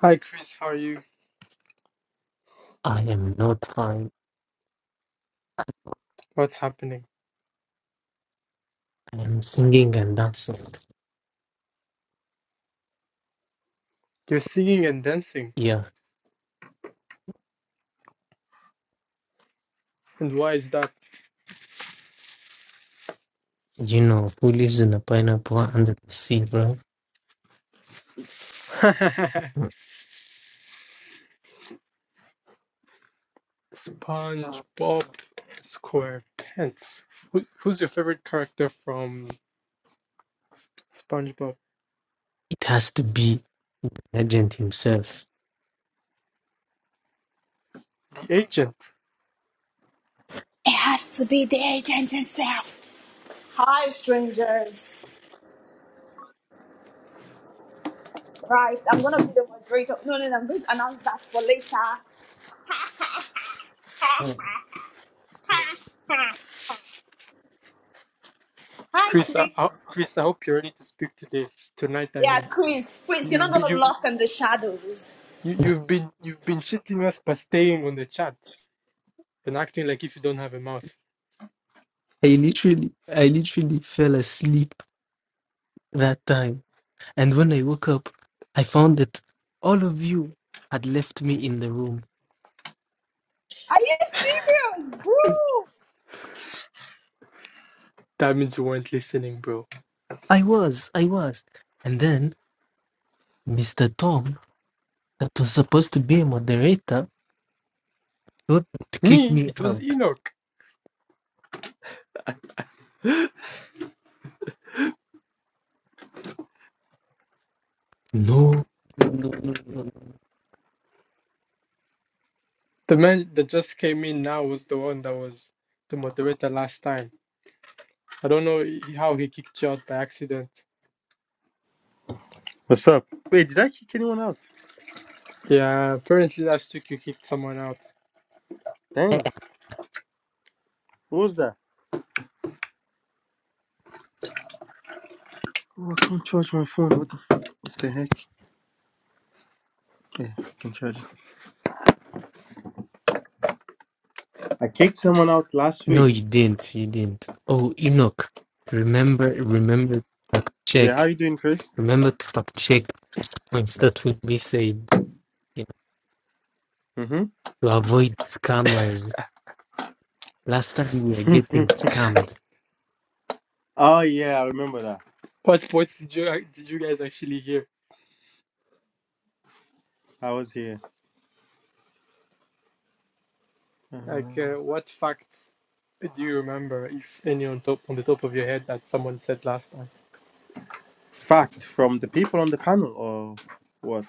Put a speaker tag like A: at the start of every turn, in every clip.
A: Hi Chris, how are you?
B: I am not high.
A: What's happening?
B: I am singing and dancing.
A: You're singing and dancing.
B: Yeah,
A: And why is that?
B: you know who lives in a pineapple under the sea, bro? Mm.
A: SpongeBob SquarePants. Who, who's your favorite character from SpongeBob?
B: It has to be Legend himself.
A: The agent.
C: It has to be the agent himself. Hi, strangers. Right, I'm gonna be the moderator. No, no, no, I'm going to announce that for later.
B: Mm.
C: Hi,
A: Chris, I, I,
C: Chris.
A: Chris, I hope you're ready to speak today. Tonight, I
C: Yeah,
A: mean.
C: Chris. Chris, you're not
A: You've been,
C: gonna
A: you,
C: lock in the shadows.
A: you, you've been, you've been cheating us by staying on the chat and acting like if you don't have a mouth.
B: I literally, I literally fell asleep that time, and when I woke up, I found that all of you had left me in the room.
C: Are you serious, bro?
A: That means you weren't listening, bro.
B: I was, I was, and then Mr. Tom, that was supposed to be a moderator, thought to kick
A: Me?
B: me
A: It was
B: out.
A: Enoch.
B: No, no, no, no, no. no.
A: The man that just came in now was the one that was the moderator last time. I don't know how he kicked you out by accident.
D: What's up? Wait, did I kick anyone out?
A: Yeah, apparently last week you kicked someone out.
D: Damn, what was that? Oh, I can't charge my phone. What the f- what the heck? Yeah, I can charge it. I kicked someone out last
B: No,
D: week.
B: you didn't. You didn't. Oh, Enoch, remember, remember,
D: Yeah, how
B: check,
D: you doing, Chris?
B: remember to fact check points that will be said, you know, to avoid scammers. Last time we were
D: Mm-hmm.
B: getting scammed,
D: oh yeah, I remember that.
A: What points did you uh, did you guys actually hear?
D: I was here.
A: Like,
D: Uh,
A: uh, what facts do you remember, if any, on top on the top of your head that someone said last time?
D: fact from the people on the panel, or what?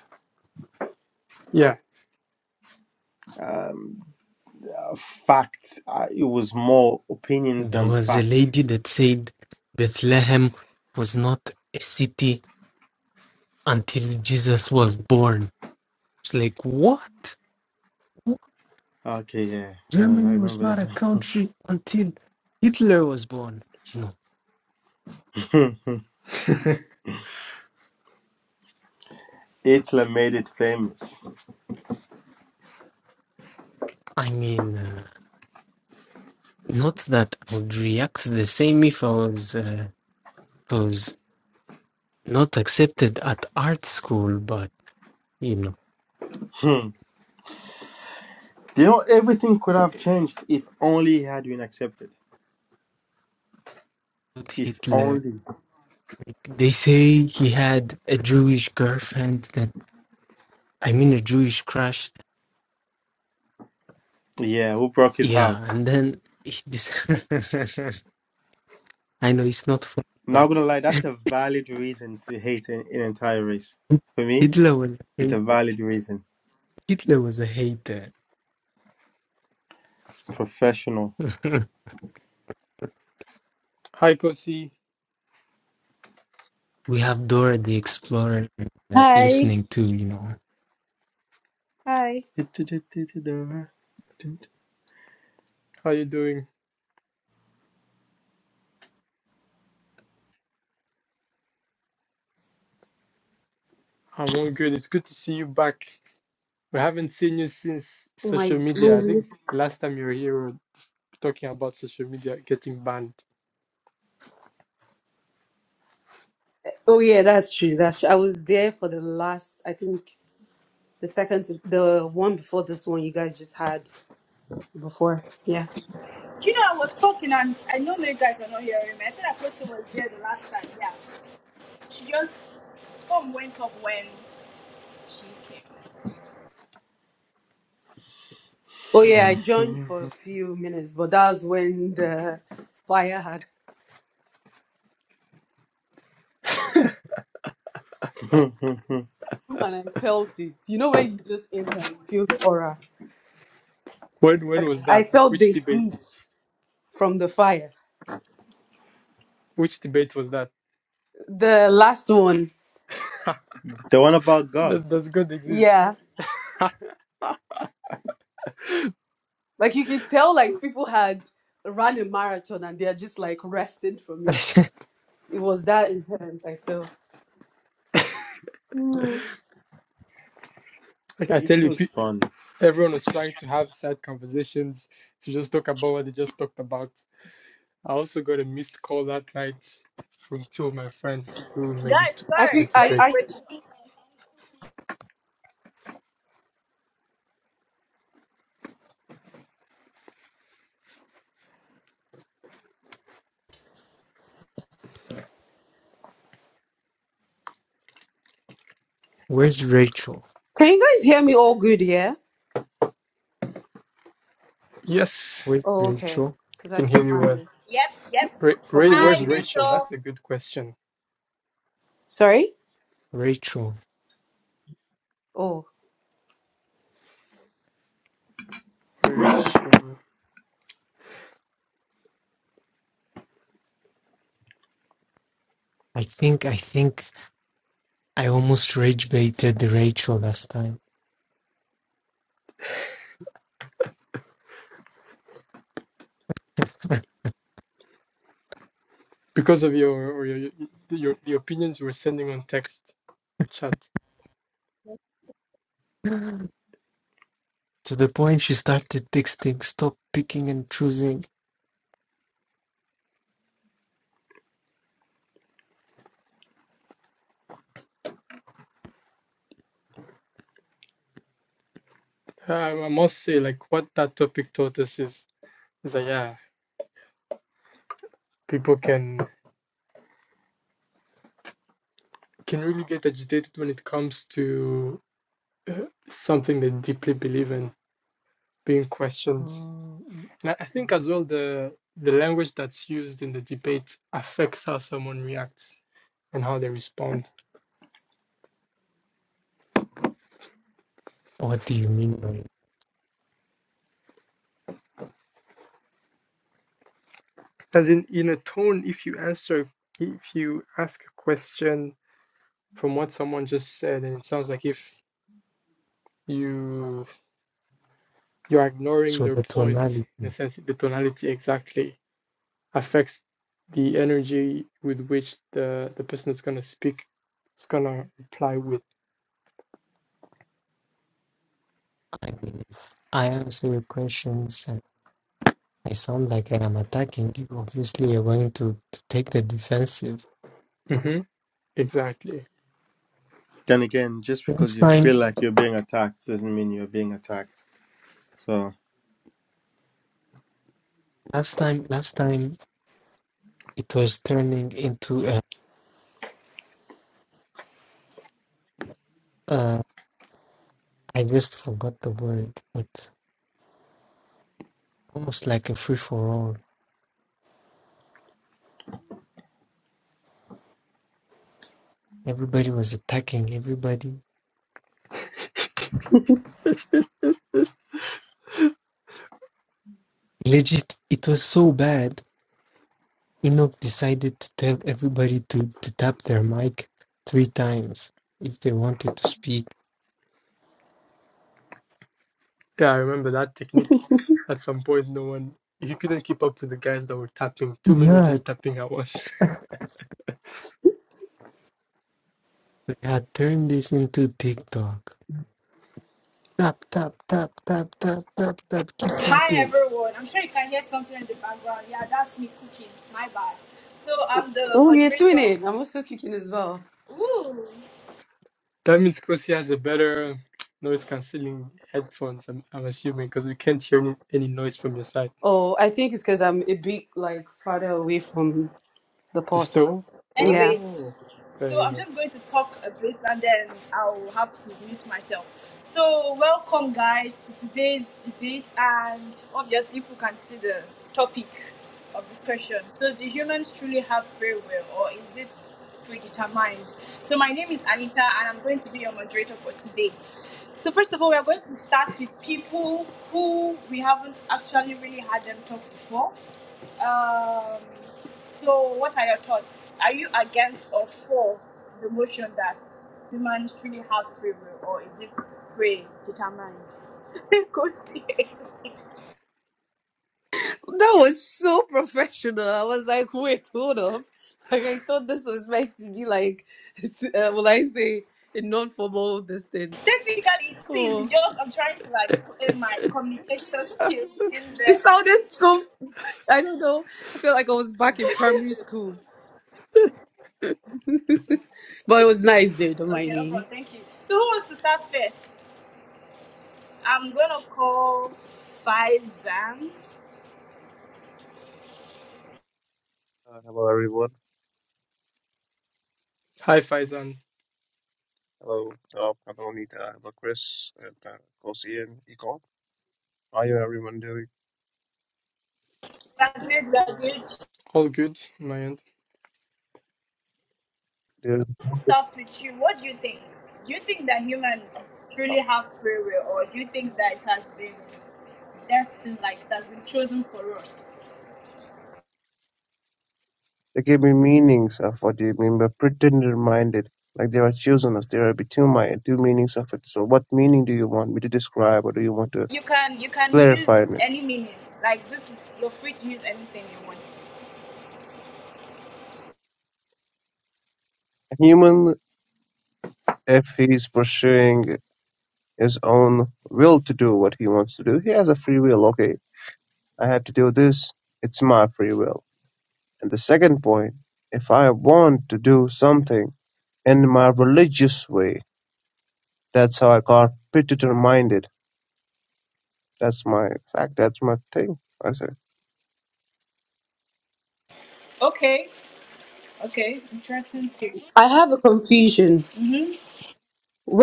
A: Yeah.
D: Um, uh, fact. Uh, it was more opinions
B: there
D: than
B: was a
D: fact.
B: lady that said Bethlehem was not a city until Jesus was born. It's like, what? What?
D: Okay, yeah, yeah, I
B: Germany was
D: remember
B: not a country until Hitler was born. You know,
D: that. Hitler made it famous.
B: I mean. uh, Not that I would react the same if I was, uh, I was not accepted at art school, but you know,
D: You know, everything could have changed if only he had been accepted.
B: with
D: If
B: Hitler.
D: only.
B: They say he had a Jewish girlfriend that, I mean, a Jewish crush.
D: Yeah, who broke his heart?
B: Yeah, and then he dis- I know it's not funny, but
D: Not gonna lie, that's a valid reason to hate an, an entire race. For me,
B: Hitler was a
D: it's a
B: hate-
D: valid reason.
B: Hitler was a hater.
D: Professional.
A: Hi, Kosi.
B: we have Dora the Explorer uh,
E: Hi.
B: listening too, you know.
E: Hi.
A: How you doing? I'm all good. It's good to see you back. We haven't seen you since social media. I think the last time you were here talking about social media getting banned.
E: Oh yeah, that's true. That's true. I was there for the last, I think the second to- the one before this one you guys just had before. Yeah.
C: You know, I was talking and I know you guys were not hearing me. I said that person was there the last time. Yeah. She just storm went off when she came.
E: Oh yeah, I joined for a few minutes, but that was when the fire had come and I felt it. You know when you just enter and you feel the aura.
A: When when
E: Like
A: was
E: I
A: that?
E: felt
A: Which
E: the
A: debate?
E: heat from the fire.
A: Which debate was that?
E: The last one.
D: The one about God.
A: That does God exist?
E: Yeah. Like you could tell like people had run a marathon and they're just like resting from it. It was that intense, I feel. Mm.
A: Like I tell
D: It
A: you,
D: was
A: pe-
D: fun.
A: everyone was trying to have sad conversations to just talk about what they just talked about. I also got a missed call that night from two of my friends who made it
C: Guys,
A: to,
E: I
A: to the
C: sorry.
E: think I,
C: Where
A: debate.
C: is
E: I
C: Rachel?
B: Where's Rachel?
E: can you guys hear me all good, yeah?
A: Yes,
B: Where's
E: Oh, okay.
B: Rachel?
A: I
E: Because I
A: can
E: thought
A: hear you well.
E: my
C: Yep, yep.
A: Ray,
E: thought
A: Ray,
E: my
C: Hi,
A: where's
E: internet.
A: Rachel?
C: Victor.
A: That's a good question.
E: Sorry?
B: Rachel.
E: Oh.
A: Where is she?
B: I think I think I almost rage baited Rachel last time.
A: Because of your or your, your the opinions you were sending on text chat.
B: to the point she started texting, stop picking and choosing.
A: I I must say, like what that topic taught us is, is that yeah, people can can really get agitated when it comes to uh, something they deeply believe in being questioned. And I I think as well the the language that's used in the debate affects how someone reacts and how they respond.
B: What do you mean by
A: As in, in a tone, if you answer, if you ask a question from what someone just said, and it sounds like if you you are ignoring
B: so
A: their
B: the
A: point
B: tonality?
A: in a sense the tonality exactly affects the energy with which the the person is going to speak is going to reply with
B: I mean if I answer your questions and I sound like I am attacking you, obviously you're going to, to take the defensive.
A: hmm exactly
D: Then again, just because
B: Last
D: you
B: time
D: feel like you're being attacked doesn't mean you're being attacked. So,
B: last time last time it was turning into a uh I just forgot the word, but almost like a free for all. Everybody was attacking everybody
A: yeah
B: Legit, it was so bad. Enoch decided to tell everybody to, to tap their mic three times if they wanted to speak.
A: i remember that technique at some point no one you couldn't keep up with the guys that were tapping two men were
B: God,
A: just tapping at once
B: we had turned this into TikTok. Tap, tap, tap, tap, tap, tap, tap, keep
C: Hi
B: tapping.
C: everyone. I'm sure you can hear something in the background. Yeah, that's me cooking. My bad. So I'm the
E: Oh, you're
C: moderator.
E: tuning. I'm also kicking as well.
C: Ooh.
A: that means because he has a better noise cancelling headphones i'm, I'm assuming because we can't hear any, any noise from your side
E: Oh, I think it's because I'm a bit like farther away from the
A: the
E: pot.
A: stove
E: Yeah.
A: oh
C: anyways, so
A: fair
C: I'm
A: enough
C: just going to talk a bit and then I'll have to mute myself. So, welcome guys to today's debate, and obviously, people can see the topic of discussion. So, do humans truly have free will, or is it predetermined? So, my name is Anita, and I'm going to be your moderator for today. So, first of all, we are going to start with people who we haven't actually really had them talk before. Um, so, what are your thoughts? Are you against or for the motion that humans truly have free will, or is it predetermined? Kosi.
E: That was so professional. I was like, wait, hold up. Like I thought this was meant to be like uh, will I say a non formal this thing.
C: Technically, it is it's
E: Oh.
C: just I'm trying to like put in my communication skills in
E: It
C: there.
E: sounded so I don't know. I feel like I was back in primary school. But it was nice though, don't
C: Okay,
E: mind
C: no problem.
E: me.
C: Thank you. So, who wants to start first? I'm gonna call Faizan.
F: Uh, hello, everyone.
A: hi faizan
F: Hello, Tom. Hello, Nita. Hello, Chris. And uh, of course, Ian, Econ. How are you, everyone, doing?
C: That's it. That's it.
A: All good on my end.
F: They
C: To start with you. What do you think? Do you think that humans truly have free will, or do you think that it has been destined, like it has been chosen for us?
F: they gave me meanings of what they mean by pretender minded. Like there are chosen us. There are be two, mi- two meanings of it. So, what meaning do you want me to describe or do you want to
C: You can you can
F: clarify
C: use
F: in it?
C: any meaning. Like this is you're free to use anything you want.
F: A human, if he's pursuing his own will to do what he wants to do, he has a free will. Okay, I have to do this. It's my free will. And the second point, if I want to do something, in my religious way. That's how I got predator minded. That's my fact. That's my thing. I said,
C: Okay, okay, interesting. thing.
E: I have a confusion.
C: Mm-hmm.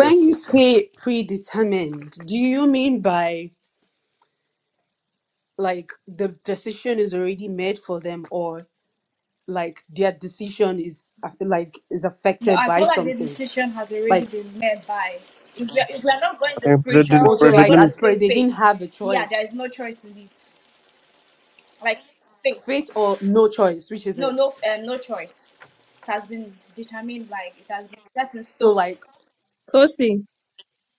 F: yep.
E: you say predetermined, do you mean by like the decision is already made for them or like their decision is uh, like is
C: No,
E: affected
C: I
E: by
C: feel like the
E: something?
C: decision has already
E: Like
C: been made by. If we are, if we are not going
F: I
C: the
F: think predator,
C: spiritual way,
E: also
C: we are
F: predator.
E: like
C: going to
E: as
C: say
E: per they didn't
C: faith.
E: have a
C: Yeah, there
E: choice.
C: is no choice in it. Like faith.
E: Fate or no choice, which is
C: No,
E: it?
C: no, uh, no choice. It has been determined, like it has been set in
E: So
C: stone.
E: like
G: Kosi,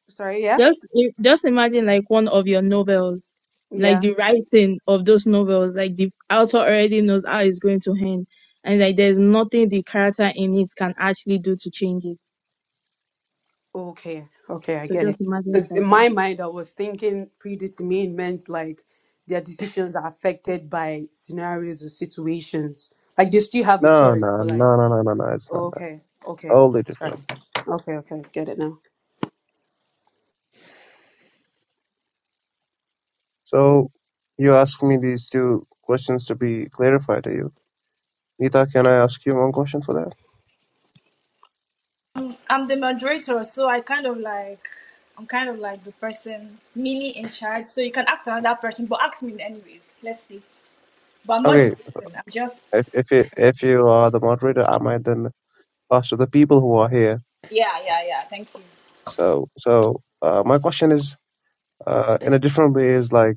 E: sorry, yeah?
G: just i- just imagine like one of your novels, like
E: Yeah.
G: the writing of those novels, like the author already knows how it's going to end, and like there's nothing the character in it can actually do to change it.
E: Okay, okay, I
G: So
E: get it.
G: just imagine it
E: Because
G: like
E: in
G: that.
E: my mind, I was thinking predetermined meant like their decisions are affected by scenarios or situations. Like they still have a
F: No,
E: choice,
F: no, no,
E: but like,
F: no, no, no, no. It's not that.
E: okay,
F: It's
E: okay,
F: totally
E: sorry.
F: different.
E: Okay, okay, get it now.
F: So you ask me these two questions to be clarified to you. Nita, can I ask you one question for that?
C: I'm, I'm the moderator, so I kind of like, I'm kind of like the person mini in charge. So you can ask another person, but ask me anyways. Let's see. But I'm not
F: Okay,
C: debating. I'm
F: if
C: just,
F: if you if you are the moderator, I might then pass to the people who are here.
C: yeah, yeah, yeah. Thank you.
F: So so uh, my question is, uh, in a different way, is like,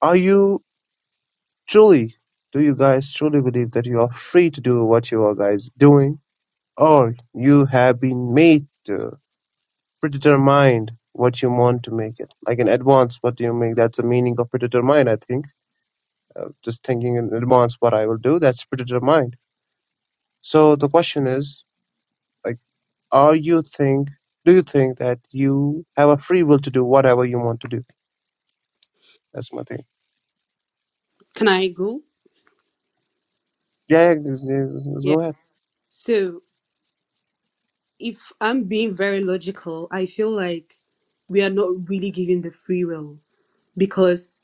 F: are you truly do you guys truly believe that you are free to do what you are guys doing or you have been made to predetermine what you want to make it like in advance what do you make that's the meaning of predetermine i think uh, just thinking in advance what i will do that's predetermined so the question is like are you think do you think that you have a free will to do whatever you want to do that's my thing
E: Can I go?
F: yeah, yeah, yeah, us
E: Yeah.
F: go ahead
E: So if I'm being very logical, I feel like we are not really given the free will because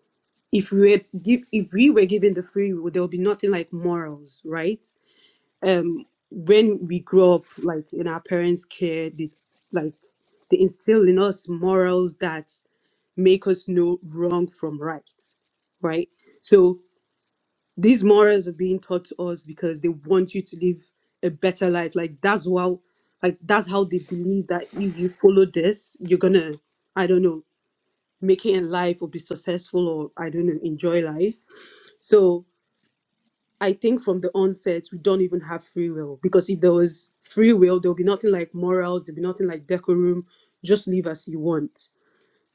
E: if we were give, if we were given the free will, there would be nothing like morals, right? um when we grow up like in our parents care they like they instill in us morals that make us know wrong from right right so these morals are being taught to us because they want you to live a better life like that's how like that's how they believe that if you follow this you're gonna i don't know make it in life or be successful or i don't know enjoy life so I think from the onset, we don't even have free will because if there was free will, there'll be nothing like morals, there'll be nothing like decorum. Just live as you want.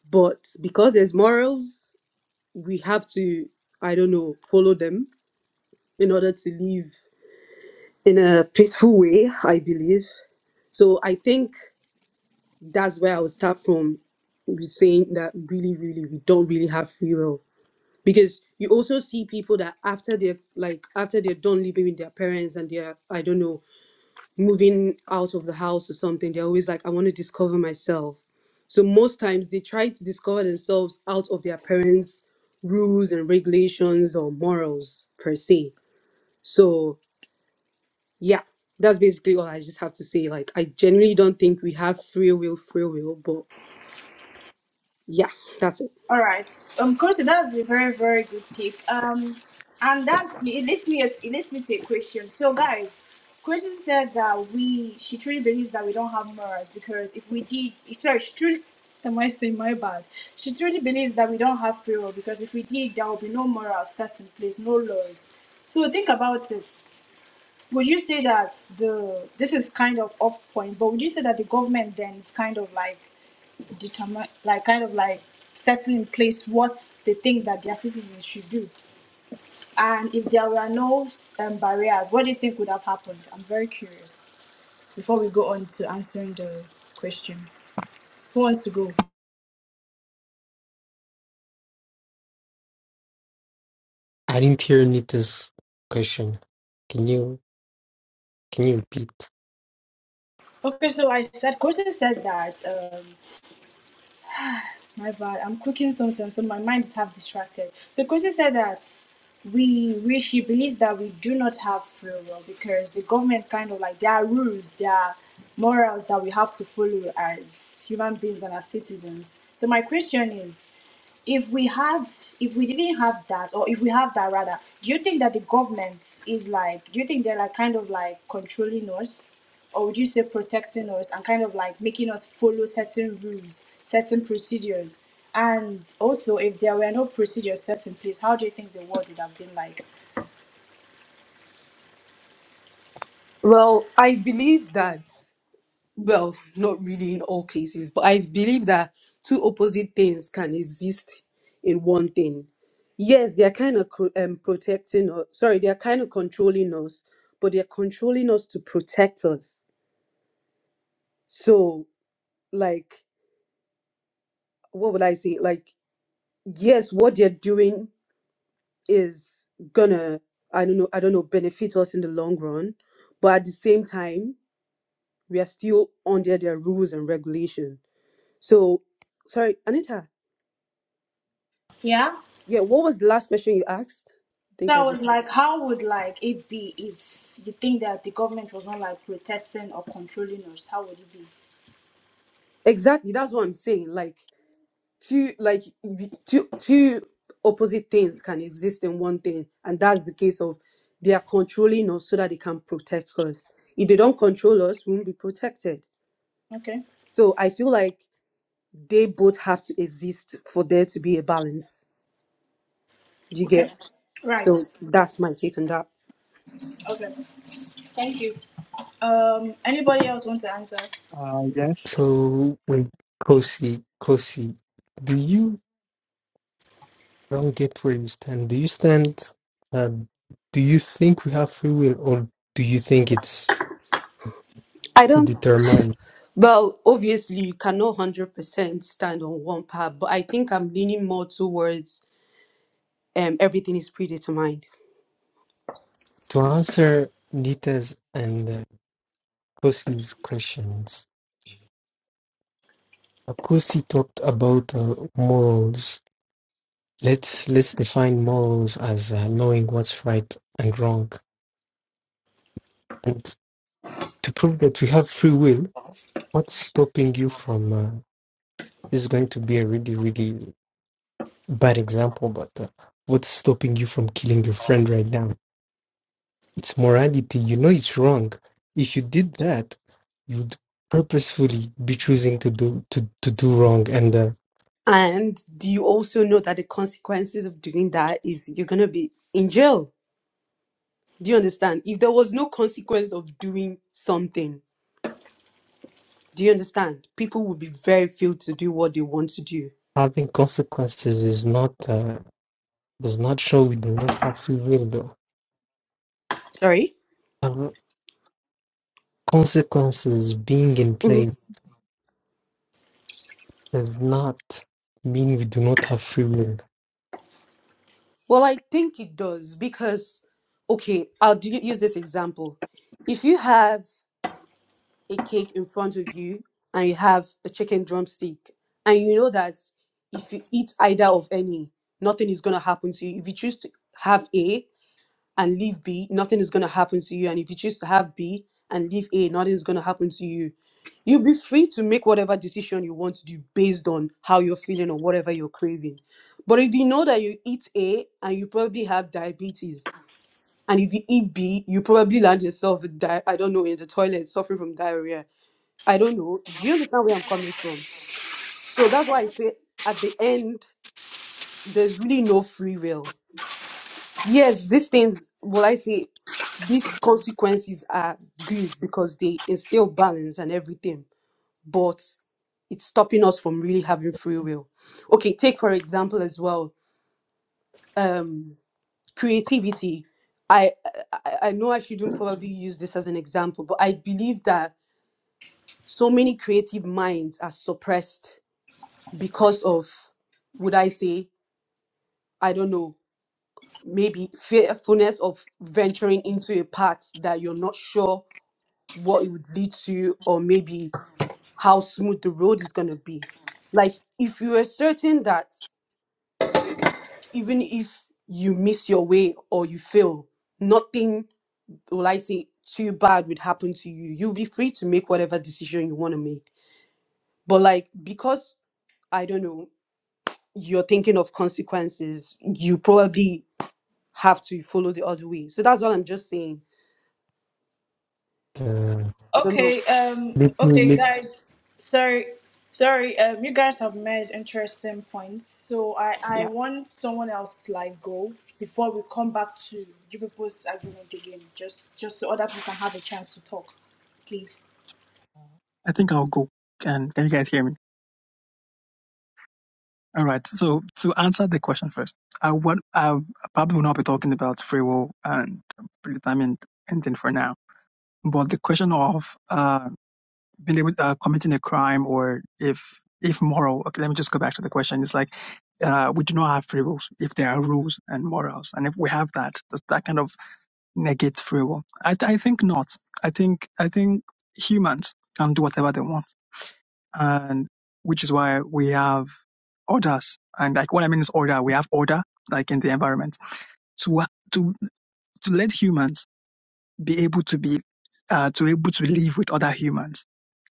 E: But because there's morals, we have to, I don't know, follow them in order to live in a peaceful way, I believe. So I think that's where I would start from with saying that really, really, we don't really have free will. Because you also see people that after they're like after they're done living with their parents and they're I don't know moving out of the house or something, they're always like, I want to discover myself. So most times they try to discover themselves out of their parents' rules and regulations or morals per se. So yeah, that's basically all I just have to say. Like I genuinely don't think we have free will, free will, but yeah, that's it.
C: All right. Um, Kosi, that's a very, very good tip. Um, and that it leads me it leads me to a question. So, guys, Kosi said that we she truly believes that we don't have morals because if we did, sorry, she truly. Am I saying my bad? She truly believes that we don't have free will because if we did, there will be no morals set in place, no laws. So think about it would you say that the this is kind of off point, but would you say that the government then is kind of like determine like kind of like setting in place what they think that their citizens should do? And if there were no um, barriers, what do you think would have happened? I'm very curious. Before we go on to answering the question, who wants to go?
B: I didn't hear Nita's question. Can you can you repeat?
C: Okay, so I said, Kosi said that. um, My bad. I'm cooking something, so my mind is half distracted. So Kosi said that we, we, she believes that we do not have free will because the government kind of like there are rules, there are morals that we have to follow as human beings and as citizens. So my question is, if we had if we didn't have that or if we have that rather do you think that the government is like do you think they're like kind of like controlling us or would you say protecting us and kind of like making us follow certain rules certain procedures and also if there were no procedures set in place how do you think the world would have been like
E: Well, I believe that. well, not really in all cases, but I believe that two opposite things can exist in one thing. Yes, they are kind of co- um, protecting us. Sorry, they are kind of controlling us, but they are controlling us to protect us. So, like, what would I say? Like, yes, what they're doing is gonna, I don't know, I don't know, benefit us in the long run, but at the same time, we are still under their rules and regulation. So, sorry, Anita.
C: yeah
E: Yeah, what was the last question you asked? I
C: so
E: think
C: i
E: I
C: was
E: just
C: like how would like it be if you think that the government was not like protecting or controlling us how would it be
E: exactly that's what I'm saying. Like two like y- two two opposite things can exist in one thing, and that's the case of they are controlling us so that they can protect us. If they don't control us, we won't be protected.
C: okay
E: So I feel like they both have to exist for there to be a balance. Do you
C: okay
E: get?
C: right
E: So
C: okay
E: that's my take on that.
C: Okay. Thank you. Um, anybody else want to answer?
H: Uh, yes,
B: So wait, Kosi, Kosi, do you don't get where you stand. Do you stand? Uh, do you think we have free will, or do you think it's
E: I don't.
B: determined?
E: Well, obviously, you cannot hundred percent stand on one path, but I think I'm leaning more towards um, everything is predetermined.
B: To answer Nita's and uh, Kosi's questions, uh, Kosi talked about uh, morals. Let's let's define morals as uh, knowing what's right and wrong. And to prove that we have free will, what's stopping you from? Uh, this is going to be a really really bad example, but uh, what's stopping you from killing your friend right now? It's morality. You know it's wrong. If you did that, you'd purposefully be choosing to do to, to do wrong. And uh,
E: And do you also know that the consequences of doing that is you're gonna be in jail? Do you understand? If there was no consequence of doing something, do you understand? People would be very few to do what they want to do.
B: having consequences is not uh, does not show we do not have free will, though.
E: Sorry?
B: Uh, consequences being in
E: hmm
B: place does not mean we do not have free will.
E: Well, I think it does because, okay, I'll do, use this example. If you have a cake in front of you and you have a chicken drumstick and you know that if you eat either of any nothing is going to happen to you if you choose to have a and leave b nothing is going to happen to you and if you choose to have b and leave a nothing is going to happen to you you'll be free to make whatever decision you want to do based on how you're feeling or whatever you're craving but if you know that you eat a and you probably have diabetes and if you eat b you probably land yourself with di- i don't know in the toilet suffering from diarrhea I don't know. Do you understand where I'm coming from? So that's why I say at the end, there's really no free will. Yes, these things, will I say, these consequences are good because they instill balance and everything, but it's stopping us from really having free will. Okay, take for example as well, um, creativity. I, I I know I shouldn't probably use this as an example, but I believe that so many creative minds are suppressed because of would i say i don't know maybe fearfulness of venturing into a path that you're not sure what it would lead to or maybe how smooth the road is going to be like if you are certain that even if you miss your way or you fail nothing will i say too bad would happen to you you'll be free to make whatever decision you want to make but like because I don't know, you're thinking of consequences. You probably have to follow the other way. So that's all I'm just saying.
B: Uh,
E: I don't know.
C: Okay. Um.
B: let me
C: Okay,
B: let.
C: guys. Sorry, sorry. Um, you guys have made interesting points. So I I
E: Yeah.
C: want someone else to like go before we come back to you people's argument again. Just just so other people can have a chance to talk, please.
H: I think I'll go. Can Can you guys hear me? All right. So to answer the question first, I what I probably will not be talking about free will and predetermined ending for now. But the question of uh, being able uh, committing a crime or if if moral. Okay, let me just go back to the question. It's like uh, we do not have free wills if there are rules and morals, and if we have that, does that kind of negate free will? I I think not. I think I think humans can do whatever they want and which is why we have orders. And like what I mean is order. We have order, like in the environment, to to to let humans be able to be uh, to able to live with other humans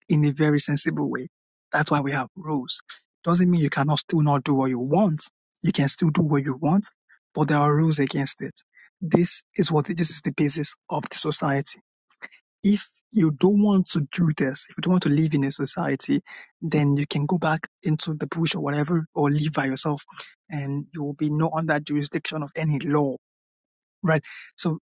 H: in a very sensible way. That's why we have rules. Doesn't mean you cannot still not do what you want. You can still do what you want, but there are rules against it. This is what this is the basis of the society if you don't want to do this, if you don't want to live in a society, then you can go back into the bush or whatever, or live by yourself, and you will be not under jurisdiction of any law, right? So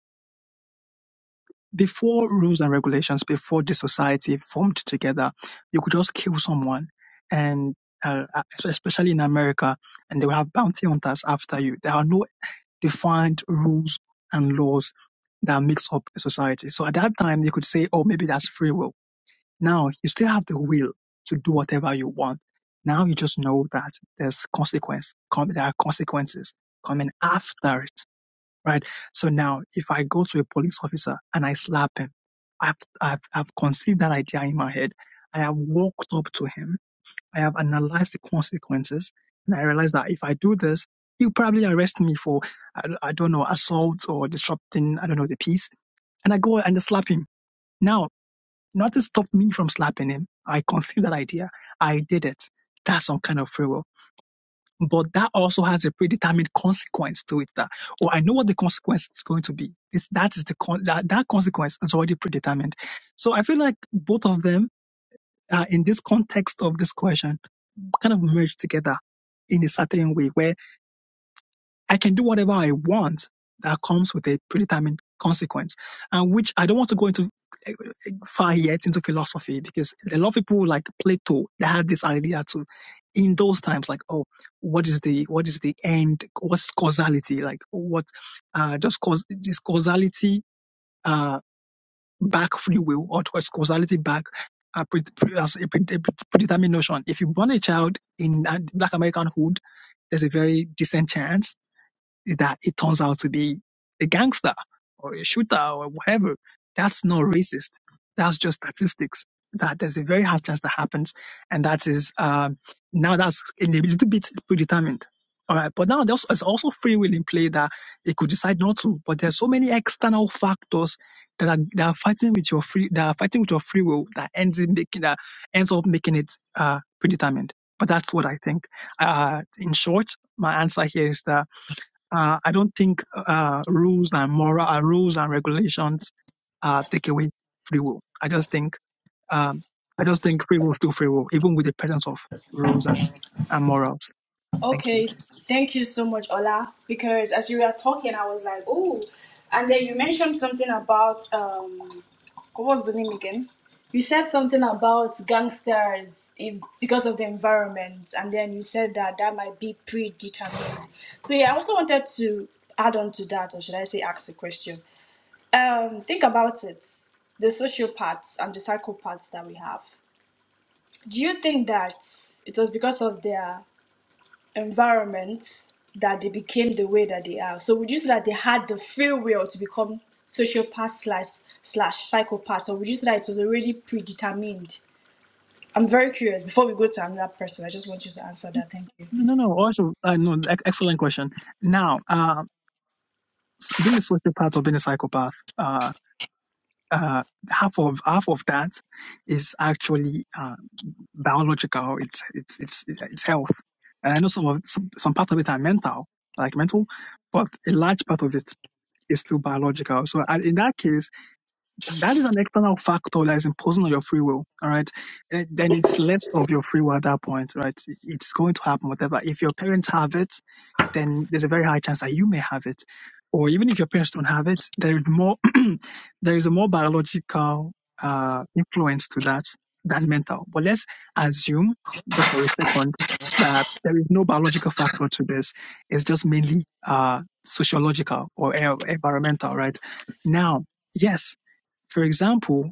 H: before rules and regulations, before the society formed together, you could just kill someone, and uh, especially in America, and they will have bounty hunters after you. There are no defined rules and laws that makes up a society. So at that time, you could say, oh, maybe that's free will now you still have the will to do whatever you want. Now you just know that there's consequence. Come, there are consequences coming after it, right? So now, if I go to a police officer and I slap him, I've I've, I've conceived that idea in my head. I have walked up to him. I have analyzed the consequences, and I realize that if I do this, he'll probably arrest me for I, I don't know assault or disrupting I don't know the peace. And I go and just slap him. Now Nothing stopped me from slapping him. I conceived that idea. I did it. That's some kind of free will. But that also has a predetermined consequence to it. That oh, I know what the consequence is going to be. It's, that is the con- that, that consequence is already predetermined. So I feel like both of them are in this context of this question kind of merged together in a certain way. where. I can do whatever I want. That comes with a predetermined consequence, and which I don't want to go into eh, eh, far yet into philosophy because a lot of people like Plato they had this idea too in those times like oh what is the what is the end what's causality like what uh just cause this causality uh back free will or does causality back uh, pre- pre- as a predetermined notion if you born a child in uh, black american hood there's a very decent chance that it turns out to be a gangster or a shooter or whatever. That's not racist. That's just statistics. That there's a very high chance that happens, and that is um, now that's a little bit predetermined. All right, but now there's, there's also free will in play that it could decide not to. But there's so many external factors that are that are fighting with your free that are fighting with your free will that ends in making that ends up making it uh, predetermined. But that's what I think. Uh, in short, my answer here is that uh, I don't think uh, rules and moral uh, rules and regulations uh, take away free will. I just think um, I just think free will is still free will, even with the presence of rules and, and morals. Thank you.
C: Okay, thank you so much, Ola. Because as you were talking, I was like, oh, and then you mentioned something about um, what was the name again? You said something about gangsters if, because of the environment, and then you said that that might be predetermined. So yeah, I also wanted to add on to that, or should I say, ask a question. Um, think about it: the sociopaths and the psychopaths that we have. Do you think that it was because of their environment that they became the way that they are. So would you say that they had the free will to become sociopath slash slash psychopath, or would you say that it was already predetermined? I'm very curious. Before we go to another person, I just want you to answer that. Thank you.
H: No, no, no. Also, uh, no. ex- Excellent question. Now, uh, s- being a sociopath or being a psychopath, uh, uh, half of half of that is actually biological, it's it's it's it's health, and I know some of some, some part of it are mental, like mental, but a large part of it is still biological. So I- in that case, that is an external factor that is imposing on your free will. All right, Eh, then it's less of your free will at that point, right? It's going to happen, whatever. If your parents have it then there's a very high chance that you may have it. Or even if your parents don't have it, there is more there is a more biological uh, influence to that than mental. But let's assume, just for a second, that there is no biological factor to this. It's just mainly uh, sociological or e- environmental, right? Now, yes, for example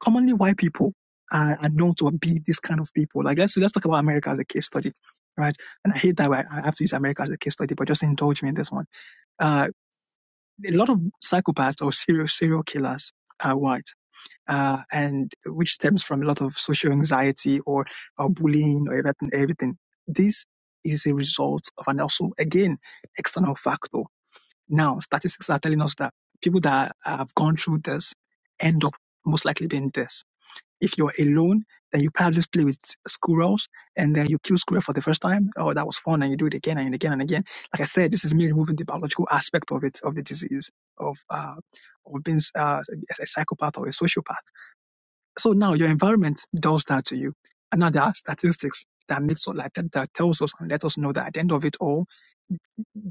H: commonly white people are, are known to be this kind of people. Like let's let's talk about America as a case study, right? And I hate that I have to use America as a case study, but just indulge me in this one. Uh, a lot of psychopaths or serial serial killers are white. Uh, and which stems from a lot of social anxiety or, or bullying or everything, everything. This is a result of an also, again, external factor. Now, statistics are telling us that people that have gone through this end up most likely being this. If you're alone, then you probably just play with squirrels and then you kill squirrel for the first time. Oh, that was fun. And you do it again and again and again. Like I said, this is me removing the biological aspect of it, of the disease, of, uh, of being uh, a psychopath or a sociopath. So now your environment does that to you. And now there are statistics that makes us like that, that tells us and let us know that at the end of it all,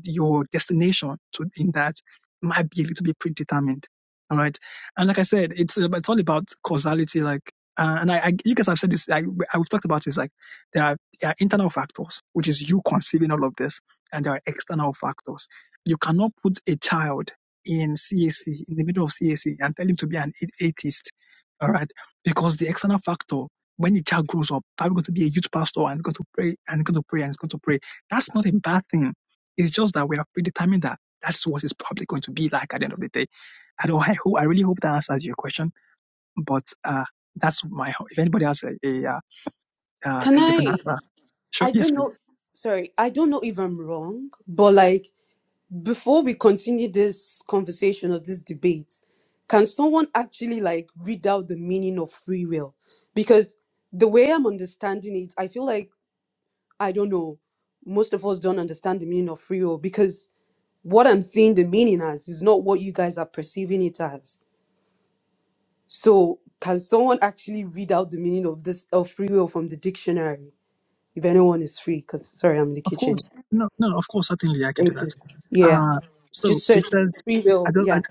H: your destination to in that might be a little bit predetermined. All right. And like I said, it's uh, it's all about causality. Like, uh, and I, I, you guys have said this. I, I- we've talked about this. Like, there are, there are internal factors, which is you conceiving all of this, and there are external factors. You cannot put a child in CAC in the middle of CAC and tell him to be an atheist. All right, because the external factor. When the child grows up, probably going to be a youth pastor and going to pray and going to pray and going to pray. That's not a bad thing it's just that we have predetermined that that's what it's probably going to be like at the end of the day. I don't. I hope. I really hope that answers your question. But uh, that's my. If anybody has a a, uh, uh,
E: Can
H: a different
E: I?
H: answer, sure.
E: I
H: Yes,
E: don't know.
H: please.
E: Sorry, I don't know if I'm wrong, but like before we continue this conversation or this debate, can someone actually like read out the meaning of free will? Because the way I'm understanding it, I feel like I don't know. Most of us don't understand the meaning of free will because what I'm seeing the meaning as is not what you guys are perceiving it as. So, can someone actually read out the meaning of this of free will from the dictionary? If anyone is free, because sorry, I'm in the
H: Of
E: kitchen.
H: course. No, no. Of course. Certainly, I can do
E: Thank
H: that.
E: you. Yeah,
H: Uh, so
E: just
H: it
E: search
H: says.
E: free
H: I
E: will.
H: don't. I,
E: Yeah,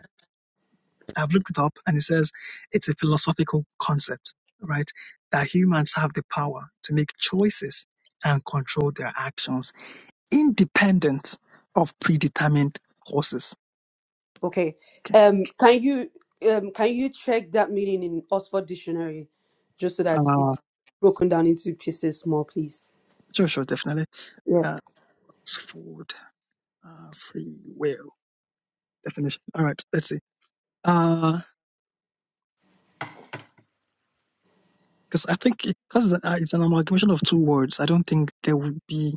H: I've looked it up, and it says it's a philosophical concept, right? That humans have the power to make choices and control their actions, independent of predetermined courses.
E: okay. Um, can you um can you check that meaning in Oxford Dictionary, just so that it's broken down into pieces more, please?
H: Sure, sure, definitely.
E: Yeah.
H: Uh, Oxford uh, free will definition. All right, let's see. Uh, because I think because it's, an- uh, it's an amalgamation of two words, I don't think there would be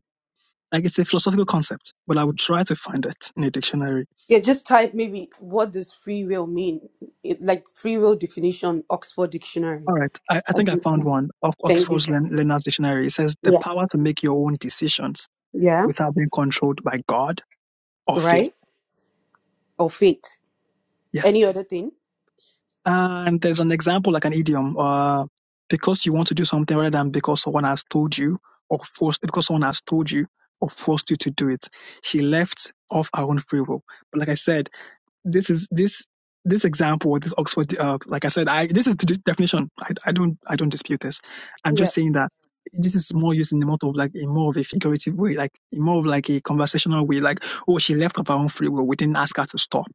H: like it's a philosophical concept, but I would try to find it in a dictionary.
E: Yeah, just type maybe what does free will mean? It, like free will definition, Oxford Dictionary.
H: All right, I, I
E: I
H: think I
E: think-
H: found
E: yeah.
H: one of
E: Thank you.
H: Oxford's Len- Learner's Dictionary. It says the
E: Yeah.
H: power to make your own decisions
E: Yeah.
H: without being controlled by God or fate.
E: Right. Or fate.
H: Yes.
E: Any other thing?
H: And there's an example like an idiom, uh, because you want to do something rather than because someone has told you or forced, because someone has told you or forced you to do it. She left of her own free will. But like I said, this is this this example this Oxford, uh, like I said, I this is the definition. I, I don't I don't dispute this. I'm
E: Yeah.
H: just saying that this is more used in the mode of like a more of a figurative way, like in more of like a conversational way, like oh she left of her own free will, we didn't ask her to stop.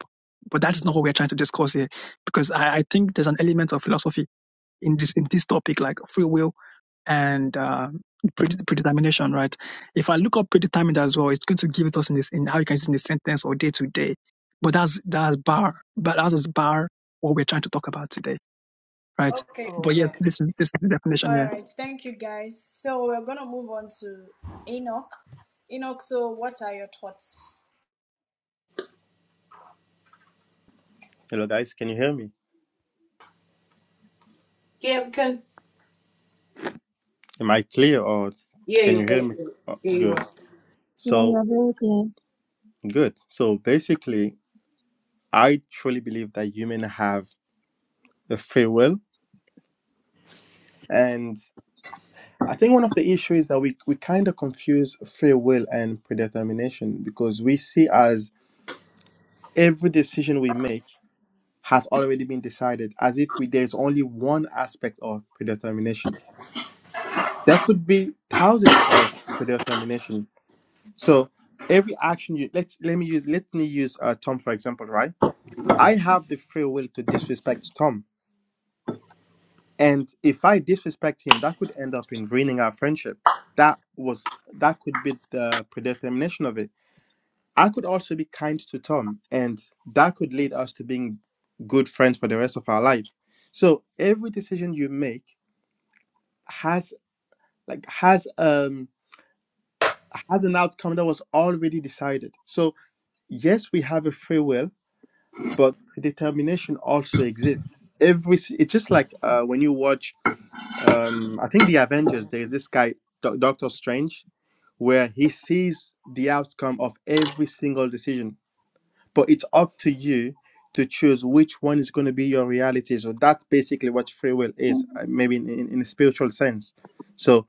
H: But that's not what we're trying to discuss here, because I, I think there's an element of philosophy in this in this topic, like free will and uh, pred- predetermination, right? If I look up predetermined as well, it's going to give it us in this in how you can use it in the sentence or day to day. But that's that's bar, but that is bar what we're trying to talk about today, right?
C: Okay.
E: Oh,
H: But yes,
E: okay.
H: this is this is the definition
C: All
H: here.
C: right. Thank you, guys. So we're gonna move on to Enoch. Enoch, so what are your thoughts?
D: hello guys, can you hear me?
E: Yeah, we can.
D: Am I clear or
E: Yeah,
D: can you
E: you're
D: hear
E: very
D: me?
E: good.
D: Oh,
E: Yeah, you
D: good.
E: are.
G: Yeah, you
D: So,
G: are very clear.
D: good. So, basically, I truly believe that humans have a free will. And I think one of the issues is that we, we kind of confuse free will and predetermination because we see as every decision we make has already been decided, as if we, there's only one aspect of predetermination. There could be thousands of predetermination. So, every action you let's let me use let me use uh, Tom for example, right? I have the free will to disrespect Tom. And if I disrespect him, that could end up in ruining our friendship. That was that could be the predetermination of it. I could also be kind to Tom, and that could lead us to being good friends for the rest of our life. So every decision you make has like has um has an outcome that was already decided. So yes, we have a free will, but predetermination also exists. Every s- it's just like uh, when you watch um i think the avengers there's this guy Do- doctor strange where he sees the outcome of every single decision but it's up to you to choose which one is going to be your reality so that's basically what free will is uh, maybe in, in, in a spiritual sense so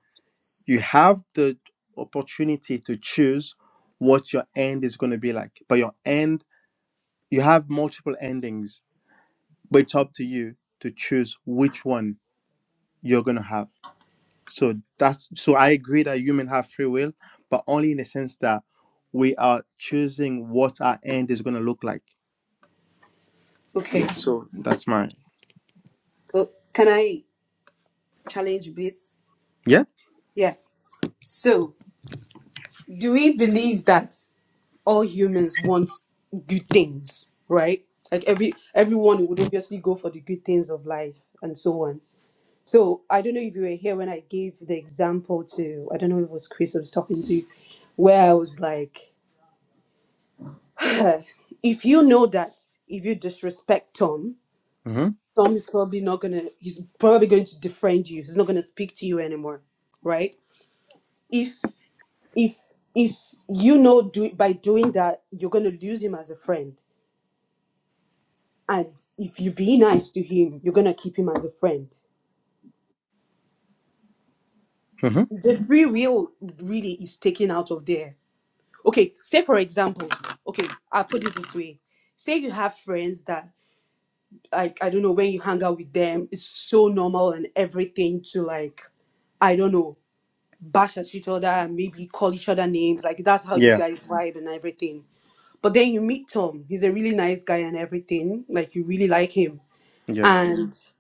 D: you have the opportunity to choose what your end is going to be like but your end you have multiple endings but it's up to you to choose which one you're going to have So that's so I agree that human have free will, but only in the sense that we are choosing what our end is going to look like.
E: Okay.
D: Yeah. So that's my
E: Uh, can I challenge a bit?
D: yeah.
E: Yeah. So, do we believe that all humans want good things, right? Like every everyone would obviously go for the good things of life and so on. So, I don't know if you were here when I gave the example to I don't know if it was Chris I was talking to, where I was like, if you know that if you disrespect Tom,
D: Mhm.
E: Tom is probably not gonna he's probably going to defriend you. He's not gonna speak to you anymore, right? If if if you know do by doing that you're gonna lose him as a friend. And if you be nice to him, you're gonna keep him as a friend.
D: Mhm.
E: The free will really is taken out of there. Okay, say for example, okay, I'll put it this way. Say you have friends that like I don't know when you hang out with them, it's so normal and everything to like I don't know bash at each other and maybe call each other names. Like that's how you
D: Yeah.
E: guys vibe and everything. But then you meet Tom. He's a really nice guy and everything. Like you really like him.
D: Yeah.
E: And Mhm.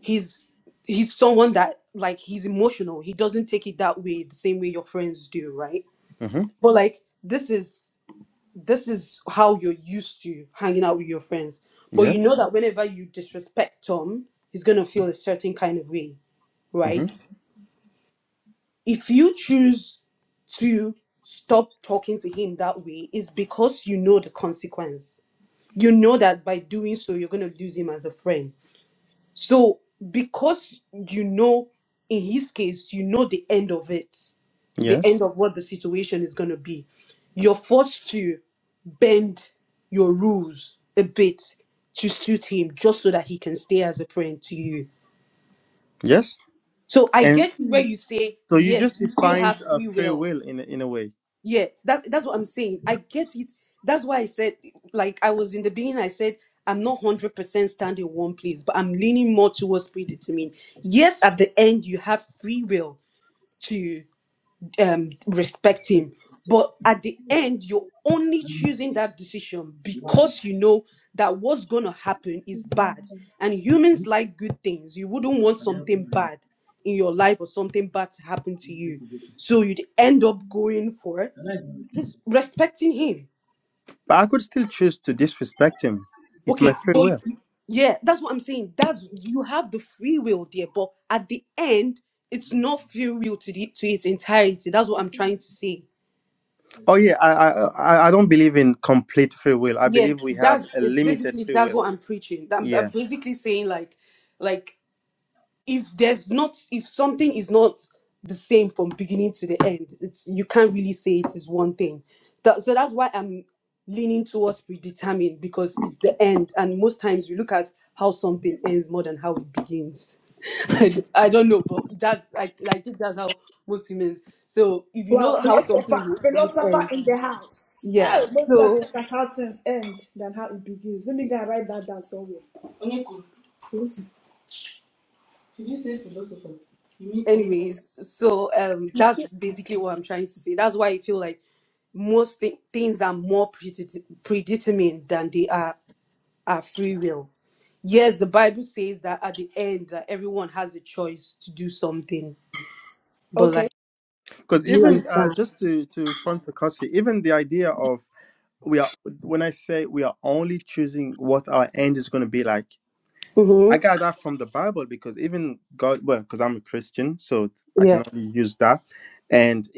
E: he's he's someone that like he's emotional. He doesn't take it that way the same way your friends do, right?
D: Mhm.
E: But like this is this is how you're used to hanging out with your friends. But
D: Yes.
E: you know that whenever you disrespect Tom, he's gonna feel a certain kind of way, right?
D: Mhm.
E: if you choose to stop talking to him that way is because you know the consequence you know that by doing so you're going to lose him as a friend so because you know in his case you know the end of it the
D: Yes.
E: end of what the situation is going to be you're forced to bend your rules a bit to suit him just so that he can stay as a friend to you
D: Yes.
E: so i
D: And
E: get where
G: Hmm.
E: you say
D: so you
E: yes
D: just
E: you still
D: defined
E: have
D: a
E: free
D: free
E: will
D: will in a- in a way,
E: Yeah, that that's what I'm saying. I get it. That's why I said, like I was in the beginning, I said I'm not hundred percent standing in one place, but I'm leaning more towards predetermined. Yes, at the end you have free will to um respect him, but at the end you're only choosing that decision because you know that what's gonna happen is bad.
G: Hmm.
E: And humans like good things. You wouldn't want something bad in your life or something bad to happen to you. So you'd end up going for it just respecting him.
D: but I could still choose to disrespect him. It's my
E: Okay,
D: free
E: but
D: will.
E: yeah, that's what I'm saying. That's you have the free will there, but at the end, it's not free will to the to its entirety. That's what I'm trying to say.
D: Oh yeah, I I I I don't believe in complete free will. I
E: Yeah,
D: believe we have
E: that's
D: a
E: it
D: limited
E: basically
D: free
E: that's
D: will.
E: what I'm preaching. I'm,
D: Yeah.
E: I'm basically saying like, like if there's not if something is not the same from beginning to the end it's you can't really say it is one thing that, so that's why i'm leaning towards predetermined because it's the end and most times we look at how something ends more than how it begins I, d- I don't know but that's I, I think that's how most humans so if you
C: Well,
E: know how something
C: philosopher,
E: wo- would
C: philosopher
E: end
C: in the house.
E: yeah
C: Hey, most us
E: So.
C: look at how things end than how it begins. Let me go and write that down somewhere. You say philosopher. You mean Omi?
E: anyways so um that's basically what i'm trying to say that's why i feel like most thi- things are more predet- predetermined than they are are free will yes the bible says that at the end that everyone has a choice to do something but
C: Okay,
E: like
D: because
E: do you
D: even uh,
E: understand
D: just to to respond to Kasi, even the idea of we are when I say we are only choosing what our end is going to be like, I
E: mm-hmm.
D: got that from the Bible because even God, well, because I'm a Christian, so I
E: yeah
D: can only use that. And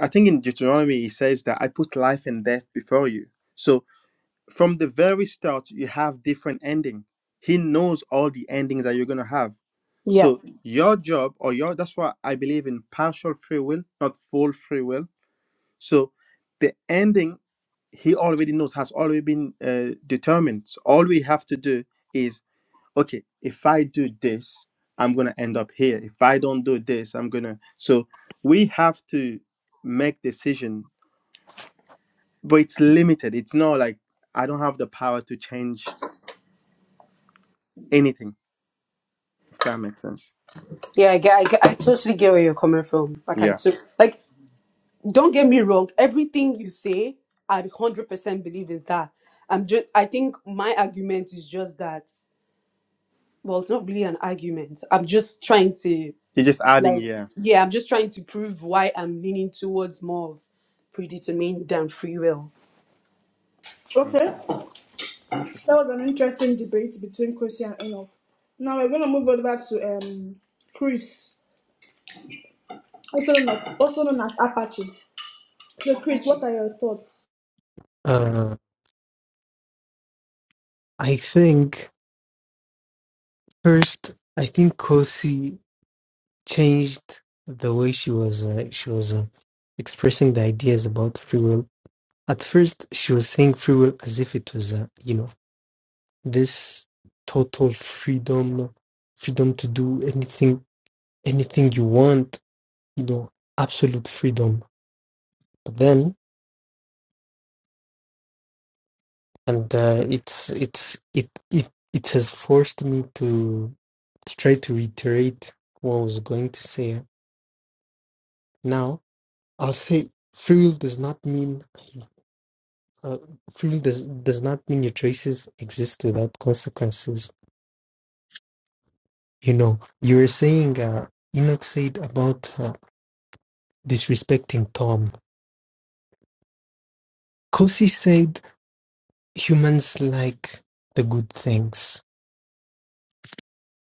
D: I think in Deuteronomy he says that I put life and death before you. So from the very start, you have different ending. He knows all the endings that you're going to have.
E: yeah
D: So your job or your that's why I believe in partial free will, not full free will so the ending he already knows has already been uh, determined. So all we have to do is okay. If I do this, I'm gonna end up here. If I don't do this, I'm gonna. So we have to make decision, but it's limited. It's not like I don't have the power to change anything. If that makes sense.
E: yeah I, get, I get- I totally get where you're coming from like i
D: Yeah.
E: took like don't get me wrong everything you say i 100% believe in that i'm just i think my argument is just that well, it's not really an argument. I'm just trying to
D: You're just adding.
E: like
D: Yeah.
E: yeah, I'm just trying to prove why I'm leaning towards more of predetermined than free will.
C: okay.
D: Okay.
C: That
D: Interesting.
C: was an interesting debate between Chrissy and Enoch. Now we're gonna move over to um Chris, also known as also known as Apache. So Chris, what are your thoughts?
B: Uh, I think first. I think Kosi. changed the way she was uh, she was uh, expressing the ideas about free will. At first, she was saying free will as if it was uh, you know this total freedom, freedom to do anything anything you want, you know, absolute freedom. But then, and uh, it's it's it it it has forced me to to try to reiterate what I was going to say. Now, I'll say free will does not mean uh, freedom does does not mean your choices exist without consequences. You know, you were saying uh, Enoch said about uh, disrespecting Tom. Kosi said humans like the good things.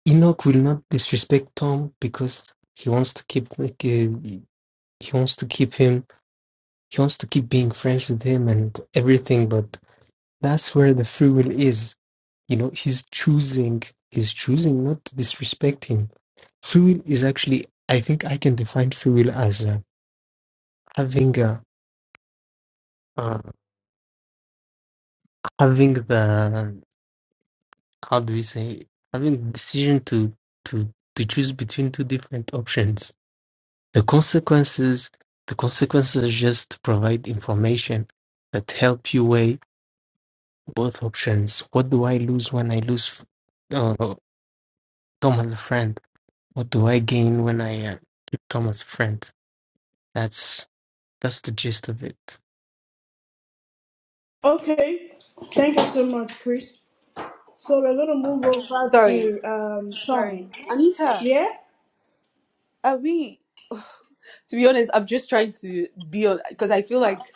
B: Enoch will not disrespect Tom because he wants to keep like uh, he wants to keep him he wants to keep being friends with him and everything. But that's where the free will is. You know, he's choosing he's choosing not to disrespect him Free will is actually, I think I can define free will as uh, having uh, uh, having the how do we say having the decision to to to choose between two different options. The consequences, the consequences just provide information that help you weigh both options. What do I lose when I lose uh, Tom as a friend? What do I gain when I uh, keep Tom as a friend? That's that's the gist of it.
C: Okay, thank you so much, Chris. So we're gonna move over
E: Sorry,
C: to um
E: sorry,
C: Tom.
E: Anita.
C: Yeah.
E: Are we? To be honest, I'm just trying to be on because I feel like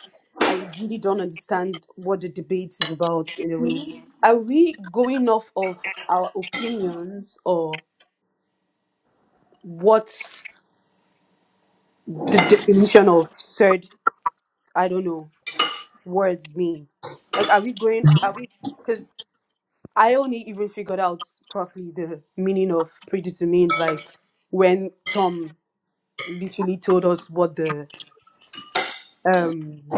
E: I really don't understand what the debate is about in a way. Are we going off of our opinions or what's the definition of said? I don't know. words mean? Like, are we going? Are we? Because I only even figured out properly the meaning of prejudice to mean like when Tom literally told us what the um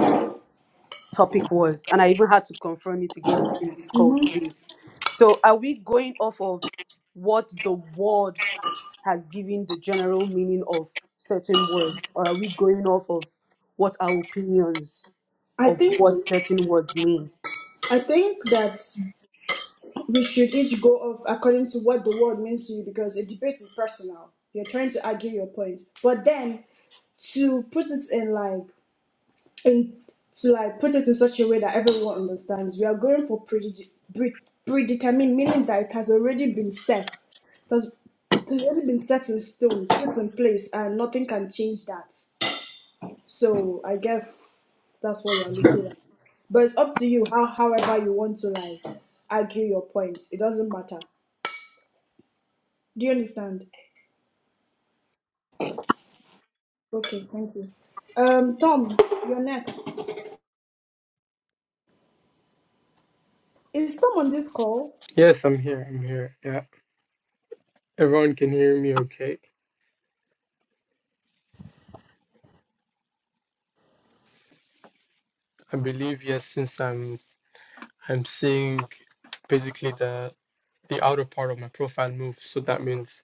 E: topic was, and I even had to confirm it again in this call
C: Mm-hmm.
E: today. So, are we going off of what the word has given the general meaning of certain words, or are we going off of what our opinions
C: I
E: of
C: think
E: what certain words mean?
C: I think that we should each go off according to what the word means to you because a debate is personal. You're trying to argue your point, but then to put it in like in to like put it in such a way that everyone understands we are going for prede- pre- predetermined meaning that it has already been set It has it's already been set in stone put in place and nothing can change that so i guess that's what we are looking at but it's up to you how however you want to like argue your point it doesn't matter do you understand okay thank you um tom you're next is tom on this call
A: Yes, I'm here. I'm here. Yeah. Everyone can hear me okay. I believe yes, since I'm I'm seeing basically the the outer part of my profile move, so that means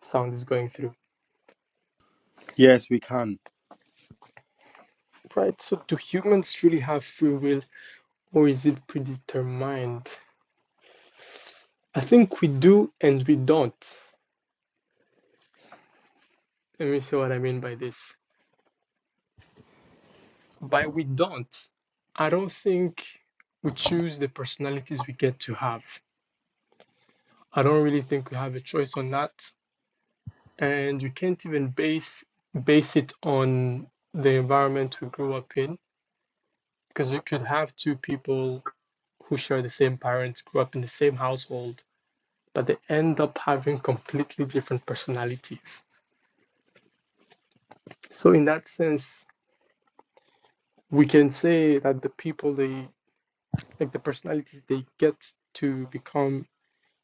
A: sound is going through.
D: Yes, we can.
A: Right. So do humans really have free will or is it predetermined? I think we do and we don't. Let me see what I mean by this. By we don't, I don't think we choose the personalities we get to have. I don't really think we have a choice on that and you can't even base base it on the environment we grew up in because you could have two people who share the same parents grew up in the same household but they end up having completely different personalities so in that sense we can say that the people they like the personalities they get to become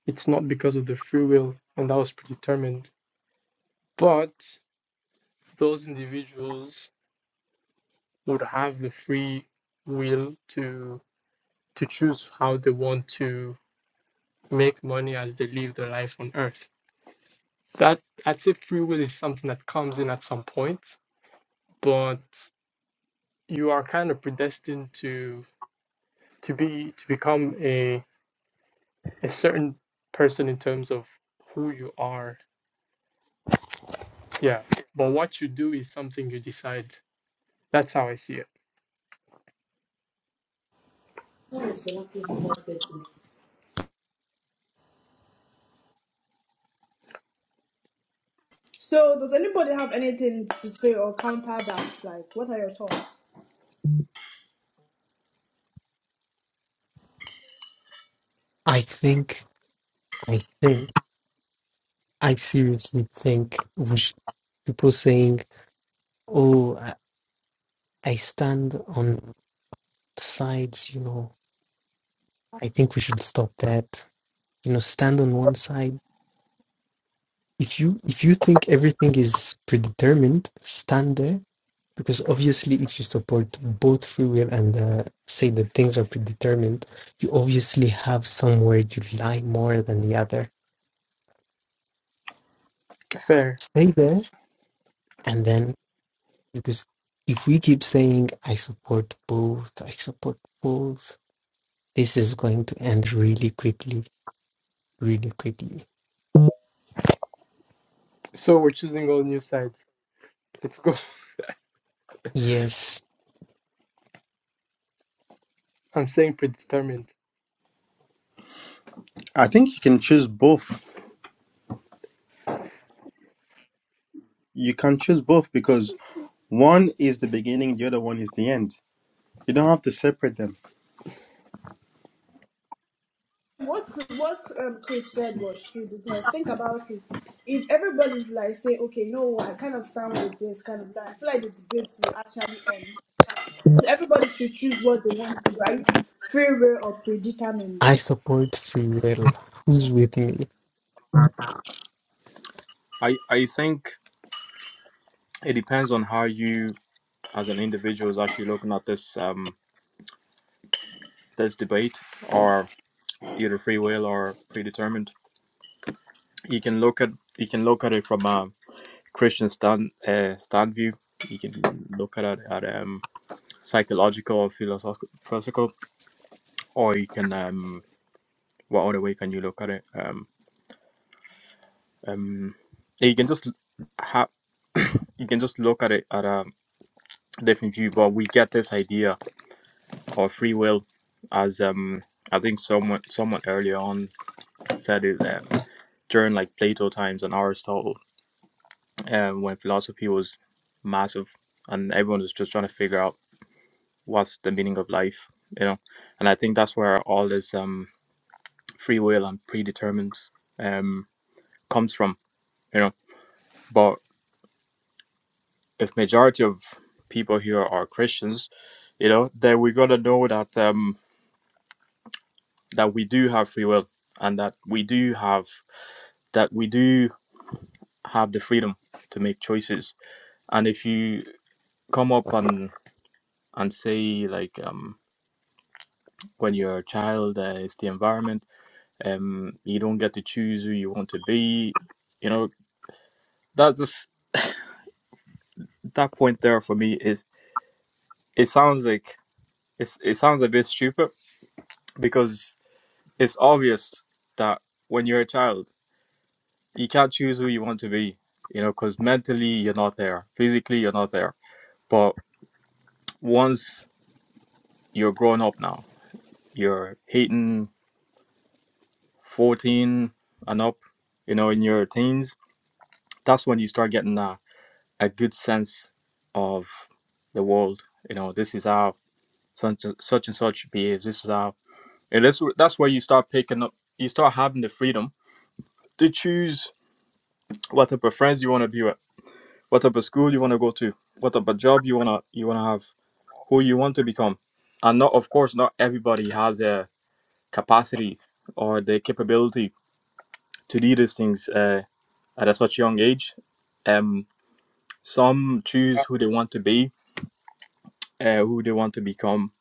A: it's not because of their free will and that was predetermined but those individuals would have the free will to to choose how they want to make money as they live their life on earth. That I'd say free will is something that comes in at some point, but you are kind of predestined to to be to become a a certain person in terms of who you are. Yeah. But what you do is something you decide. That's how I see it.
C: So, does anybody have anything to say or counter that? Like, what are your thoughts?
B: I think. I think. I seriously think we sh- people saying, "Oh, I, I stand on sides," you know, I think we should stop that. You know, stand on one side. If you if you think everything is predetermined, stand there because obviously, if you support both free will and uh, say that things are predetermined, you obviously have somewhere you lie more than the other.
A: Fair.
B: Stay there, and then Because if we keep saying, I support both, I support both, this is going to end really quickly, really quickly.
A: So we're choosing all new sides. Let's go.
B: Yes,
A: I'm saying predetermined.
D: I think you can choose both. You can choose both because one is the beginning, the other one is the end. You don't have to separate them.
C: What Chris- what um, Chris said was true because think about it. If everybody's like say, okay, no, I kind of stand with this, kind of stand, I feel like the debate will actually end. So everybody should choose what they want to do. Are you free will or predetermined?
B: I support free will. Who's with me?
I: I,
J: I I think it depends on how you, as an individual, is actually looking at this um this debate, or either free will or predetermined. You can look at you can look at it from a Christian stand uh, stand view. You can look at it at um psychological or philosophical, or you can um what other way can you look at it? Um um you can just ha you can just look at it at a different view. But we get this idea or free will, as um I think someone someone earlier on said it um, during like Plato times and Aristotle, um, when philosophy was massive and everyone was just trying to figure out what's the meaning of life, you know. And I think that's where all this um free will and predetermined um comes from, you know. But if majority of people here are Christians, you know, then we're gonna know that um that we do have free will and that we do have that we do have the freedom to make choices. And if you come up and and say like um, when you're a child, uh, it's the environment. Um, you don't get to choose who you want to be. You know that just that point there for me is it sounds like it's it sounds a bit stupid because it's obvious that when you're a child you can't choose who you want to be, you know, because mentally you're not there, physically you're not there. But once you're grown up now, you're hitting 14 and up, you know, in your teens, that's when you start getting a, a good sense of the world. You know, this is how such, such and such behaves. This is how, and that's, that's where you start picking up, you start having the freedom to choose what type of friends you want to be with, what type of school you want to go to, what type of job you wanna you wanna have who you want to become. And not, of course, not everybody has the capacity or the capability to do these things uh, at a such young age. Um, some choose who they want to be, uh, who they want to become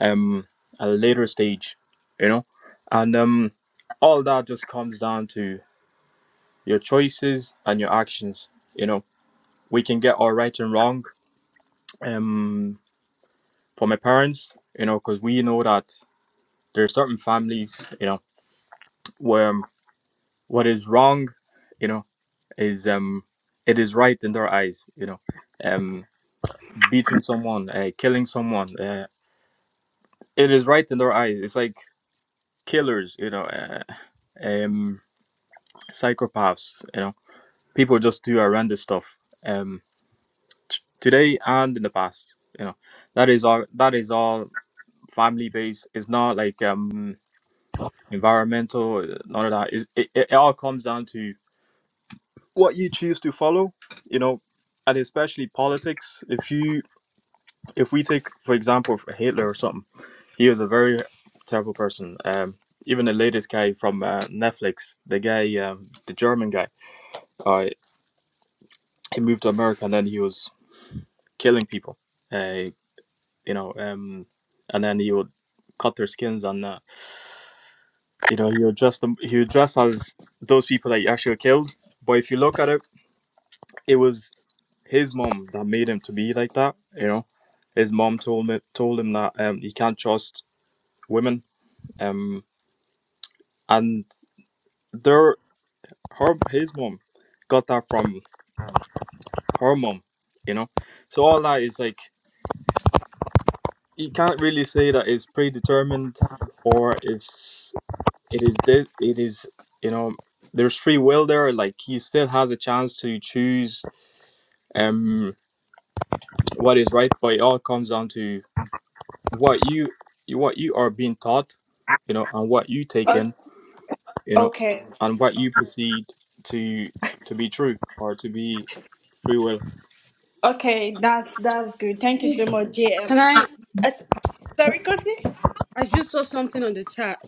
J: um, at a later stage, you know. And um, all that just comes down to your choices and your actions, you know. We can get our right and wrong um, from our parents, you know, because we know that there are certain families, you know, where um, what is wrong you know is um it is right in their eyes you know um beating someone uh, killing someone uh, it is right in their eyes it's like killers you know uh, um psychopaths you know people just do horrendous stuff um t- today and in the past you know that is all that is all family based it's not like um environmental none of that. Is it, it all comes down to what you choose to follow, you know, and especially politics. If you, if we take for example Hitler or something, he was a very terrible person. Um, even the latest guy from uh, Netflix, the guy, um, the German guy, uh, he moved to America and then he was killing people. Uh, you know, um, and then he would cut their skins and uh, you know he would dress them. He would dress as those people that he actually killed. But if you look at it it was his mom that made him to be like that. You know, his mom told me told him that um, he can't trust women. Um, and their her his mom got that from her mom. You know, so all that is like you can't really say that it's predetermined or is it is de- it is you know there's free will there. Like he still has a chance to choose um what is right, but it all comes down to what you what you are being taught, you know, and what you take
C: O-
J: in, you know,
C: Okay,
J: and what you perceive to to be true or to be free will.
C: okay, that's that's good. Thank you so much, JM.
E: Can I?
C: As- sorry, Kosi?
E: I just saw something on the chat.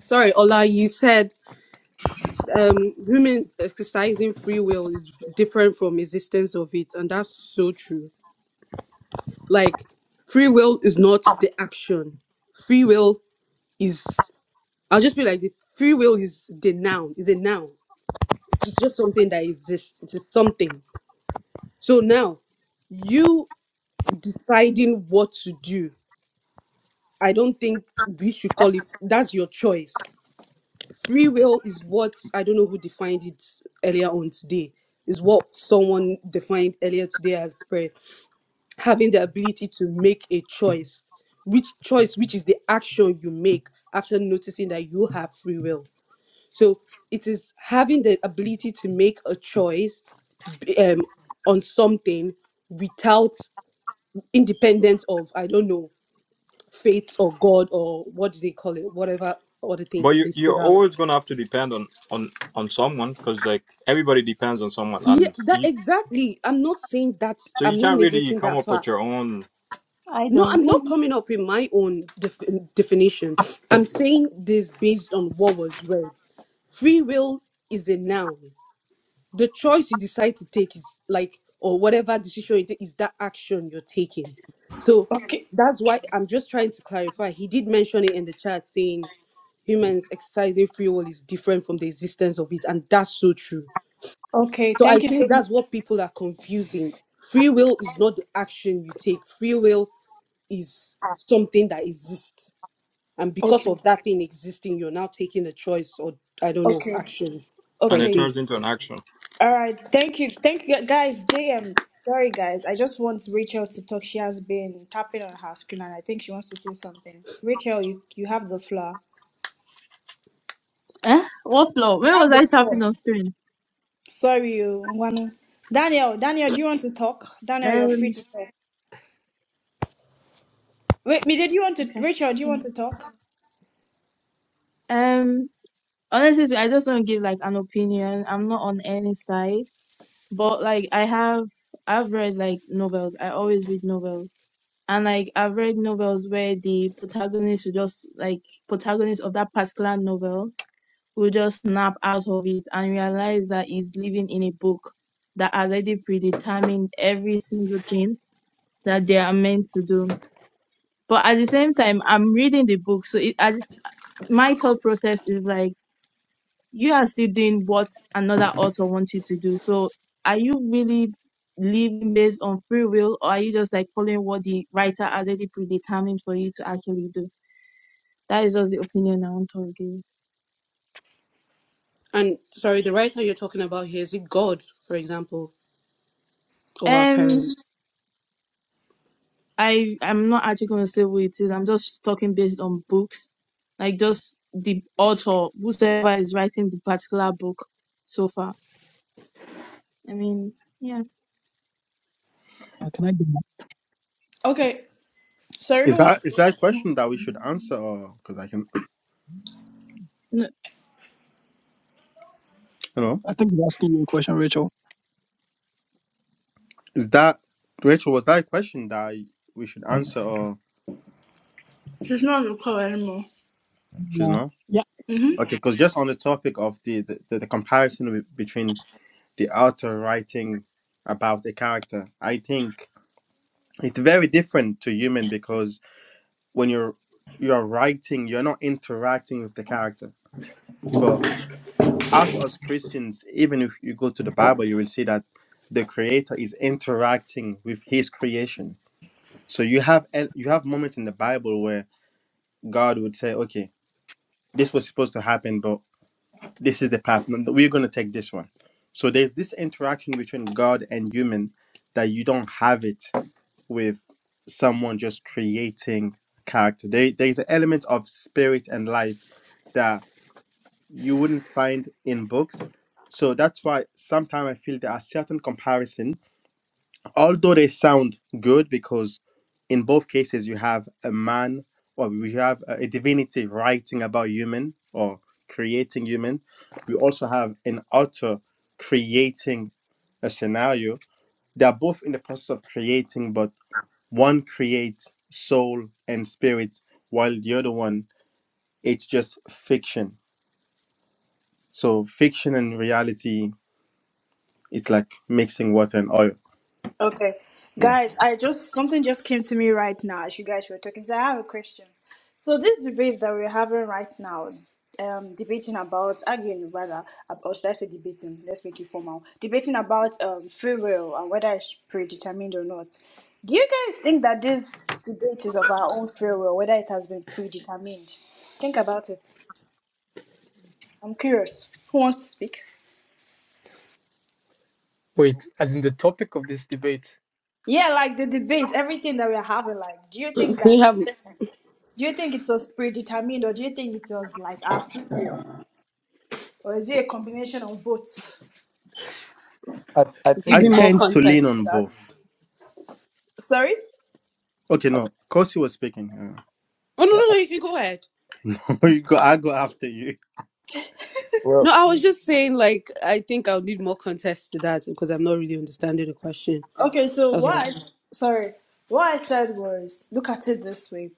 E: Sorry, Ola, you said um humans exercising free will is different from existence of it, and that's so true. Like free will is not the action. Free will is I'll just be like the free will is the noun, is a noun. It's just something that exists. It is something. So now you deciding what to do, I don't think we should call it that's your choice free will is what I don't know who defined it earlier on today. Is what someone defined earlier today as prayer, having the ability to make a choice, which choice, which is the action you make after noticing that you have free will. So it is having the ability to make a choice b- um, on something without independence of I don't know fate or God or what do they call it, whatever other thing
J: But
E: he
J: you you're
E: listed out
J: always gonna have to depend on on on someone because like everybody depends on someone,
E: Yeah,
J: and
E: that
J: you
E: exactly. I'm not saying that.
J: so you
E: I'm not
J: can't really
E: negating
J: come
E: that
J: up with
E: fact.
J: your own,
G: I
E: No,
G: don't.
E: I'm
G: Hey.
E: not coming up with my own def- definition. I'm saying this based on what was read. Free will is a noun. The choice you decide to take is like, or whatever decision you take is that action you're taking. So
C: Okay,
E: that's why I'm just trying to clarify. He did mention it in the chat saying humans exercising free will is different from the existence of it, and that's so true
C: okay,
E: so I
C: thank you
E: think
C: so much.
E: that's what people are confusing. Free will is not the action you take. Free will is something that exists. And because
C: Okay,
E: of that thing existing, you're now taking a choice or, I don't know,
C: okay,
E: action
J: and
E: per
J: it
C: okay.
E: se.
J: turns into an action.
C: All right, thank you, thank you, guys. JM, sorry guys, I just want Rachel to talk. She has been tapping on her screen, and I think she wants to say something. Rachel, you you have the floor.
G: Eh? What floor?
C: You
G: Where was
C: have the
G: I
C: floor.
G: tapping on screen?
C: Sorry, you wanna. Daniel, Daniel, do you want to talk? Daniel, you're free
G: Um,
C: to talk. Wait, me, did you want to?
G: Okay.
C: Rachel, do you
G: Hmm.
C: want to talk?
G: um. Honestly, I just want to give like an opinion. I'm not on any side. But like I have I've read like novels. I always read novels. And like I've read novels where the protagonist will just like protagonist of that particular novel will just snap out of it and realize that he's living in a book that has already predetermined every single thing that they are meant to do. But at the same time, I'm reading the book, so it, I, my thought process is like you are still doing what another author wants you to do. So are you really living based on free will or are you just like following what the writer has already predetermined for you to actually do? That is just the opinion I want to give.
E: And sorry, the writer you're talking about here, is it God, for example, or our
G: Um
E: parents?
G: I I'm not actually gonna say what it is. I'm just talking based on books. Like just the author, whosoever is writing the particular book so far. I mean, yeah.
H: Uh, can I? Be,
C: Okay, sorry, who
D: Is
C: wants?
D: that
C: to
D: is that a question
G: no,
D: that we should answer, or because I can, you know,
H: I think you're asking you a question, Rachel.
D: is that Rachel? Was that a question that we should answer, or
C: She's not on the call anymore.
D: she's
H: No.
D: not? Okay, because just on the topic of the the, the, the comparison be- between the author writing about the character, I think it's very different to human because when you're you're writing, you're not interacting with the character, but. us as Christians, even if you go to the Bible, you will see that the Creator is interacting with His creation. So you have el- you have moments in the Bible where God would say, "Okay, this was supposed to happen, but this is the path. No, We're going to take this one." So there's this interaction between God and human that you don't have it with someone just creating character. There, there is an element of spirit and life you wouldn't find in books. So that's why sometimes I feel there are certain comparison, although they sound good because in both cases you have a man or we have a a divinity writing about human or creating human. We also have an author creating a scenario. They are both in the process of creating, but one creates soul and spirit, while the other one it's just fiction. So fiction and reality It's like mixing water and oil.
C: Okay,
D: Yeah.
C: guys, I just something just came to me right now as you guys were talking. So I have a question. So this debate that we're having right now, um, debating about arguing rather, ab- or should I say debating? Let's make it formal. Debating about um free will and whether it's predetermined or not. Do you guys think that this debate is of our own free will, whether it has been predetermined? Think about it. I'm curious. Who wants to speak?
A: Wait, as in the topic of this debate.
C: Yeah, like the debates, everything that we're having, like, do you think
E: Can
C: that,
E: you have,
C: do you think it was predetermined or do you think it was like our free will? Or is it a combination of both?
I: I
E: give
D: I
I: think
E: me
I: it-
E: more
D: tend to lean
E: context to
D: on
E: that?
D: both.
C: Sorry?
D: Okay,
I: I, th-
D: no. Kosi was speaking.
E: Oh, no,
I: yeah,
E: no,
I: I-
E: no, you can go ahead.
D: Uh, you go, I go after you.
I: well
E: No, I was just saying, like, I think I'll need more context to that because I'm not really understanding the question.
C: Okay, so
E: That's
C: what I,
E: all.
C: s- sorry, what I said was, look at it this way.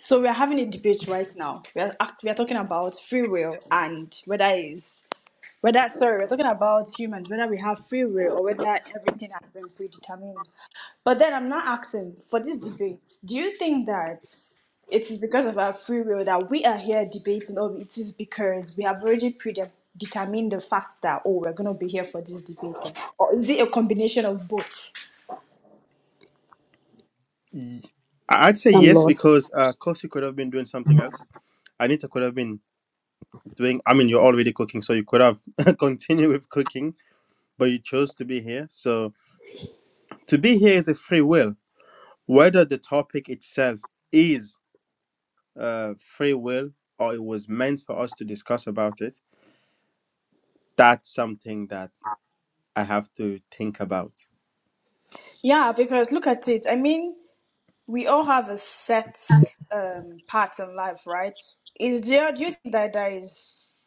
C: So we're having a debate right now. We're, act- we're talking about free will and whether it's Whether, sorry, we're talking about humans, whether we have free will or whether everything has been predetermined. But then I'm not asking for this debate. Do you think that it is because of our free will that we are here debating, or it is because we have already predetermined the fact that oh, we're gonna be here for this debate, like, or is it a combination of both?
D: Y- I'd say
E: I'm
D: yes
E: lost.
D: because uh, Kosi could have been doing something else. Anita could have been doing. I mean, you're already cooking, so you could have continued with cooking, but you chose to be here. So to be here is a free will. Whether the topic itself is uh, free will or it was meant for us to discuss about it, that's something that I have to think about.
C: Yeah, because look at it. I mean, we all have a set um path in life, right? Is there do you think that there is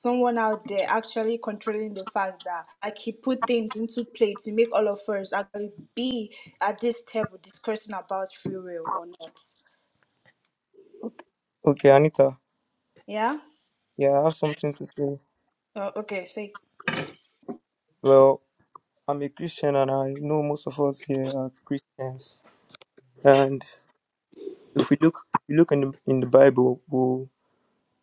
C: someone out there actually controlling the fact that like he put things into play to make all of us actually be at this table discussing about free will or not?
I: okay, okay Anita
C: Yeah?
I: yeah I have something to say
C: Oh, okay, see.
I: well I'm a Christian and I know most of us here are Christians and if we look if we look in the, in the Bible we'll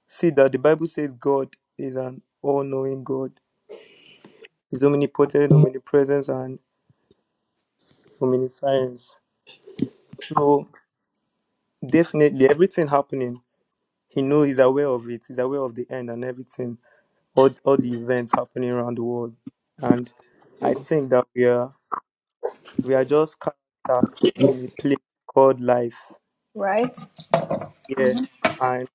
I: see that the Bible says God is an all-knowing God he's omnipotent omnipresent and omniscience so definitely everything happening he knows he's aware of it he's aware of the end and everything all all the events happening around the world. And I think that we are we are just characters in a play called life.
C: Right?
I: Yeah. And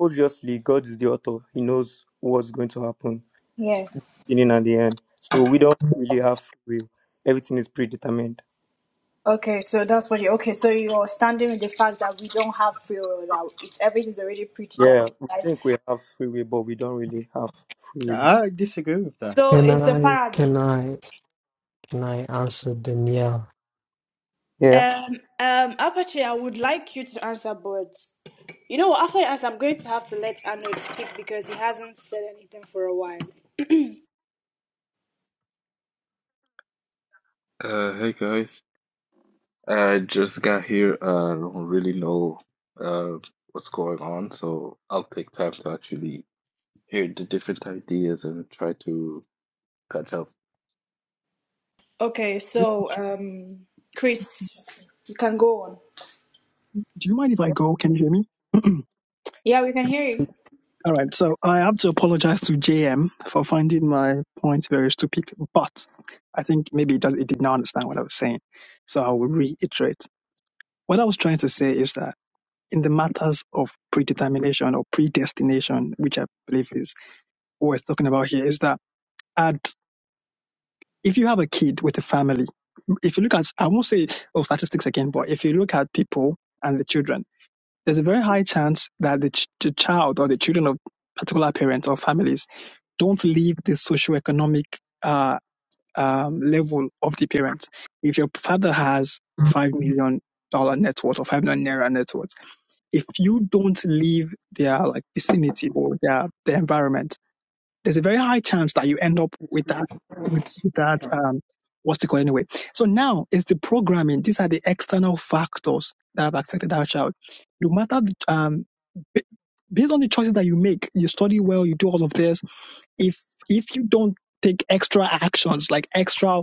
I: obviously God is the author. He knows what's going to happen
C: Yeah.
I: in and at the end. So we don't really have free will. Everything is predetermined.
C: Okay, so that's what you okay, so you're standing with the fact that we don't have free will that it's everything's already predetermined,
I: Yeah. We
C: right?
I: think we have free will, but we don't really have free will.
D: I disagree with that.
C: So
B: Can
C: it's a
B: I, can
C: paradox.
B: I, can I answer Danielle?
I: Yeah.
C: Um, um, Apache, I would like you to answer, but you know what? After I answer, I'm going to have to let Arnold speak because he hasn't said anything for a while.
K: Uh, hey guys, I just got here. I don't really know uh, what's going on, so I'll take time to actually hear the different ideas and try to catch up.
C: Okay, so um, Chris, you can go on.
H: Do you mind if I go? Can you hear me?
C: Yeah, we can hear you.
H: All right. So I have to apologize to JM for finding my point very stupid, but I think maybe it does. It did not understand what I was saying, so I will reiterate. What I was trying to say is that in the matters of predetermination or predestination, which I believe is what we're talking about here, is that at, if you have a kid with a family, if you look at, I won't say oh, statistics again, but if you look at people and the children, there's a very high chance that the, ch- the child or the children of particular parents or families don't leave the socioeconomic uh, um, level of the parents. If your father has $5 million dollar net worth or $5 million naira net worth, if you don't leave their like vicinity or their their environment, there's a very high chance that you end up
D: It's
H: with that
D: great.
H: with,
D: It's
H: with that
D: okay.
H: um what's it called anyway. So now it's the programming. These are the external factors that have affected our child. No matter the, um ba- based on the choices that you make, you study well, you do all of this. If if you don't take extra actions like extra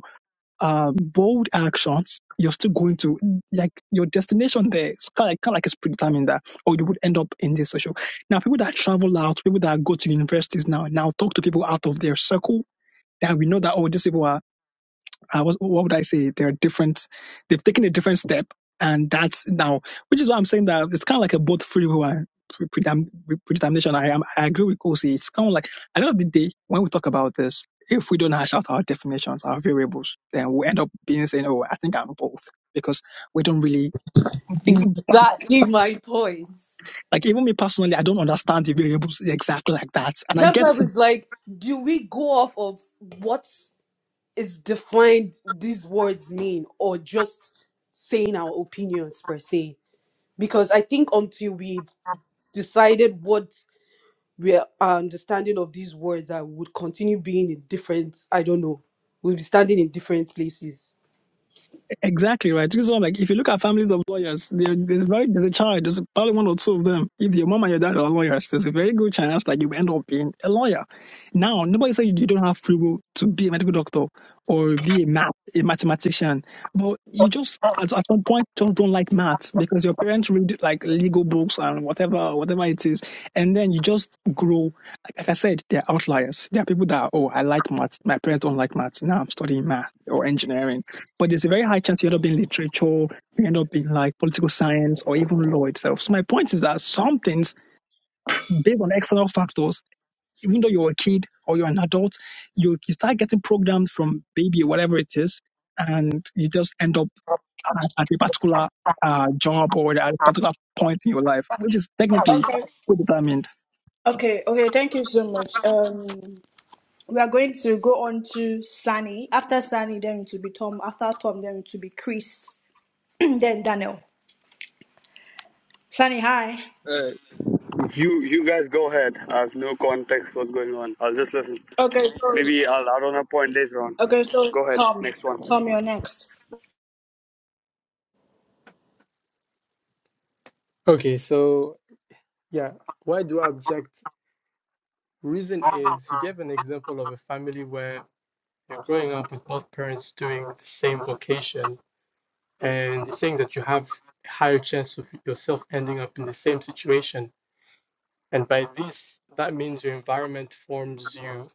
H: uh, bold actions, you're still going to like your destination there. It's kind of, like, kind of like it's predetermined that, or you would end up in this social. Now, people that travel out, people that go to universities now, now talk to people out of their circle. That we know that oh, these people are uh, what, what would I say? There are different, they've taken a different step. And that's now, which is why I'm saying that it's kind of like a both free will and pre- predam- predetermination. I, am- I agree with Kosi. It's kind of like, at the end of the day, when we talk about this, if we don't hash out our definitions, our variables, then we end up being saying, oh, I think I'm both. Because we don't really, even back-
E: Exactly my point.
H: like, even me personally, I don't understand the variables exactly like that. And I
E: That's why I
H: get
E: was like, do we go off of what is defined these words mean or just saying our opinions per se? Because I think until we've decided what we are- our understanding of these words are, we would continue being in different, I don't know, we'll be standing in different places.
H: Exactly right. This is what I'm like. If you look at families of lawyers, there- there's very there's a child, there's probably one or two of them. If your mom and your dad are lawyers, there's a very good chance that you will end up being a lawyer. Now, nobody said you don't have free will to be a medical doctor or be a math a mathematician, but you just at, at some point just don't like maths because your parents read like legal books and whatever whatever it is, and then you just grow. Like, like I said, there are outliers. There are people that oh I like maths, my parents don't like maths. Now I'm studying math or engineering but there's a very high chance you end up in literature, you end up in like political science or even law itself. So my point is that some things, based on external factors, even though you're a kid or you're an adult, you, you start getting programmed from baby, whatever it is, and you just end up at, at a particular uh, job or at a particular point in your life, which is technically
C: Okay,
H: predetermined.
C: okay, okay. Thank you so much. Um, we are going to go on to Sunny. After Sunny, then it will be Tom. After Tom, then it will be Chris. then Daniel. Sunny, hi.
L: Uh, You you guys go ahead. I have no context what's going on. I'll just listen.
C: Okay, so
L: Maybe I'll add on a point later on.
C: okay, so
L: Go ahead.
C: Tom,
L: Next one.
C: Tom, you're next.
A: Okay, so Yeah. Why do I object? Reason is he gave an example of a family where you're growing up with both parents doing the same vocation, and he's saying that you have a higher chance of yourself ending up in the same situation. And by this, that means your environment forms you,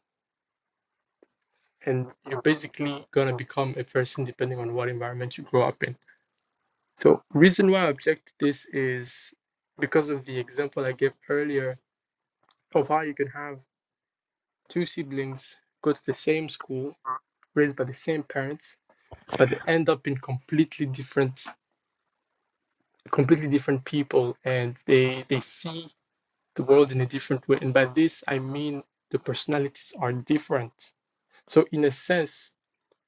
A: and you're basically gonna become a person depending on what environment you grow up in. So reason why I object to this is because of the example I gave earlier of how you can have two siblings go to the same school raised by the same parents, but they end up in completely different, completely different people, and they they see the world in a different way. And by this, I mean the personalities are different. So in a sense,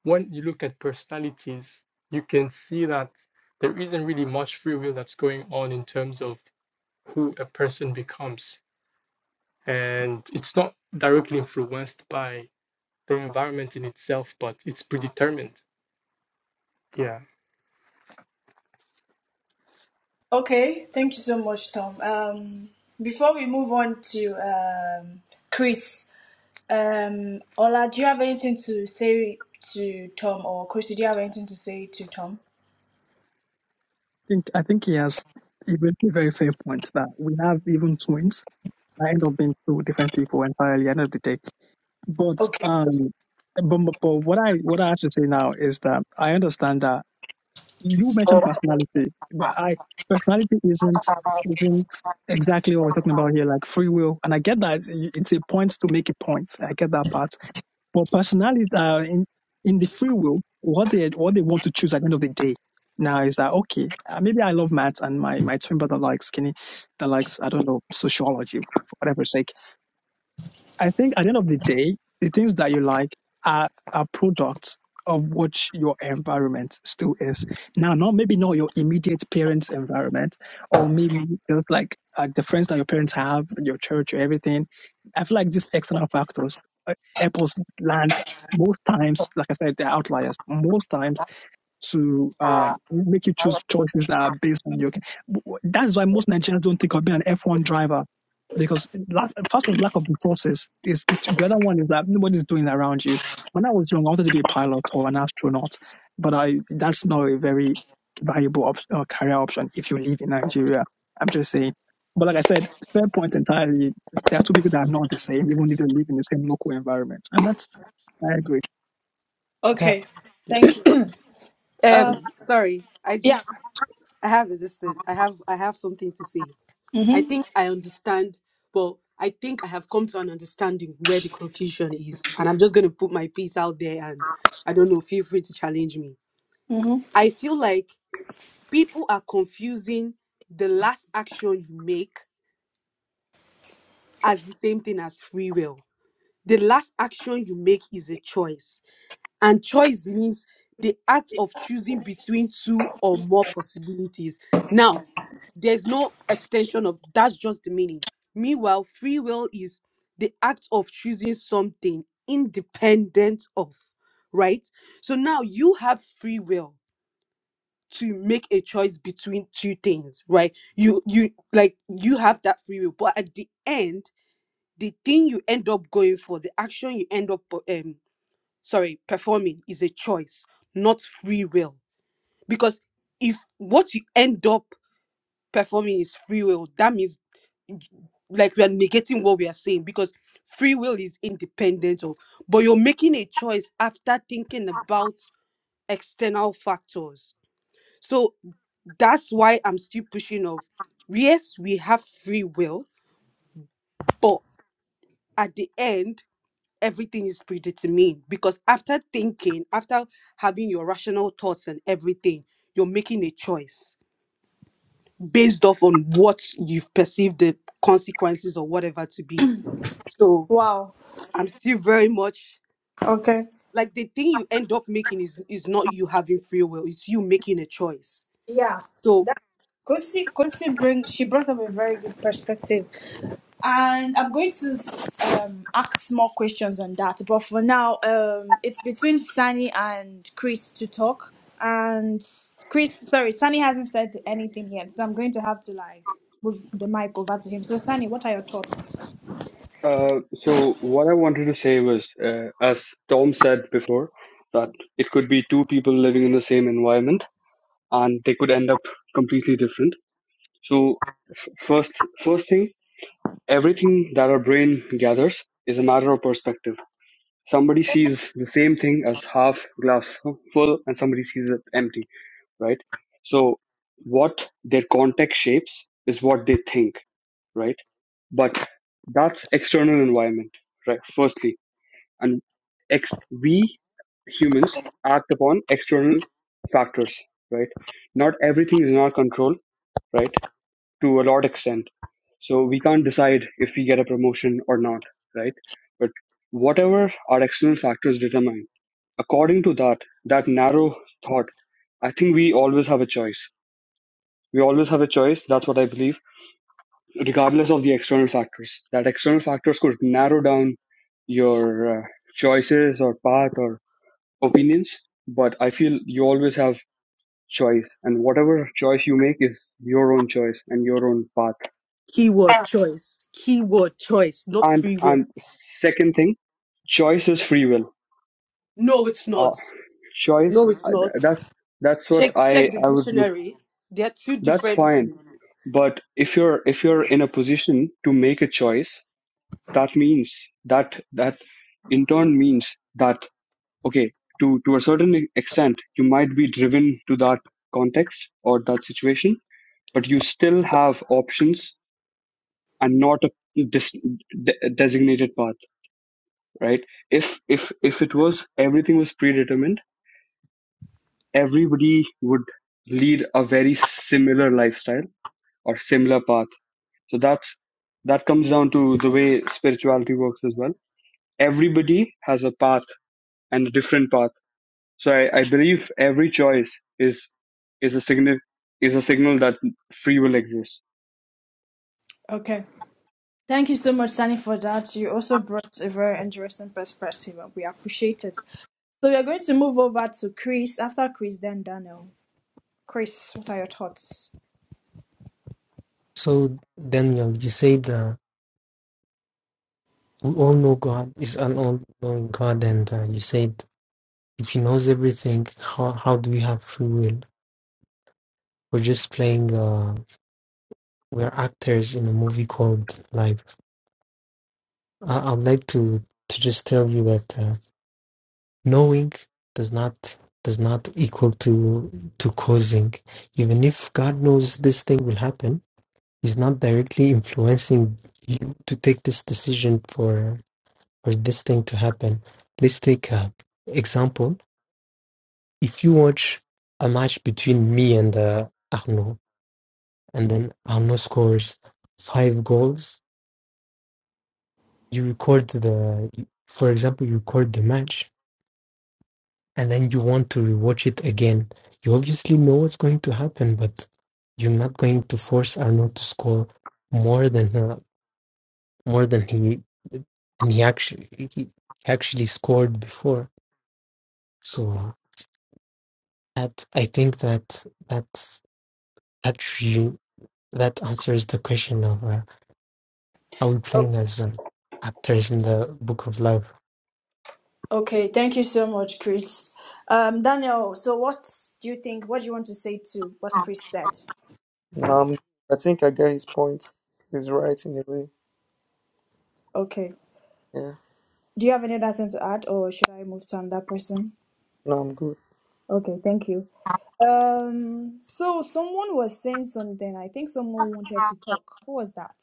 A: when you look at personalities, you can see that there isn't really much free will that's going on in terms of who a person becomes, and it's not directly influenced by the environment in itself, but it's predetermined. Yeah.
C: Okay, thank you so much, Tom. Um, before we move on to um, Chris, um, Ola, do you have anything to say to Tom, or Chris, do you have anything to say to Tom?
H: I think I think he has even a very fair point that we have even twins I end up being two different people entirely end of the day. But
C: Okay,
H: um but, but but what I what I have to say now is that I understand that you mentioned personality. But I personality isn't isn't exactly what we're talking about here, like free will. And I get that it- it's a point to make a point. I get that part. But personality uh, in in the free will, what they what they want to choose at the end of the day now is that okay? uh, Maybe I love maths and my my twin brother likes skinny that likes I don't know sociology for whatever sake I think at the end of the day, the things that you like are are products of what your environment still is. Now, not maybe not your immediate parents' environment, or maybe just like like the friends that your parents have, your church, or everything. I feel like these external factors, uh, apples land most times. Like I said, they're outliers. Most times to um, make you choose choices that are based on your. That's why most Nigerians don't think of being an F1 driver because lack, first of all, lack of resources is the other one is that nobody's doing it around you. When I was young, I wanted to be a pilot or an astronaut, but I that's not a very valuable op- uh, career option if you live in Nigeria. I'm just saying. But like I said, fair point entirely. There are two people that are not the same, even if they live in the same local environment, and that's I agree.
E: Okay.
C: okay, thank
A: Yep.
C: you. Uh,
E: Um, sorry, I
C: yeah.
E: just I have this thing. I have I have something to say. I
C: Mhm,
E: think I understand. Well, I think I have come to an understanding where the confusion is. And I'm just going to put my piece out there and I don't know, feel free to challenge me.
C: mhm.
E: I feel like people are confusing the last action you make as the same thing as free will. The last action you make is a choice. And choice means the act of choosing between two or more possibilities. Now, there's no extension of that's just the meaning. Meanwhile, free will is the act of choosing something independent of, right? So now you have free will to make a choice between two things, right? You you like you have that free will, but at the end, the thing you end up going for, the action you end up um sorry, performing is a choice, not free will. Because if what you end up performing is free will, that means like we are negating what we are saying because free will is independent of, but you're making a choice after thinking about external factors. So that's why I'm still pushing of yes, we have free will, but at the end everything is predetermined because after thinking, after having your rational thoughts and everything, you're making a choice based off on what you've perceived the consequences or whatever to be. So
C: Wow.
E: I'm still very much
C: Okay.
E: like the thing you end up making is is not you having free will, it's you making a choice.
C: Yeah,
E: So
C: that Kosi Kosi bring she brought up a very good perspective, and I'm going to um, ask more questions on that. But for now, um, it's between Sunny and Chris to talk, and Chris, sorry, Sunny hasn't said anything yet, so I'm going to have to like move the mic over to him. So Sunny, what are your thoughts?
L: Uh, so what I wanted to say was, uh, as Tom said before, that it could be two people living in the same environment and they could end up completely different. So f- first first thing, everything that our brain gathers is a matter of perspective. Somebody sees the same thing as half glass full and somebody sees it empty right? So what their context shapes is what they think, right? But that's external environment, right? Firstly, and ex- we humans act upon external factors, right? Not everything is in our control, right? To a large extent. So we can't decide if we get a promotion or not, right? But whatever our external factors determine, according to that, that narrow thought, I think we always have a choice we always have a choice, that's what I believe, regardless of the external factors. That external factors could narrow down your uh, choices or path or opinions, but I feel you always have choice and whatever choice you make is your own choice and your own path.
E: keyword choice, keyword choice, not
L: And
E: free will.
L: and second thing, choice is free will.
E: No, it's not.
L: Uh, choice
E: No, it's
L: uh,
E: not.
L: that that's what
E: Check check
L: I
E: the
L: I would do.
E: dictionary. There are two
L: That's
E: different
L: fine.
E: meanings.
L: But if you're if you're in a position to make a choice that means that that in turn means that okay to to a certain extent you might be driven to that context or that situation but you still have options and not a dis- de- designated path right if if if it was everything was predetermined everybody would lead a very similar lifestyle or similar path so that's that comes down to the way spirituality works as well everybody has a path and a different path. So I, I believe every choice is is a signal is a signal that free will exists.
C: Okay. Thank you so much, Sani, for that. You also brought a very interesting perspective, and we appreciate it. So we're going to move over to Chris after Chris, then Daniel. Chris, what are your thoughts?
B: So, Daniel, you said uh, we all know God is an all knowing God, and uh, you said if He knows everything, how, how do we have free will? We're just playing, uh, we're actors in a movie called Life I- I'd like to to just tell you that uh, knowing does not does not equal to to causing. Even if God knows this thing will happen, He's not directly influencing you to take this decision for for this thing to happen. Let's take a example. If you watch a match between me and uh, Arnaud, and then Arnaud scores five goals, you record the, for example, you record the match and then you want to rewatch it again. You obviously know what's going to happen, but you're not going to force Arnold to score more than uh, more than he and he actually he actually scored before. So that I think that that that re- that answers the question of uh, are we
C: Oh,
B: playing as um, actors in the Book of Life?
C: okay, thank you so much, Chris. Um, Daniel, so what do you think? What do you want to say to what Chris said?
I: Um I think I get his point. He's right in a way.
C: Okay.
I: Yeah.
C: Do you have any other thing to add, or should I move to another person?
I: No, I'm good.
C: Okay, thank you. Um, so someone was saying something. I think someone wanted to talk. Who was that?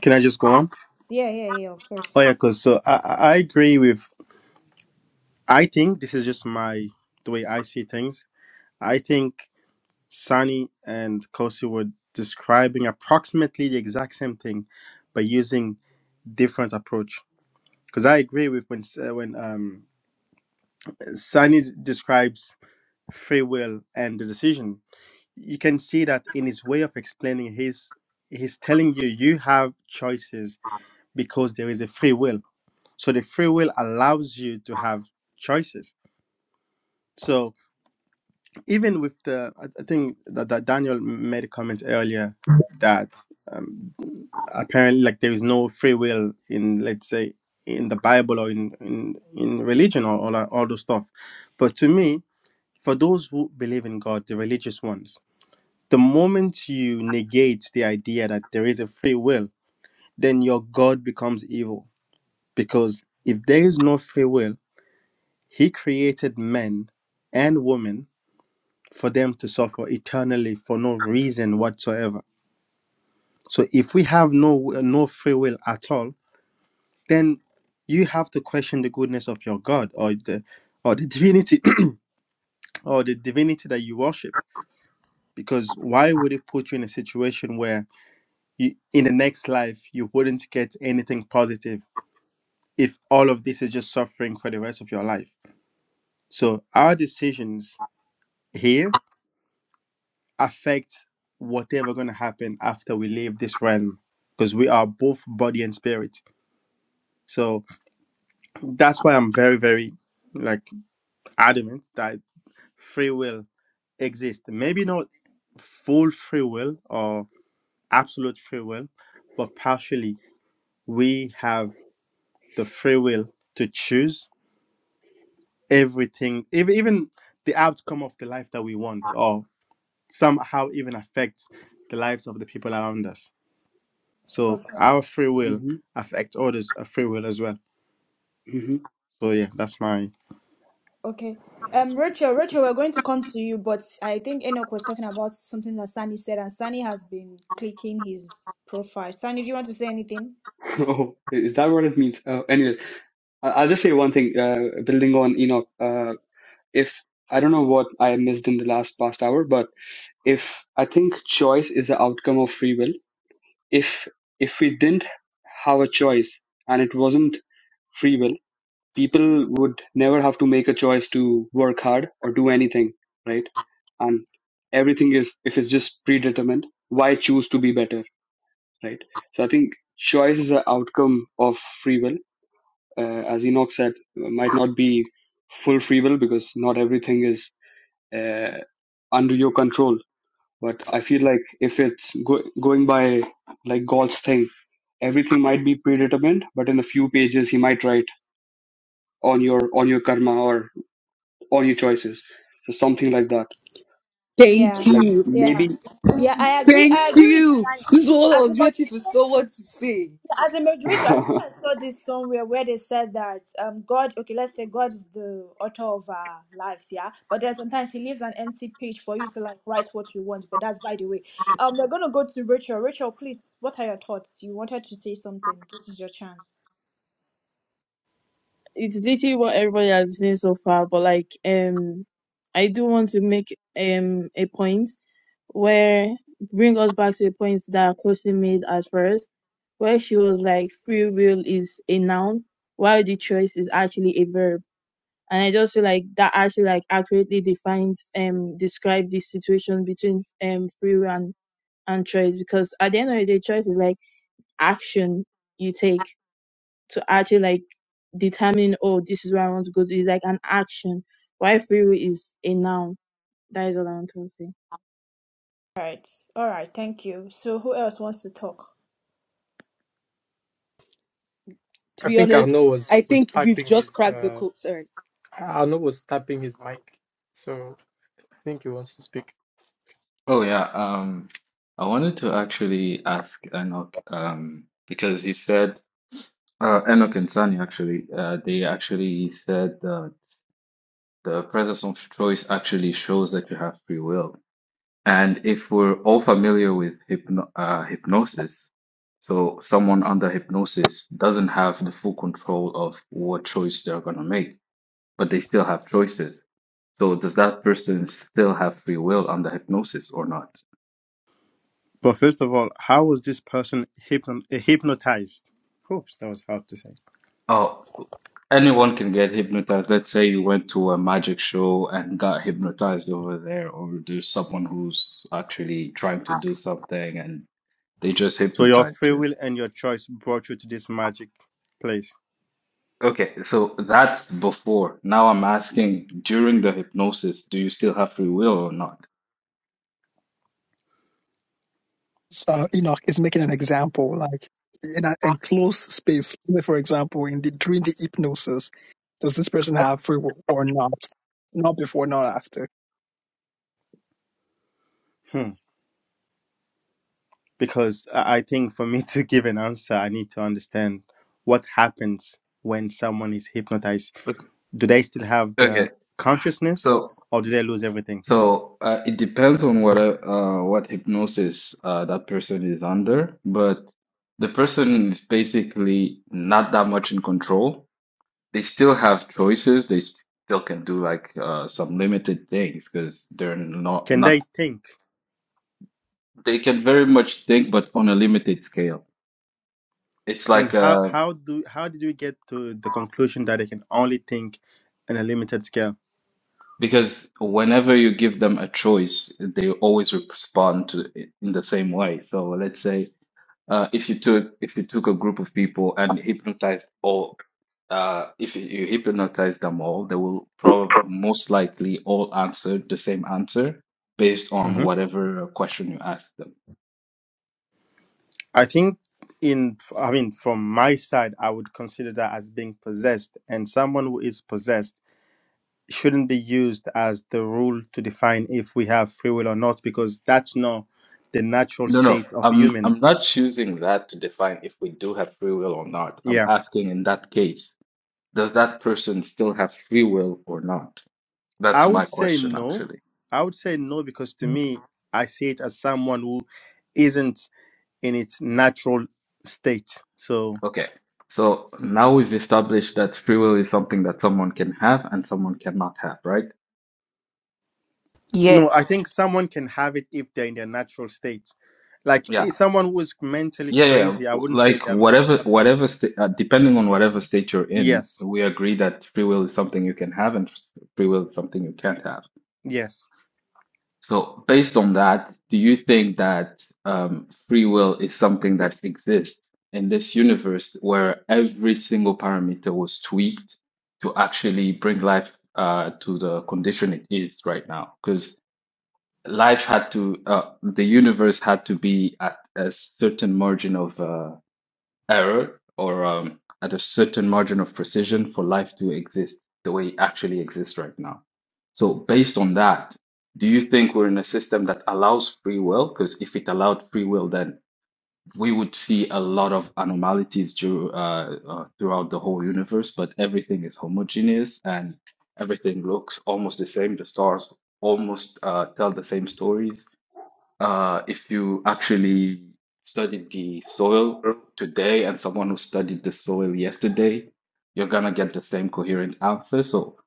D: Can I just go on?
C: Yeah, yeah, yeah, of
D: Oh
C: course.
D: yeah, cause so I I I agree with. I think this is just my the way I see things. I think Sunny and Kosi were describing approximately the exact same thing, but using different approach. Cause I agree with when S- uh, when um Sunny describes free will and the decision. You can see that in his way of explaining. He's he's telling you you have choices because there is a free will. So the free will allows you to have choices. So even with the, I I think that, that Daniel made a comment earlier that um, apparently like there is no free will in let's say in the Bible or in in, in religion or all that- all those stuff. But to me, for those who believe in God, the religious ones, the moment you negate the idea that there is a free will, then your God becomes evil because if there is no free will He created men and women for them to suffer eternally for no reason whatsoever. So if we have no no free will at all, then you have to question the goodness of your God or the or the divinity or the divinity that you worship. Because why would it put you in a situation where you, in the next life you wouldn't get anything positive if all of this is just suffering for the rest of your life? So our decisions here affect whatever going to happen after we leave this realm because we are both body and spirit so that's why i'm very very like adamant that free will exists maybe not full free will or absolute free will but partially we have the free will to choose everything ev- even the outcome of the life that we want or somehow even affect the lives of the people around us So
C: Okay.
D: our free will
L: hmm
D: affects others' free will as well.
L: hmm
D: So yeah, that's my.
C: Okay. Um, Rachel, Rachel, we're going to come to you, but I think Enoch was talking about something that Sunny said, and Sunny has been clicking his profile. Sunny, do you want to say anything?
L: Oh, is that what it means? Uh, anyways, I- I'll just say one thing. Uh, building on Enoch, uh, if I don't know what I missed in the last past hour, but if I think choice is the outcome of free will, if if we didn't have a choice and it wasn't free will people would never have to make a choice to work hard or do anything, right? And everything is, if it's just predetermined, why choose to be better, right? So I think choice is an outcome of free will. Uh, as Enoch said, uh, might not be full free will because not everything is uh, under your control. But I feel like if it's go- going by like God's thing, everything might be predetermined, but in a few pages he might write on your on your karma or. or your choices. So something like that.
C: Yeah.
E: Thank
L: Like
E: you.
C: Yeah.
L: maybe
C: Yeah, I agree.
E: Thank
C: I agree with
E: you.
C: Sunny.
E: This is what I
C: As a
E: was waiting for
C: moderator,
E: someone to say.
C: As a moderator, I think
L: uh,
C: I saw this somewhere where they said that um God, okay, let's say God is the author of our lives, yeah. But then sometimes He leaves an empty page for you to like write what you want. But that's by the way. Um, we're gonna go to Rachel. Rachel, please, what are your thoughts? You wanted to say something. This is your chance.
G: it's literally what everybody has seen so far, but like um I do want to make um a point where bring us back to a point that Kosi made at first, where she was like free will is a noun while the choice is actually a verb. And I just feel like that actually like accurately defines um describe the situation between um free will and, and choice because at the end of the day choice is like action you take to actually like determine oh this is where I want to go to. It's like an action. Why free is a noun. That is all I want to say.
C: All right, all right. Thank you. So who else wants to talk?
E: To
A: I
E: be
A: think Arnaud
E: honest,
A: was
E: I
A: was
E: think we've
A: piping
E: just
A: his
E: cracked the
A: uh
E: code. Sorry.
A: Arnaud was tapping his mic, so I think he wants to speak.
K: Oh yeah, um, I wanted to actually ask Enoch, um, because he said uh, Enoch and Sunny actually, uh, they actually said uh, the presence of choice actually shows that you have free will. And if we're all familiar with hypno uh, hypnosis, so someone under hypnosis doesn't have the full control of what choice they're going to make, but they still have choices. So does that person still have free will under hypnosis or not?
D: But first of all, how was this person hypno- eh, hypnotized? Oops, that was hard to say.
K: Oh, anyone can get hypnotized. Let's say you went to a magic show and got hypnotized over there, or there's someone who's actually trying to do something and they just
D: So your
K: hypnotized
D: free
K: you.
D: will and your choice brought you to this magic place.
K: Okay, so that's before. Now I'm asking during the hypnosis, do you still have free will or not?
H: So Enoch is making an example, like in an enclosed space. Like, For example, in the during the hypnosis, does this person have free will or not? Not before, not after.
D: Hmm. Because I I think for me to give an answer, I need to understand what happens when someone is hypnotized.
K: Okay,
D: Do they still have
K: okay.
D: the consciousness,
K: So
D: or do they lose everything?
K: so uh, it depends on what uh what hypnosis uh that person is under, but the person is basically not that much in control. They still have choices. They still can do like uh some limited things because they're not
D: Can
K: not
D: they think?
K: they can very much think, but on a limited scale. It's
D: And
K: like
D: how
K: a.
D: how do how did you get to the conclusion that I can only think in a limited scale?
K: Because whenever you give them a choice, they always respond to it in the same way. So let's say uh, if you took if you took a group of people and hypnotized all, uh, if you you hypnotize them all, they will probably most likely all answer the same answer based on
D: hmm
K: whatever question you ask them.
D: I think in I mean from my side, I would consider that as being possessed, and someone who is possessed shouldn't be used as the rule to define if we have free will or not, because that's not the natural
K: No, no,
D: state of
K: I'm
D: human.
K: I'm not choosing that to define if we do have free will or not. I'm
D: Yeah.
K: asking in that case, does that person still have free will or not?
D: I
K: That's my
D: would say
K: question,
D: no.
K: actually.
D: I would say no because to me, I see it as someone who isn't in its natural state. So,
K: Okay. So now we've established that free will is something that someone can have and someone cannot have, right?
D: no, I
E: Yes.
D: think someone can have it if they're in their natural state. Like
K: Yeah.
D: if someone who is mentally
K: Yeah, yeah.
D: crazy, I
K: W-
D: wouldn't say
K: Like
D: them. they
K: whatever,
D: have-
K: whatever sta- uh, depending on whatever state you're in,
D: Yes,
K: we agree that free will is something you can have and s- free will is something you can't have.
D: yes.
K: So, based on that, do you think that um, free will is something that exists in this universe where every single parameter was tweaked to actually bring life uh, to the condition it is right now? Because life had to, uh, the universe had to be at a certain margin of uh, error or um, at a certain margin of precision for life to exist the way it actually exists right now. So, based on that, do you think we're in a system that allows free will? Because if it allowed free will, then we would see a lot of anomalies dur- uh, uh, throughout the whole universe, but everything is homogeneous and everything looks almost the same. The stars almost uh, tell the same stories uh, if you actually studied the soil today and someone who studied the soil yesterday, you're gonna get the same coherent answer. So,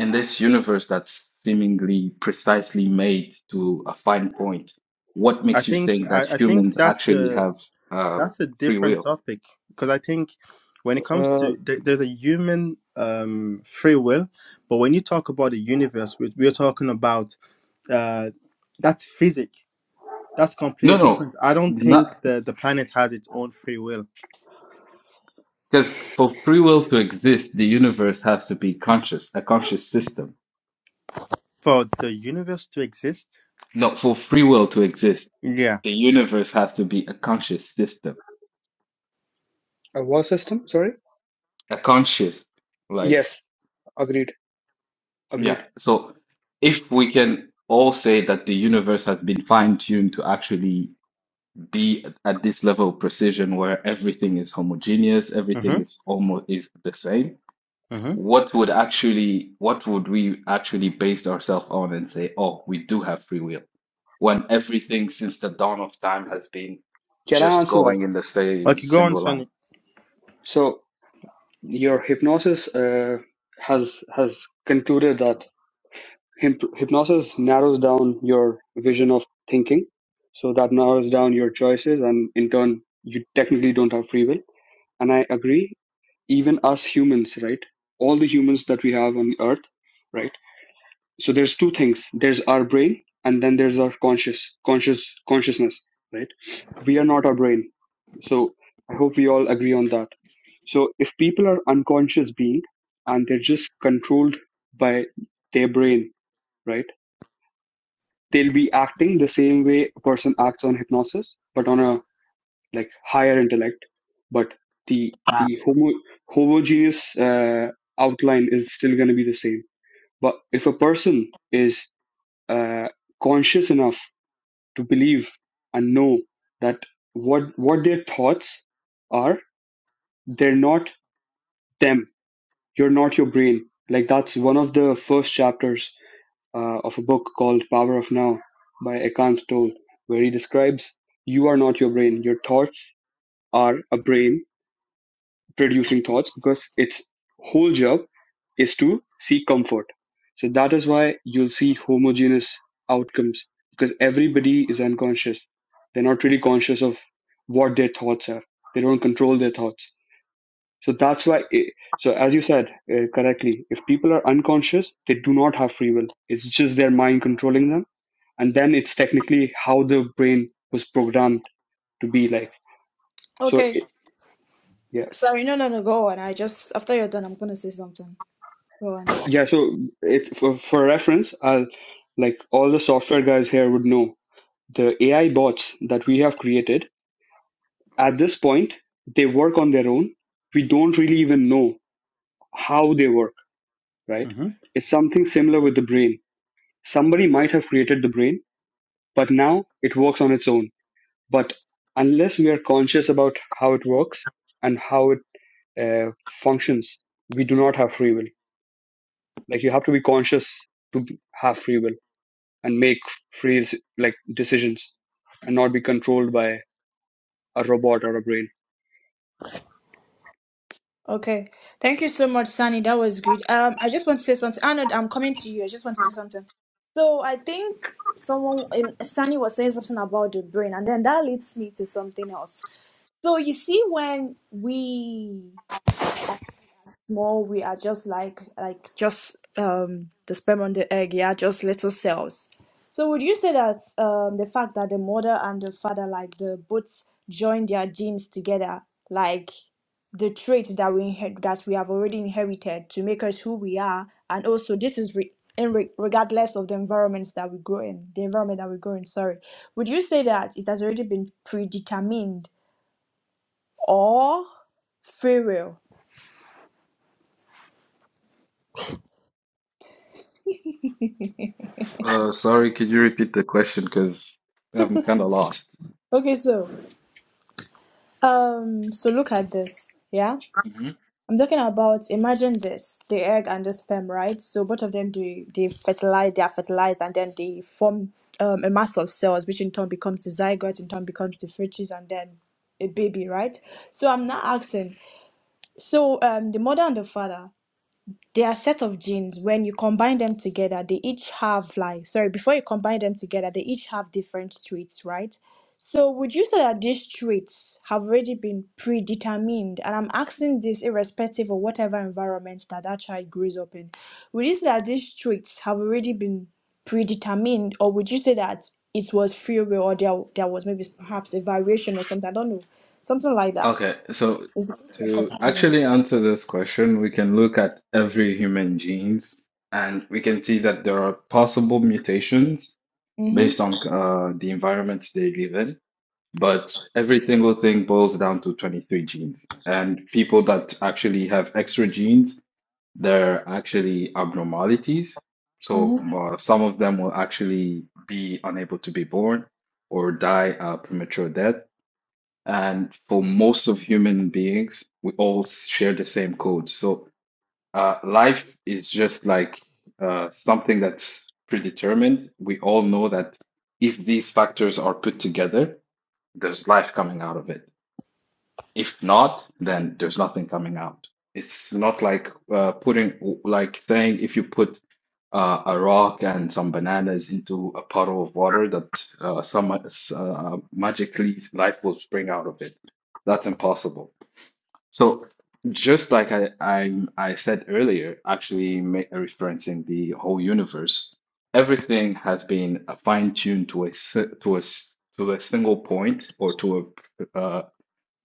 K: in this universe that's seemingly precisely made to a fine point, what
D: I
K: makes you
D: think
K: think that
D: I, I think
K: humans
D: that's
K: actually
D: a
K: have uh,
D: that's a
K: free
D: different
K: will?
D: topic because I think when it comes
L: a
D: to there, there's a human um, free will, but when you talk about the universe, we, we're talking about uh, that's physic. That's
K: No,
D: completely
K: no,
D: different. I don't think
K: not
D: the the planet has its own free will
K: because for free will to exist, the universe has to be conscious, a conscious system.
D: for the universe to exist.
K: No, for free will to exist
D: Yeah.
K: the universe has to be a conscious system,
L: war system. Sorry.
K: a conscious, like,
L: Yes. Agreed.
K: yeah.
L: Agreed.
K: So if we can all say that the universe has been fine-tuned to actually be at at this level of precision where everything is homogeneous, everything
D: Mm-hmm.
K: is almost is the same,
D: hmm
K: what would actually, what would we actually base ourselves on and say, oh, we do have free will, when everything since the dawn of time has been
L: Can I
K: just
L: answer that?
K: going in the same
D: Okay, go on,
K: single line?
D: Sunny.
L: So your hypnosis uh, has has concluded that hyp- hypnosis narrows down your vision of thinking. So that narrows down your choices, and in turn, you technically don't have free will. And I agree. Even us humans, right? All the humans that we have on Earth, right? so there's two things there's our brain and then there's our conscious conscious consciousness right we are not our brain so i hope we all agree on that so if people are unconscious being and they're just controlled by their brain right they'll be acting the same way a person acts on hypnosis but on a like higher intellect but the the homo, homogeneous uh, outline is still going to be the same but if a person is uh, conscious enough to believe and know that what what their thoughts are they're not them you're not your brain like that's one of the first chapters uh, of a book called power of now by ekant tolle where he describes you are not your brain your thoughts are a brain producing thoughts because its whole job is to seek comfort. So that is why you'll see homogeneous outcomes because everybody is unconscious. They're not really conscious of what their thoughts are. They don't control their thoughts. So that's why. eh, So as you said uh, correctly, if people are unconscious, they do not have free will. It's just their mind controlling them, and then it's technically how the brain was programmed to be like. So
C: Okay.
L: it, yeah.
C: Sorry, no, no, no. Go on. I just after you're done, I'm gonna say something. Go on.
L: Yeah, so it for, for reference, I'll like all the software guys here would know the AI bots that we have created at this point, they work on their own. We don't really even know how they work, right?
D: hmm
L: It's something similar with the brain. Somebody might have created the brain, but now it works on its own. But unless we are conscious about how it works and how it uh, functions, we do not have free will. Like you have to be conscious to have free will and make free like decisions and not be controlled by a robot or a brain.
C: Okay. Thank you so much, Sunny. That was great. Um, I just want to say something. Arnold, I'm coming to you. I just want to say something. So I think someone um, Sunny was saying something about the brain, and then that leads me to something else. So you see, when we small we are just like like just um the sperm and the egg yeah just little cells so would you say that um the fact that the mother and the father like the both join their genes together like the trait that we inherit that we have already inherited to make us who we are and also this is re- in re- regardless of the environments that we grow in the environment that we grow in sorry would you say that it has already been predetermined or free will
K: Uh, sorry, could you repeat the question? Because I'm kind of lost.
C: okay so Um, so look at this, yeah?
K: hmm
C: I'm talking about imagine this, the egg and the sperm, right? So both of them they they fertilize, they are fertilized and then they form um, a mass of cells, which in turn becomes the zygote, in turn becomes the fetus and then a baby, right? So I'm not asking. So um the mother and the father they are set of genes. When you combine them together, they each have like sorry, before you combine them together, they each have different traits, right? So would you say that these traits have already been predetermined? And I'm asking this irrespective of whatever environment that that child grows up in. Would you say that these traits have already been predetermined, or would you say that it was free will, or there there was maybe perhaps a variation or something? I don't know, something like that.
K: Okay, so
C: Is the question
K: to
C: confusing?
K: actually answer this question, we can look at every human genes and we can see that there are possible mutations
C: Mm-hmm.
K: based on uh, the environments they live in. But every single thing boils down to 23 genes. And people that actually have extra genes they're actually abnormalities. So
C: Mm-hmm.
K: uh, some of them will actually be unable to be born or die a premature death. And for most of human beings, we all share the same code. So uh, life is just like uh, something that's predetermined. We all know that if these factors are put together, there's life coming out of it. If not, then there's nothing coming out. It's not like uh, putting, like saying if you put uh, a rock and some bananas into a puddle of water, that uh, some uh, magically life will spring out of it. That's impossible. So just like I I, I said earlier, actually ma referencing the whole universe, everything has been fine tuned to a si- to a s- to a single point or to a uh,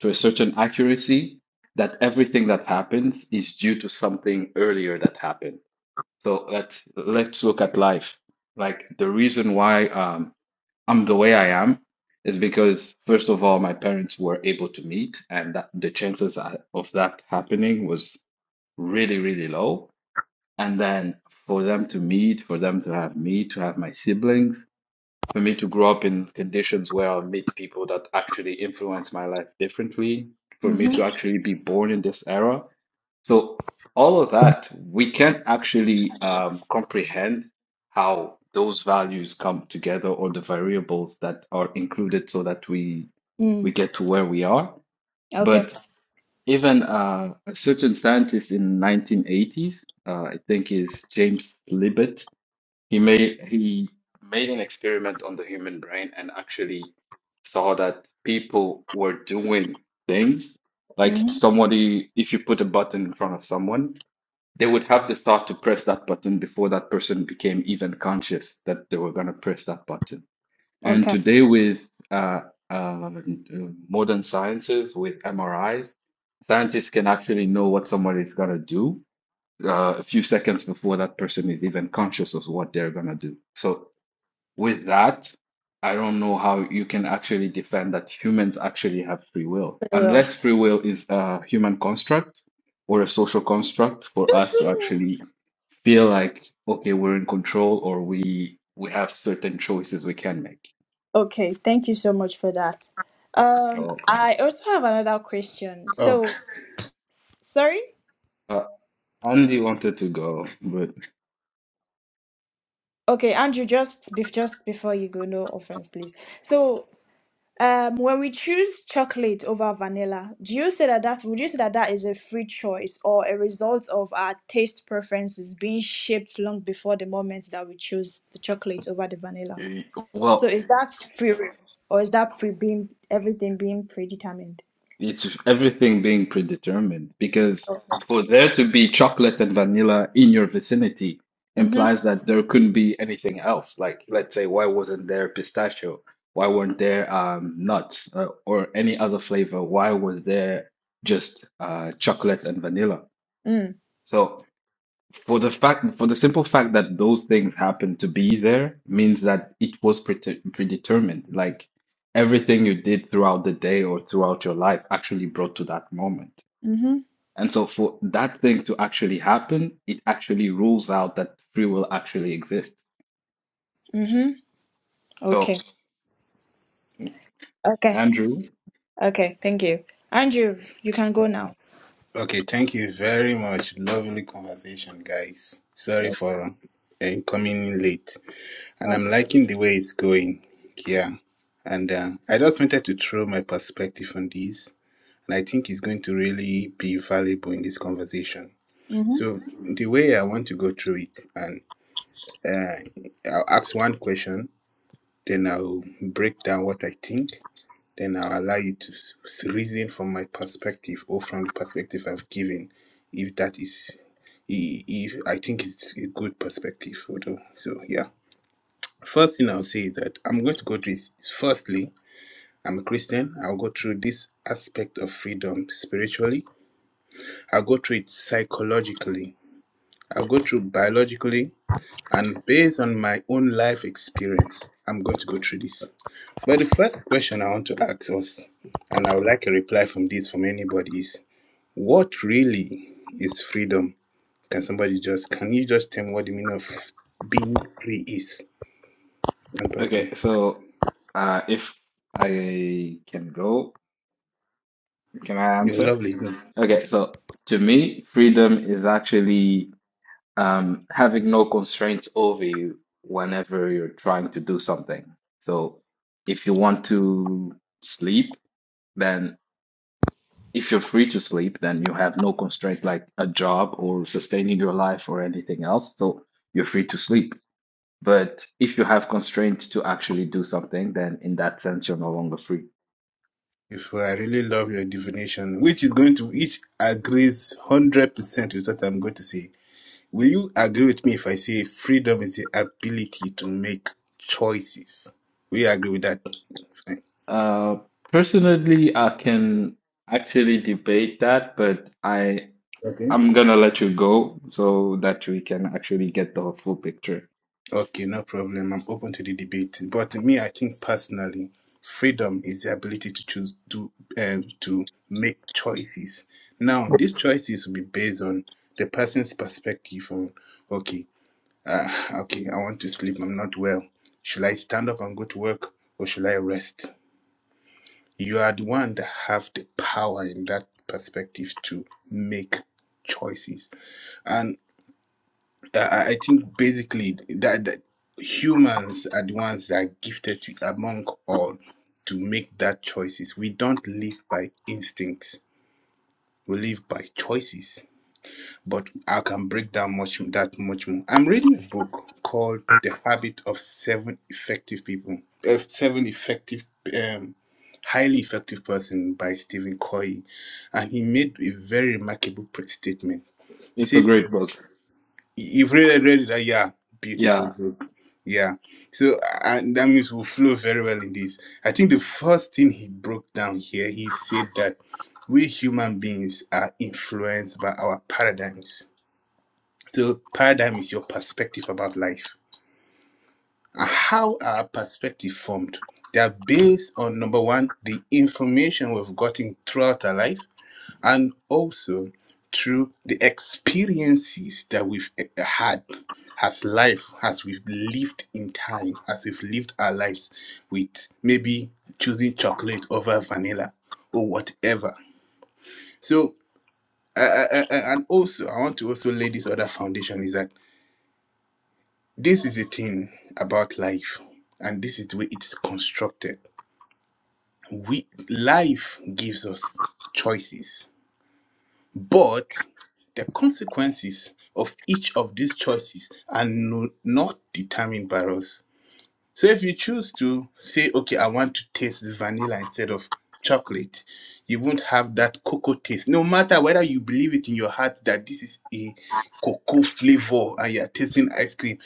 K: to a certain accuracy that everything that happens is due to something earlier that happened. So let's let's look at life. Like the reason why um, I'm the way I am is because first of all, my parents were able to meet, and that the chances a- of that happening was really really low. And then for them to meet, for them to have me, to have my siblings for me to grow up in conditions where I meet people that actually influence my life differently, for me to
C: Mm-hmm.
K: actually be born in this era. So all of that, we can't actually um, comprehend how those values come together or the variables that are included so that we
C: Mm.
K: we get to where we are.
C: Okay.
K: But even uh, a certain scientist in 1980s, uh, I think is James Libet, he made he made an experiment on the human brain and actually saw that people were doing things like
C: Mm-hmm.
K: somebody, if you put a button in front of someone, they would have the thought to press that button before that person became even conscious that they were going to press that button. And
C: Okay.
K: today with uh, uh, modern sciences, with MRIs, scientists can actually know what somebody is going to do uh, a few seconds before that person is even conscious of what they're going to do. So, with that, I don't know how you can actually defend that humans actually have free will,
C: Very well.
K: unless free will is a human construct or a social construct for us to actually feel like, okay, we're in control or we we have certain choices we can make.
C: Okay. Thank you so much for that. Um,
K: Okay.
C: I also have another question.
M: Oh,
C: So, s- sorry.
K: Uh, Andy wanted to go, but
C: Okay, Andrew, just bef- just before you go, no offense, please. So, um, when we choose chocolate over vanilla, do you say that that would you say that that is a free choice or a result of our taste preferences being shaped long before the moment that we choose the chocolate over the vanilla?
K: uh,
C: So,
K: well.
C: is that free will, or is that pre being everything being predetermined?
K: It's everything being predetermined because
C: Okay.
K: for there to be chocolate and vanilla in your vicinity
C: Mm-hmm.
K: implies that there couldn't be anything else. Like, let's say, why wasn't there pistachio? Why weren't there um, nuts uh, or any other flavor? Why was there just uh, chocolate and vanilla?
C: Mm.
K: So for the fact, for the simple fact that those things happen to be there means that it was prete- predetermined. Like everything you did throughout the day or throughout your life actually brought to that moment.
C: Mm-hmm.
K: And so for that thing to actually happen, it actually rules out that free will actually exists.
C: Mm-hmm. Okay.
K: So,
C: Okay.
K: Andrew,
C: Okay. Thank you. Andrew, you can go now.
M: okay. Thank you very much. Lovely conversation, guys. Sorry for uh, coming in late. And I'm liking the way it's going. Yeah. And uh, I just wanted to throw my perspective on this. And I think it's going to really be valuable in this conversation. So, the way I want to go through it, and uh, I'll ask one question, then I'll break down what I think. Then I'll allow you to reason from my perspective or from the perspective I've given, if that is, if I think it's a good perspective. Although, so yeah. First thing I'll say is that I'm going to go through this. Firstly, I'm a Christian. I'll go through this aspect of freedom spiritually. I'll go through it psychologically. I'll go through biologically. And based on my own life experience, I'm going to go through this. But the first question I want to ask us, and I would like a reply from this from anybody, is what really is freedom? Can somebody just can you just tell me what the meaning of being free is? One
K: okay,
M: person.
K: so uh, if I can go, can I
M: You're
K: answer?
M: lovely.
K: Okay, so to me, freedom is actually um, having no constraints over you whenever you're trying to do something. So if you want to sleep, then if you're free to sleep, then you have no constraint like a job or sustaining your life or anything else. So you're free to sleep. But if you have constraints to actually do something, then in that sense, you're no longer free.
M: If I really love your divination, which is going to each agrees one hundred percent with what I'm going to say. Will you agree with me if I say freedom is the ability to make choices? Will you agree with that? Fine.
K: Uh, personally, I can actually debate that, but I
M: Okay.
K: I'm gonna let you go so that we can actually get the full picture.
M: Okay, no problem. I'm open to the debate. But me, I think personally, freedom is the ability to choose to um, to make choices. Now, these choices will be based on the person's perspective. On okay, uh, okay, I want to sleep. I'm not well. Should I stand up and go to work, or should I rest? You are the one that have the power in that perspective to make choices. I, I think basically that, that humans are the ones that are gifted to, among all to make that choices. We don't live by instincts. We live by choices. But I can break down much that much more. I'm reading a book called The Habit of Seven Effective People. Uh, seven effective um highly effective person by Stephen Covey and he made a very remarkable pre- statement. He
K: It's a
M: said
K: great book.
M: You've really read that, yeah. Beautiful
K: Yeah.
M: book. Yeah. So and that means we'll flow very well in this. I think the first thing he broke down here, he said that we human beings are influenced by our paradigms. So paradigm is your perspective about life. And How are perspective formed? They are based on number one, the information we've gotten throughout our life and also through the experiences that we've eh, eh, had as life, as we've lived in time, as we've lived our lives with maybe choosing chocolate over vanilla or whatever. So, uh, uh, uh, and also, I want to also lay this other foundation is that this is the thing about life, and this is the way it is constructed. We life gives us choices But the consequences of each of these choices are no, not determined by us. So if you choose to say, okay, I want to taste vanilla instead of chocolate, you won't have that cocoa taste. No matter whether you believe it in your heart that this is a cocoa flavor and you're tasting ice cream,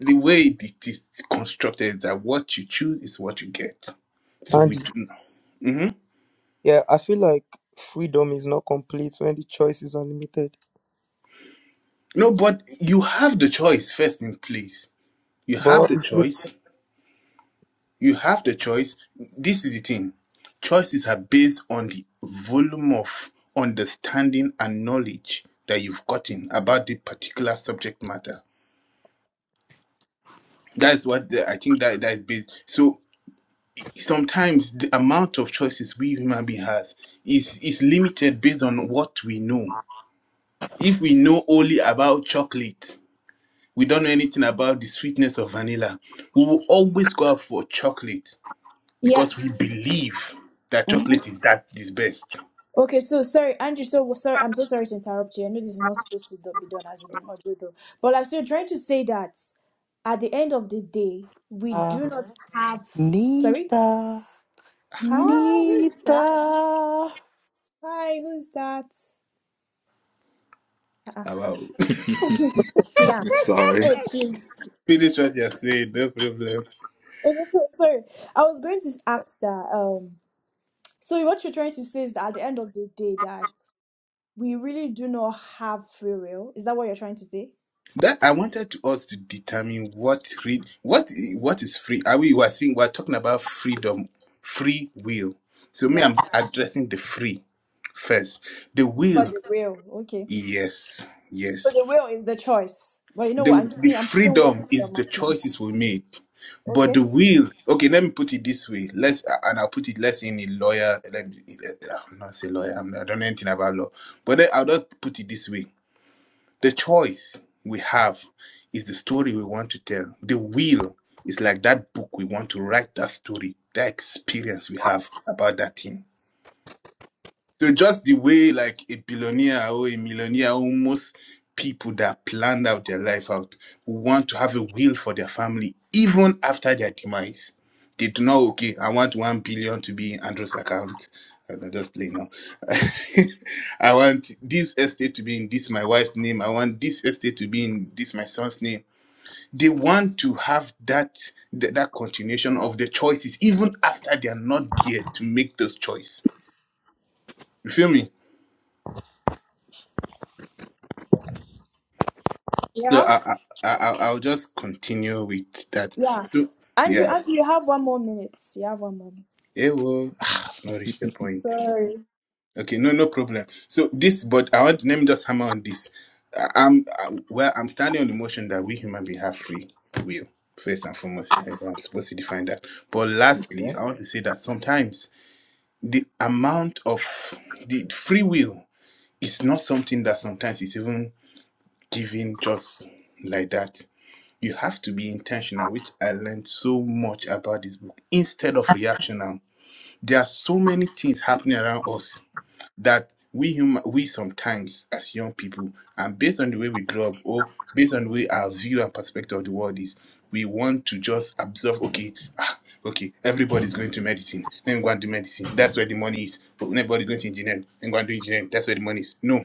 M: the way it is constructed is that what you choose is what you get. So we
I: Andy.
M: do not.
I: Yeah, I feel like freedom is not complete when the choice is unlimited.
M: No, but you have the choice first in place. You have
I: But
M: the
I: it's left
M: choice You have the choice. This is the thing. Choices are based on the volume of understanding and knowledge that you've gotten about the particular subject matter. That's what the, I think that that is based. So sometimes the amount of choices we human being has is is limited based on what we know. If we know only about chocolate, we don't know anything about the sweetness of vanilla. We will always go out for chocolate
C: Yeah.
M: because we believe that
C: Mm-hmm.
M: chocolate is that is best.
C: Okay, so sorry, Andrew. So sorry, I'm so sorry to interrupt you. I know this is not supposed to do- be done as a moderator, but like, so you're trying to say that at the end of the day, we do not have. Sorry,
N: Nita,
C: hi, who's
N: Nita.
C: that? Hi, who's that? Uh-uh.
M: Ah, Wow.
C: Yeah.
K: Sorry.
C: Oh, Jim.
M: Finish what you're saying, no problem.
C: Okay, so sorry. I was going to ask that. Um. So what you're trying to say is that at the end of the day, that we really do not have free will. Is that what you're trying to say?
M: That I wanted to us to determine what free, what i- what is free. Are we were saying we're talking about freedom, free will. So me,
C: Right.
M: I'm addressing the free first. The
C: But
M: will,
C: the will, okay.
M: yes,
C: So
M: yes.
C: the will is the choice. But you know what?
M: The
C: I'm
M: the
C: giving. I'm putting words
M: freedom
C: in your
M: is the
C: mouth, man.
M: choices we make, but
C: Okay.
M: the will. Okay, let me put it this way. Let's and I'll put it less in a lawyer. Let me, I'm not a lawyer. I'm, I don't know anything about law, but then I'll just put it this way. The choice we have is the story we want to tell. The will is like that book we want to write that story, that experience we have about that thing. So just the way like a billionaire or a millionaire, almost people that planned out their life out who want to have a will for their family even after their demise. They do not okay. I want one billion to be in Andrew's account. I'm just playing now. I want this estate to be in this my wife's name. I want this estate to be in this my son's name. They want to have that that, that continuation of the choices even after they are not there to make those choice. You feel me? So
C: Yeah.
M: I, I, I, I'll I'll just continue with that.
C: Yeah.
M: So
C: Andrew,
M: yeah,
C: Andrew, you have one more minute. You have one more. minute.
M: it will. I've not reached the point.
C: Sorry.
M: Okay, no, no problem. So this, but I want let me just hammer on this. I- I'm I, well. I'm standing on the motion that we human beings have free will first and foremost. I- I'm supposed to define that. But lastly,
K: Okay.
M: I want to say that sometimes the amount of the free will is not something that sometimes is even given just like that you have to be intentional, which I learned so much about this book, instead of reactional. There are so many things happening around us that we human we sometimes as young people, and based on the way we grow up or based on the way our view and perspective of the world is, we want to just absorb, okay, ah, okay, everybody's going to medicine. Let me go and do medicine. That's where the money is. But everybody's going to engineering. Let me go and do engineering. That's where the money is. No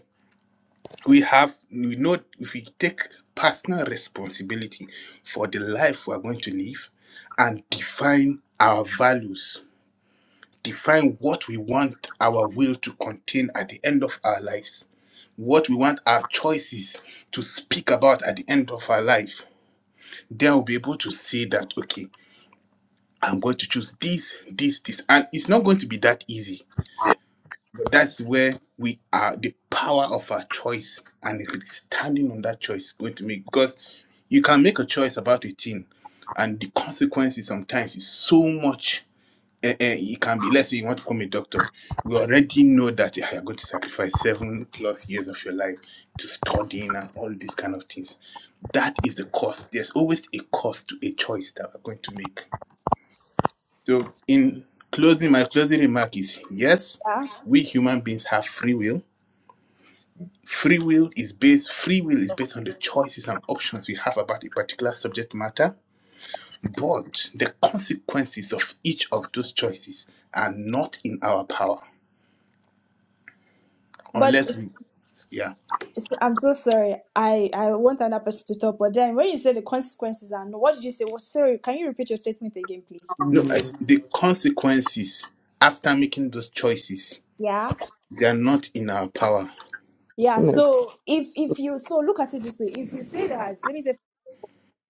M: we have we know if we take personal responsibility for the life we are going to live and define our values define what we want our will to contain at the end of our lives what we want our choices to speak about at the end of our life then we'll be able to say that okay i'm going to choose this this this and it's not going to be that easy That's where we are. The power of our choice and standing on that choice is going to make because you can make a choice about a thing, and the consequences sometimes is so much. eh, eh, it can be. Let's say you want to become a doctor. We already know that eh, you're going to sacrifice seven plus years of your life to studying and all these kind of things. That is the cost. There's always a cost to a choice that we're going to make. So, in closing, my closing remark is yes,
C: Yeah.
M: we human beings have free will Free will is based free will is based on the choices and options we have about a particular subject matter, but the consequences of each of those choices are not in our power
C: But
M: unless
C: it's-
M: we yeah.
C: I'm so sorry. I I want another person to talk. But then when you say the consequences are no, what did you say? Well, sorry. Can you repeat your statement again, please?
M: No,
I: to you.
M: as the consequences after making those choices,
C: Yeah.
M: they are not in our power.
C: Yeah,
I: Yes,
C: so if if you so look at it this way, if you say that, let me say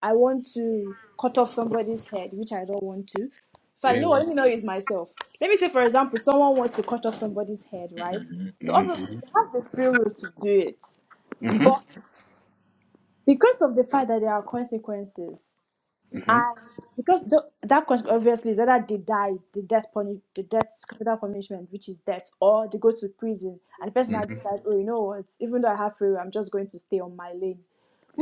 C: I want to cut off somebody's head, which I don't want to. So you
M: Eh,
C: know what?
M: oh,
C: Let me not use myself. Let me say, for example, someone wants to cut off somebody's head, right?
K: Mhm.
C: So obviously
M: Mm-hmm.
C: they have the free will to do it, but because of the fact that there are consequences,
M: Mm-hmm.
C: and because the, that cons- obviously is either they die, the death puni- the death capital punishment, which is death, or they go to prison, and the person now
M: Mm-hmm.
C: decides, oh, you know what? Even though I have free will, I'm just going to stay on my lane.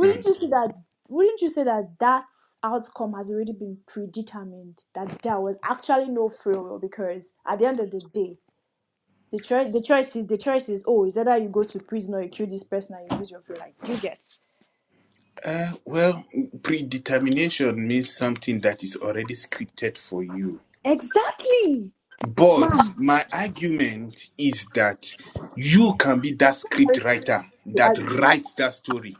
M: hmm
C: you say that? Wouldn't you say that that outcome has already been predetermined? That there was actually no free will because at the end of the day, the choice, the choice is, the choice is, oh, is either you go to prison or you kill this person and you lose your free. will. Like do you get
M: Uh, well, predetermination means something that is already scripted for you.
C: exactly,
M: But
C: ma'am.
M: my argument is that you can be that script
C: I-
M: writer
C: I-
M: that writes that story.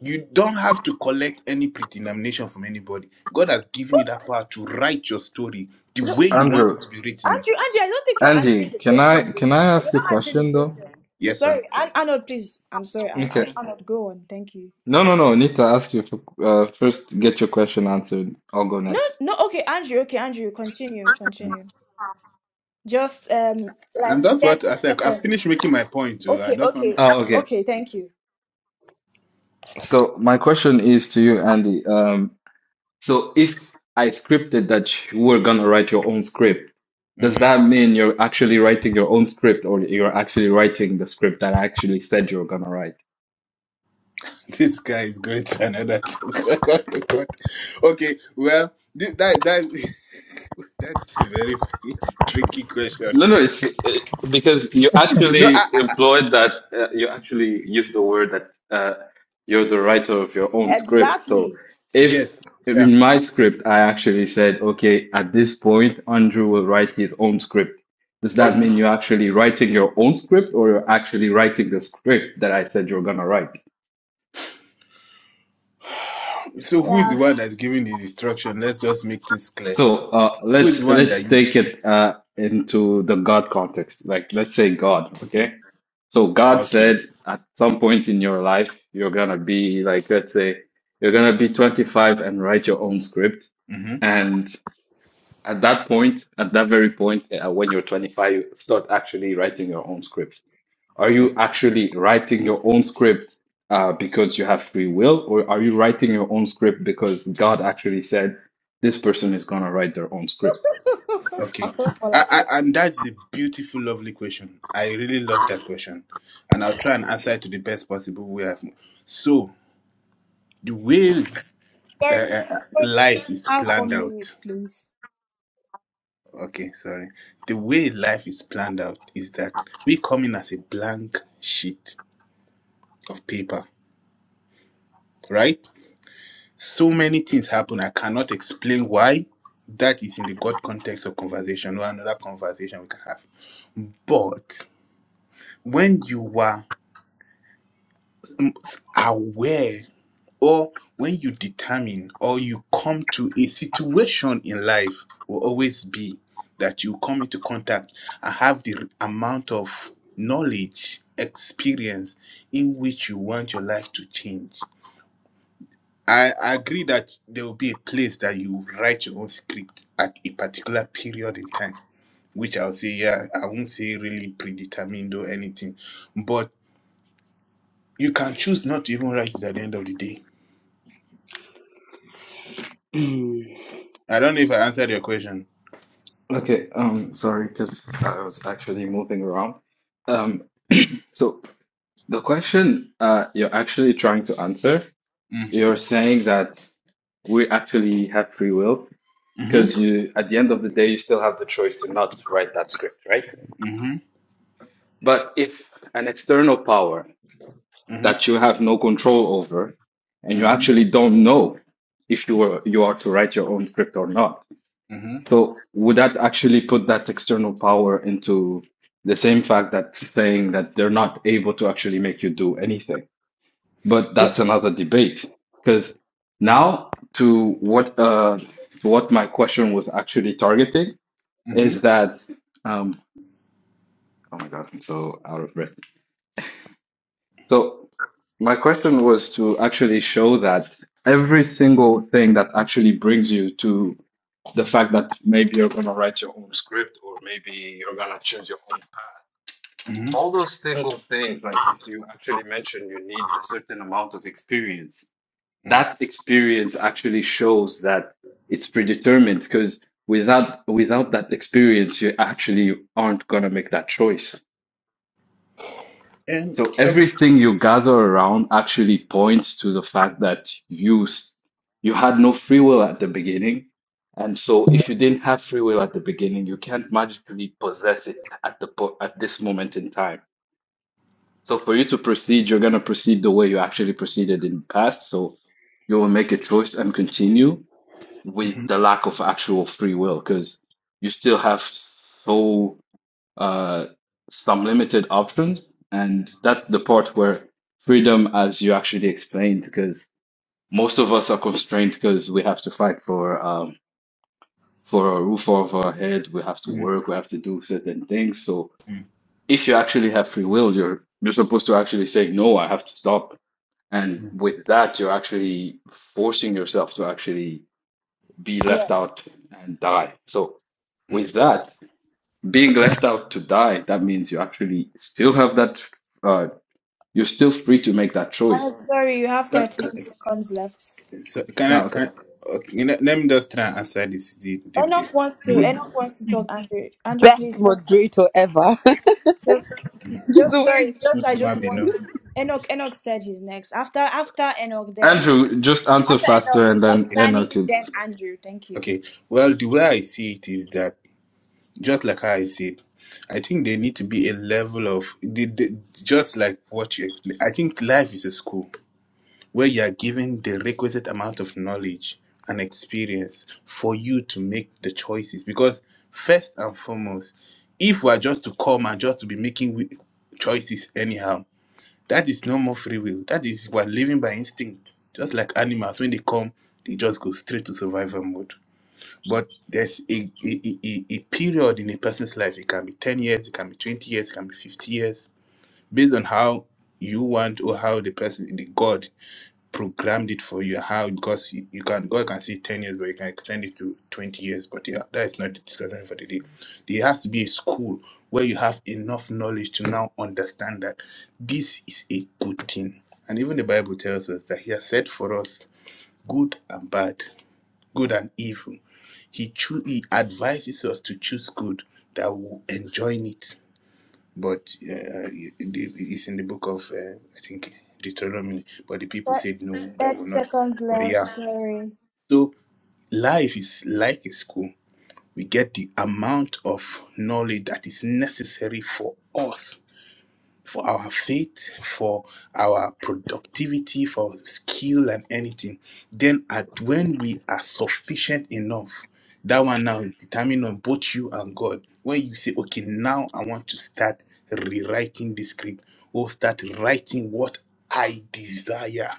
M: You don't have to collect any predetermination from anybody. God has given you that power to write your story the
C: no.
M: way you want it
K: Andrew,
M: to be written.
C: Andrew, Andrew, I don't think you're answering
K: Andy,
C: the
K: can
C: question.
K: I
C: though.
K: can I
C: You're
K: ask a
C: not answering the
K: question though?
C: question.
M: Yes,
C: Sorry,
M: sir.
C: An- Arnold, please. I'm sorry, An-
K: Okay.
C: An- Arnold. Go on. Thank you.
K: No, no, no. Need to ask you for, uh, first. Get your question answered. I'll go
C: No,
K: next.
C: no. Okay, Andrew. Okay, Andrew. Continue. Continue. Just um, like
M: And that's
C: thirty
M: what I said. I finished
C: seconds.
M: making my point. Too. I
C: Okay,
M: just want
C: okay,
K: Oh, okay.
C: okay. Thank you.
K: So my question is to you, Andy. Um, so if I scripted that you were gonna write your own script, does
M: hmm
K: that mean you're actually writing your own script or you're actually writing the script that I actually said you were gonna write?
M: This guy is great. Another. okay. Well, thi- that that that's a very tricky question.
K: No, no, it's uh, because you
M: No, I,
K: actually employed that, uh, you actually used the word that uh, you're the writer of your own script. So
C: Exactly.
K: if
M: Yes. Yeah.
K: in my script, I actually said, okay, at this point, Andrew will write his own script. Does that
M: hmm
K: mean you're actually writing your own script or you're actually writing the script that I said you're gonna write?
M: So who is the
C: Yeah.
M: one that's giving the instruction? Let's just make things clear.
K: So uh,
M: Who is the
K: let's
M: one that
K: let's
M: you?
K: take it uh, into the God context. Like let's say God,
M: Okay.
K: okay? So God
M: Okay.
K: said at some point in your life you're gonna be like let's say you're gonna be 25 and write your own script.
M: Mm-hmm.
K: And at that point, at that very point, uh, when you're 25, you start actually writing your own script. Are you
M: Okay.
K: actually writing your own script uh, because you have free will, or are you writing your own script because God actually said this person is gonna write their own script?
M: okay. I, I, and that's a beautiful, lovely question. I really love that question, and I'll try and answer it to the best possible way. I've, so the way uh,
C: Sorry,
M: uh, uh,
C: sorry,
M: life
C: you
M: is
C: have
M: planned
C: one minute,
M: out.
C: please.
M: Okay, sorry. The way life is planned out is that we come in as a blank sheet of paper, right? so many things happen i cannot explain why that is in the god context of conversation or another conversation we can have but when you are aware or when you determine or you come to a situation in life will always be that you come into contact and have the amount of knowledge experience in which you want your life to change I I agree that there will be a place that you write your own script at a particular period in time, which I'll say, yeah, I won't say really predetermined or anything, but you can choose not to even write it at the end of the day. I don't know if I answered your question.
K: Okay, um, sorry, because I was actually moving around. Um, so the question uh, you're actually trying to answer,
M: Mm.
K: you're saying that we actually have free will because
M: Mm-hmm.
K: you, at the end of the day, you still have the choice to not write that script, right?
M: Mm-hmm.
K: But if an external power
M: Mm-hmm.
K: that you have no control over, and you
M: Mm-hmm.
K: actually don't know if you are you are to write your own script or not.
M: Mm-hmm.
K: So would that actually put that external power into the same fact that saying that they're not able to actually make you do anything? But
M: No.
K: that's another debate. Because
M: Mm.
K: now to what uh to what my question was actually targeting
M: Mm-hmm.
K: is that um oh my God, I'm so out of breath. So my question was to actually show that every single thing that actually brings you to the fact that maybe you're gonna write your own script or maybe you're gonna choose your own path.
M: Mm-hmm.
K: All those single things, like you actually mentioned, you need a certain amount of experience.
M: Mm.
K: That experience actually shows that it's predetermined because without without that experience, you actually aren't gonna make that choice.
M: And
K: So
M: some.
K: everything you gather around actually points to the fact that you s- you had no free will at the beginning. And so if you didn't have free will at the beginning, you can't magically possess it at the po at this moment in time. So for you to proceed, you're going to proceed the way you actually proceeded in the past. So you will make a choice and continue with
M: Mm-hmm.
K: the lack of actual free will because you still have so uh, some limited options. And that's the part where freedom, as you actually explained, because most of us are constrained because we have to fight for um, for a roof over our head, we have to
M: Mm.
K: work, we have to do certain things. So
M: Mm.
K: if you actually have free will, you're you're supposed to actually say, no, I have to stop. And
M: Mm.
K: with that, you're actually forcing yourself to actually be
C: Yeah,
K: left out and die. So
M: Mm.
K: with
C: yeah.
K: that, being left out to die, that means you actually still have that, uh, you're still free to make that choice.
C: I'm sorry. You have
M: Can,
C: thirteen
M: can,
C: seconds left.
M: so- can
K: Yeah,
M: I?
K: okay.
M: Can, okay, let let me just try and answer this. The, the, the,
C: Enoch wants
M: the
C: to.
M: way-
C: Enoch wants to talk. Andrew. Andrew, please.
E: Best
C: just
E: moderator ever.
C: Just, just
E: the
C: sorry.
E: way
C: Just I just
M: Amabino.
C: want Enoch. Enoch said he's next. After after Enoch, then
K: Andrew, just answer
C: after Enoch,
K: faster and
C: Sa-
K: then
M: Okay,
C: Sani,
K: Enoch is.
C: then Andrew. Thank you.
M: okay. Well, the way I see it is that just like how I said, I think there need to be a level of the, the, just like what you explained. I think life is a school where you are given the requisite amount of knowledge and experience for you to make the choices. Because first and foremost, if we are just to come and just to be making wi- choices anyhow, That is no more free will. That is we're living by instinct. Just like animals, when they come, they just go straight to survival mode. But there's a, a, a, a period in a person's life. It can be 10 years, it can be 20 years, it can be 50 years, based on how you want or how the person, the God programmed it for you how because you, you can God can see 10 years but you can extend it to 20 years but yeah that is not the discussion for the day there has to be a school where you have enough knowledge to now understand that this is a good thing and even the bible tells us that he has said for us good and bad good and evil he cho- he advises us to choose good that we will enjoy it but uh, it's in the book of uh, I think Deuteronomy. But the people
C: Thir-
M: said no, that
C: Thirty
M: will not.
C: seconds
M: But
C: left.
M: yeah,
C: Sorry.
M: so life is like a school. We get the amount of knowledge that is necessary for us for our faith, for our productivity, for skill and anything. Then at when we are sufficient enough, that one now is determined on both you and God. When you say, okay, now I want to start rewriting the script or start writing what I desire,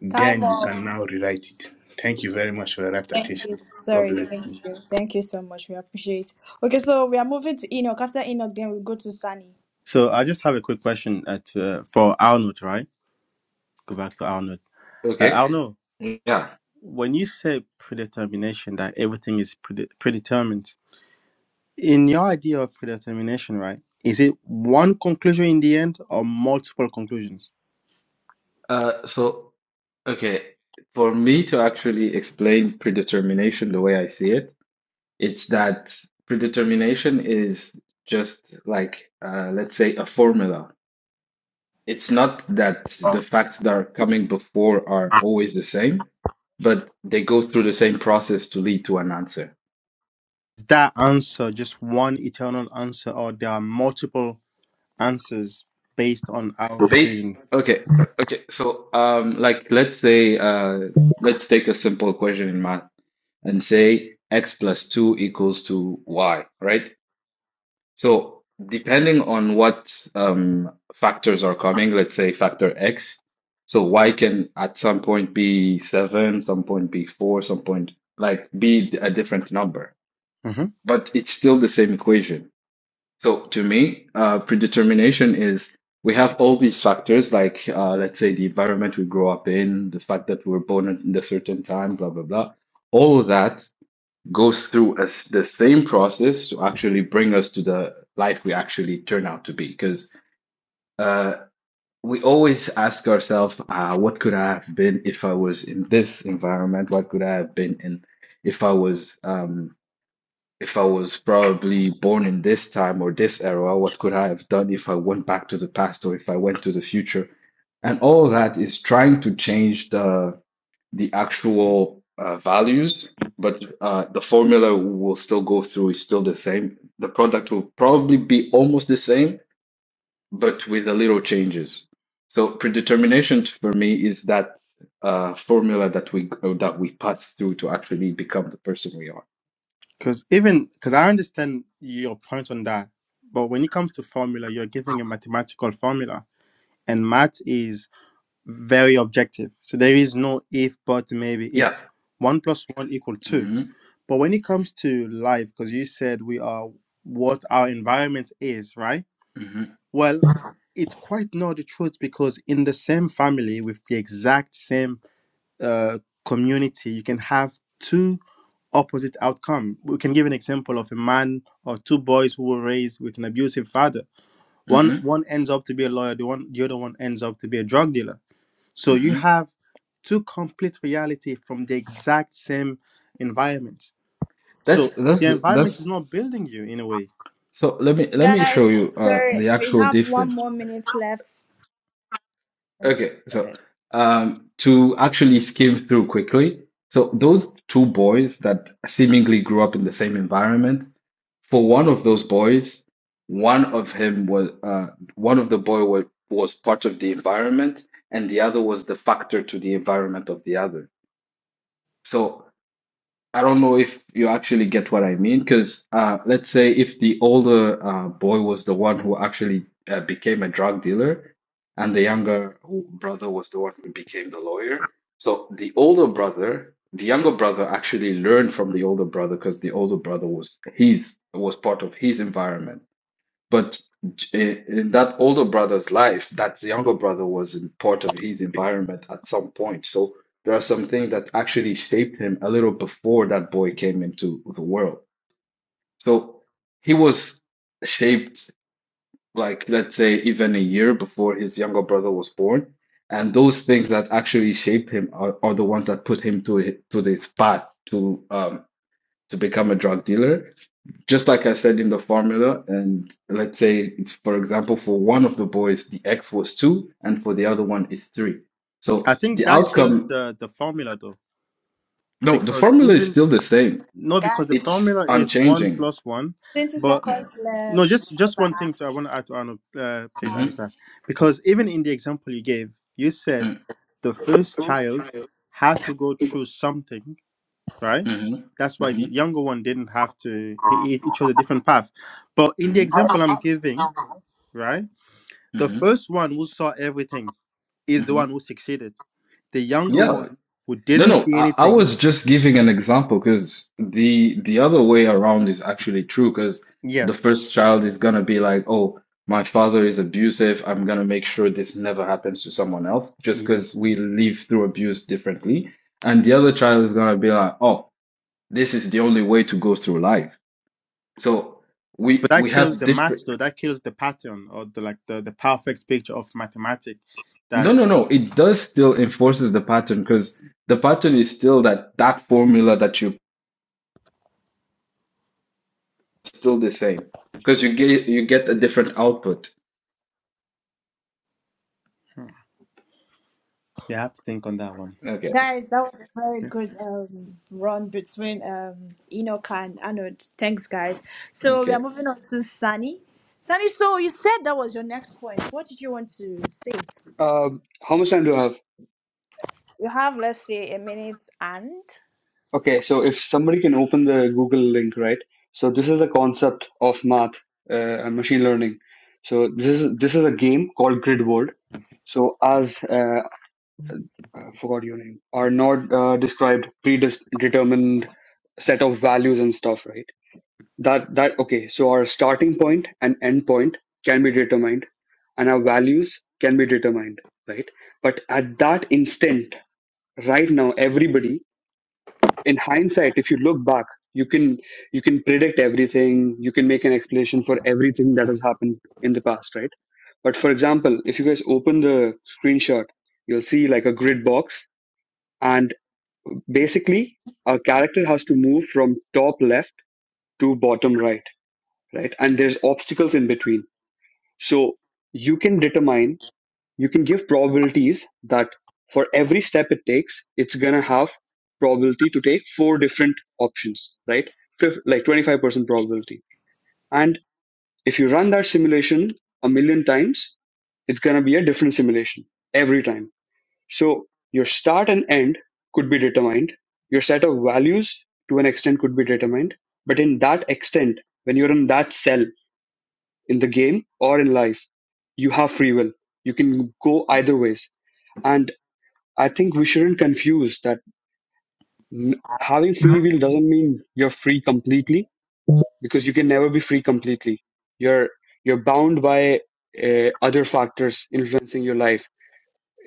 M: then
C: Time
M: you
C: off.
M: can now rewrite it. Thank you very much for your rapt
C: Thank you.
M: attention. God
C: Sorry.
M: bless
C: Thank
M: you.
C: you. Thank you so much. We appreciate. Okay, so we are moving to Enoch. After Enoch, then we go to Sani.
D: So I just have a quick question at uh, for Arnold, right? Go back to Arnold. Uh,
K: Okay.
D: Arnold,
K: Yeah.
D: when you say predetermination, that everything is prede- predetermined, in your idea of predetermination, right? Is it one conclusion in the end or multiple conclusions?
K: Uh, so, okay. For me to actually explain predetermination the way I see it, it's that predetermination is just like, uh, let's say, a formula. it's not that the facts that are coming before are always the same, but they go through the same process to lead to an answer.
D: Is that answer just one eternal answer, or there are multiple answers based on our
K: Ba-
D: decisions?
K: okay, okay. So, um, like let's say, uh, let's take a simple equation in math and say x plus two equals to y, right? So depending on what um, factors are coming, let's say factor X, so Y can at some point be seven, some point be four, some point like be a different number, but it's still the same equation. So to me, uh, predetermination is we have all these factors, like uh, let's say the environment we grow up in, the fact that we were born in a certain time, blah blah blah. All of that goes through as the same process to actually bring us to the life we actually turn out to be. Because uh, we always ask ourselves, uh, what could I have been if I was in this environment? What could I have been in if I was um, if I was probably born in this time or this era? What could I have done if I went back to the past or if I went to the future? And all that is trying to change the the actual uh, values, but uh, the formula will still go through is still the same. The product will probably be almost the same, but with a little changes. So predetermination for me is that uh, formula that we uh, that we pass through to actually become the person we are.
D: Because even because I understand your point on that, but when it comes to formula, you're giving a mathematical formula, and math is very objective. So there is no if, but, maybe.
K: Yeah.
D: It's one plus one equal two.
K: hmm
D: But when it comes to life, because you said we are what our environment is, right?
K: hmm
D: Well, it's quite not the truth because in the same family with the exact same uh, community, you can have two opposite outcome. We can give an example of a man or two boys who were raised with an abusive father. One
K: hmm
D: one ends up to be a lawyer, the one the other one ends up to be a drug dealer. So you
K: hmm
D: have two complete reality from the exact same environment. So
K: That's that's
D: the
K: the-
D: environment
K: that's.
D: is not building you in a way.
K: So let me let me show
C: Guys,
K: you uh,
C: sorry.
K: the
C: We
K: actual
C: have one
K: difference.
C: more minute left
K: Okay,
C: for
K: so
C: this.
K: um, to actually skim through quickly, so those two boys that seemingly grew up in the same environment, for one of those boys, one of him was uh, one of the boy was, was part of the environment, and the other was the factor to the environment of the other. So I don't know if you actually get what I mean, because uh, let's say if the older uh, boy was the one who actually uh, became a drug dealer, and the younger brother was the one who became the lawyer. So the older brother, the younger brother actually learned from the older brother because the older brother was his was part of his environment. But j- eh, in that older brother's life, that younger brother was in part of his environment at some point. So there are some things that actually shaped him a little before that boy came into the world. So he was shaped, like, let's say, even a year before his younger brother was born. And those things that actually shaped him are, are the ones that put him to to this path to um to become a drug dealer just like I said in the formula, and let's say it's for example, for one of the boys, the x was two, and for the other one is three. So
D: I think
K: the
D: that kills
K: outcome,
D: the the formula though
K: no, the
D: because
K: formula is
D: even
K: still the same.
D: No, because the
K: It's
D: formula is one
K: unchanging.
D: plus one,
C: Twenty
D: but
C: seconds
D: no,
C: left.
D: just just one thing
C: Bye.
D: to I want to add to Arnold, uh, please,
K: Mm-hmm,
D: Anita, because even in the example you gave, you said the first child had to go through something, right?
K: mm-hmm,
D: That's why the younger one didn't have to. He, he he chose a different path, but in the
K: hmm
D: example I'm giving, right, the
K: hmm
D: first one who saw everything is the one who succeeded. The younger
K: mm
D: one who
K: No,
D: didn't
K: no,
D: see
K: I, I
D: anything,
K: was just giving an example because the the other way around is actually true because the
D: yes,
K: first child is gonna be like, oh, my father is abusive. I'm gonna make sure this never happens to someone else just
D: yes.
K: because we live through abuse differently. And the other child is gonna be like, oh, this is the only way to go through life. So
D: but
K: we
D: that
K: we have
D: kills the
K: different.
D: math though that kills the pattern or the like the, the perfect picture of mathematics.
K: No,
D: that
K: no, no. It does still enforces the pattern because the pattern is still that that formula that you still the same because you get you get a different output.
D: hmm, you have to think on that one
K: Okay,
C: Guys, that was a very
D: yeah.
C: good um, run between um, Enoch and Arnold. Thanks, guys. So we
K: okay.
C: are moving on to Sunny. Sunny, so you said that was your next point. What did you want to say?
L: uh, how much time do I have?
C: You have, let's say, a minute and.
L: Okay, so if somebody can open the Google link, right? So this is the concept of math uh, and machine learning. So this is this is a game called Grid World. So as uh, I forgot your name, are not uh, described predetermined set of values and stuff, right? that that okay so our starting point and end point can be determined and our values can be determined right but at that instant right now everybody in hindsight if you look back you can you can predict everything you can make an explanation for everything that has happened in the past right but for example if you guys open the screenshot you'll see like a grid box and basically our character has to move from top left to bottom right right? And there's obstacles in between. So you can determine, you can give probabilities that for every step it takes, it's gonna have probability to take four different options, right? Fif- like 25% probability. And if you run that simulation a million times, it's gonna be a different simulation every time. So your start and end could be determined. Your set of values to an extent could be determined. But in that extent, when you're in that cell, in the game or in life you have free will you can go either ways and i think we shouldn't confuse that n- having free will doesn't mean you're free completely because you can never be free completely you're you're bound by uh, other factors influencing your life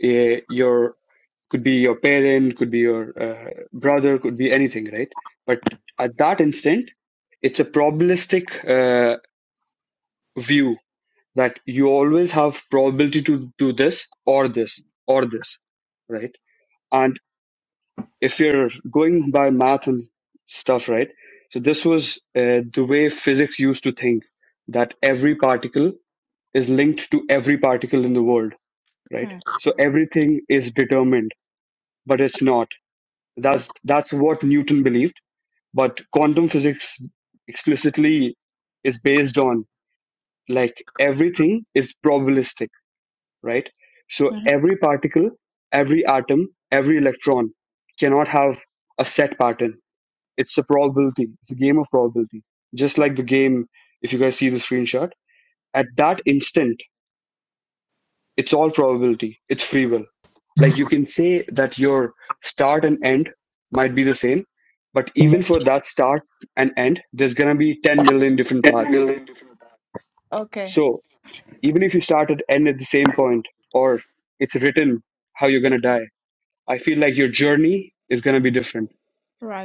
L: uh, your could be your parent could be your uh, brother could be anything right but at that instant it's a probabilistic uh, view that you always have probability to do this or this or this, right? And if you're going by math and stuff, right? So this was uh, the way physics used to think that every particle is linked to every particle in the world, right?
C: Hmm.
L: So everything is determined, but it's not. That's
C: Okay.
L: that's what Newton believed, but quantum physics explicitly is based on like everything is probabilistic right? So
C: Mhm.
L: every particle, every atom, every electron cannot have a set pattern. It's a probability. It's a game of probability. Just like the game, if you guys see the screenshot, at that instant, it's all probability. It's free will. Like you can say that your start and end might be the same, but even for that start and end, there's gonna be 10 million different paths.
C: Okay.
L: So even if you start at end at the same point, or it's written how you're gonna die, I feel like your journey is going to be different.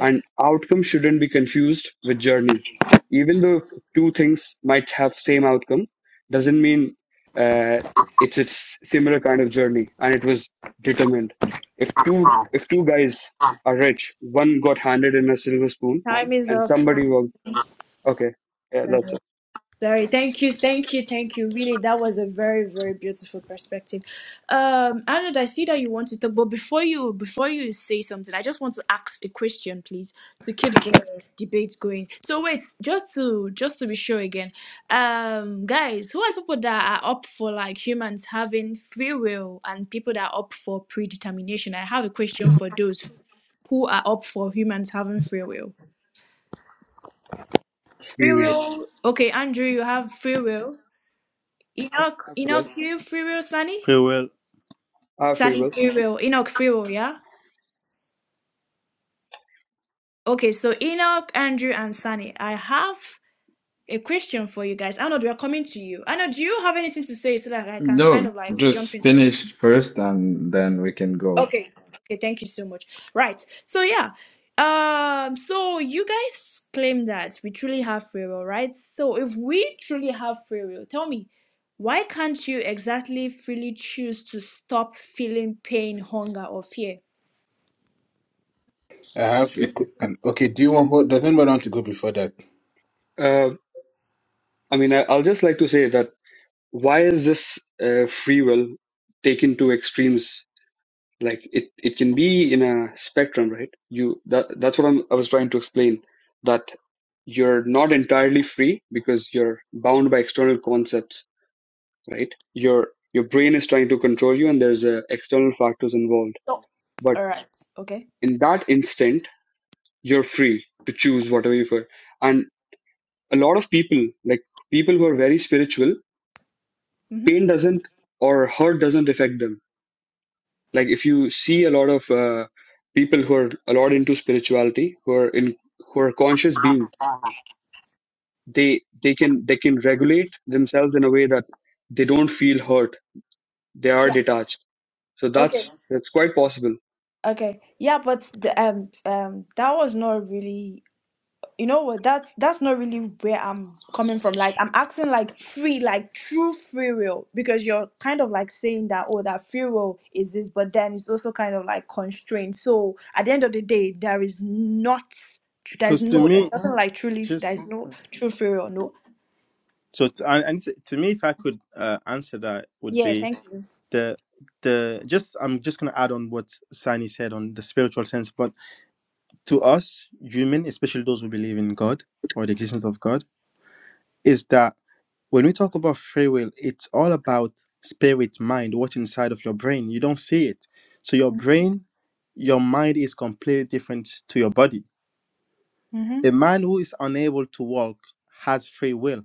L: And outcome shouldn't be confused with journey. Even though two things might have same outcome, doesn't mean uh, it's a s- similar kind of journey and it was determined. If two if two guys are rich, one got handed in a silver spoon,
C: Time is
L: and
C: up.
L: somebody
C: Sunny.
L: will okay, yeah, that's it.
C: Sorry, thank you, thank you, thank you. Really, that was a very, very beautiful perspective. Um, Arnold, I see that you want to talk, but before you before you say something, I just want to ask a question, please, to keep the debate going. So wait, just to just to be sure again, um, guys, who are people that are up for like humans having free will and people that are up for predetermination? I have a question for those who are up for humans having free will.
M: Free
C: Free
M: will.
C: will. Okay, Andrew, you have free will. Enoch,
L: I free will.
C: Enoch you will, Sunny?
D: free will
L: I free
C: Sunny
L: will.
C: free Furiel, Enoch free will, yeah? Okay, so Enoch, Andrew, and Sunny, I have a question for you guys. Arnold, we are coming to you. Arnold, do you have anything to say so that I can kind
K: No,
C: of like jump
K: just
C: in?
K: finish first and then we can go.
C: Okay. Okay, thank you so much. Right. So yeah. Um, so you guys claim that we truly have free will, right? So if we truly have free will, tell me, why can't you exactly freely choose to stop feeling pain, hunger, or fear?
M: I have a, qu- an, okay. Do you want? who- Does anybody want to go before that?
L: Uh, I mean, I, I'll just like to say that why is this uh, free will taken to extremes like it it can be in a spectrum right you that that's what I'm, i was trying to explain that you're not entirely free because you're bound by external concepts right your your brain is trying to control you and there's uh, external factors involved but
C: All right. Okay.
L: in that instant you're free to choose whatever you prefer and a lot of people like people who are very spiritual
C: Mm-hmm.
L: pain doesn't or hurt doesn't affect them Like if you see a lot of uh, people who are a lot into spirituality, who are in who are conscious being, they they can they can regulate themselves in a way that they don't feel hurt. They are
C: Yeah.
L: detached. So
C: Okay.
L: that's that's quite possible.
C: Okay. Yeah, but the, um um that was not really you know what that's that's not really where I'm coming from. Like I'm acting like free, like true free will, because you're kind of like saying that oh that free will is this, but then it's also kind of like constrained. So at the end of the day, there is not there's
D: because to
C: no there's
D: me
C: nothing like truly
D: just
C: there's no true free will. No.
D: so to, and and to to me if i could uh, answer that would
C: Yeah.
D: be
C: Thank you.
D: the the just i'm just going to add on what sani said on the spiritual sense but to us human especially those who believe in god or the existence of god is that when we talk about free will, it's all about spirit, mind, what's inside of your brain. You don't see it. So your brain, your mind is completely different to your body. A
C: Mm-hmm.
D: man who is unable to walk has free will,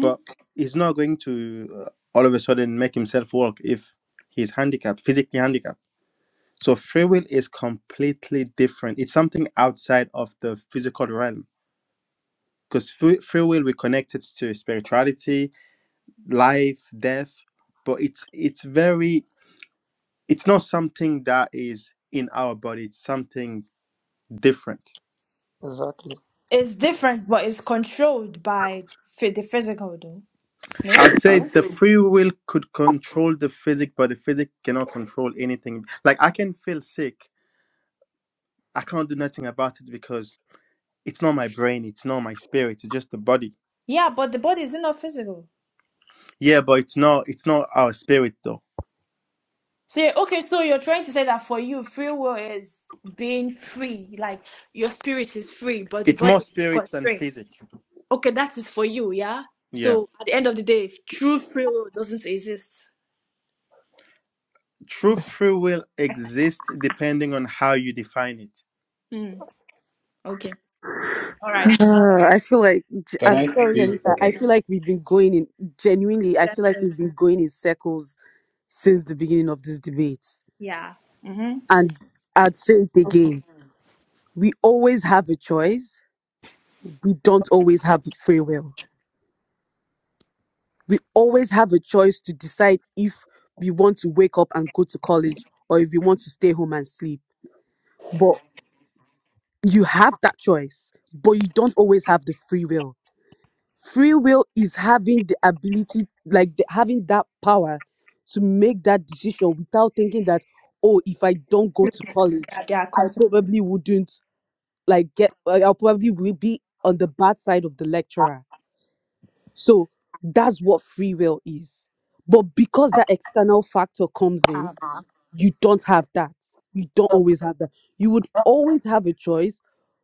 D: but he's not going to uh, all of a sudden make himself walk if he's handicapped, physically handicapped. So free will is completely different. It's something outside of the physical realm because free, free will we connect it to spirituality life, death, but it's it's very it's not something that is in our body, it's something different.
I: Exactly.
C: It's different, but it's controlled by phy- the physical, though. No?
D: I'll say the free will could control the physic, but the physic cannot control anything. Like I can feel sick, I can't do nothing about it because it's not my brain, it's not my spirit, it's just the body.
C: Yeah, but the body is not physical.
D: Yeah, but it's not it's not our spirit though.
C: So, yeah, okay, so you're trying to say that for you, free will is being free. Like, your spirit is free, but the
D: It's
C: body
D: more
C: is
D: spirit than
C: constrained.
D: physic.
C: Okay, that is for you, yeah?
D: Yeah.
C: So, at the end of the day, true free will doesn't exist.
D: True free will exists depending on how you define it.
C: Mm, okay. All right.
E: Uh, I feel like
M: Can
E: I'm
M: I
E: sorry,
M: see?
E: Anita. I
M: Okay.
E: feel like we've been going in genuinely. I feel like
C: Exactly.
E: we've been going in circles since the beginning of this debate.
C: Yeah. Mm-hmm.
E: And I'd say it again: we always have a choice. We don't always have free will. we always have a choice to decide if we want to wake up and go to college or if we want to stay home and sleep. But you have that choice, but you don't always have the free will. Free will is having the ability, like the, having that power to make that decision without thinking that, oh, if I don't go to college,
C: Yeah, they are
E: I
C: concept.
E: probably wouldn't like get, I probably will be on the bad side of the lecturer So that's what free will is. But because that external factor comes in, you don't have that. You don't always have that. You would always have a choice,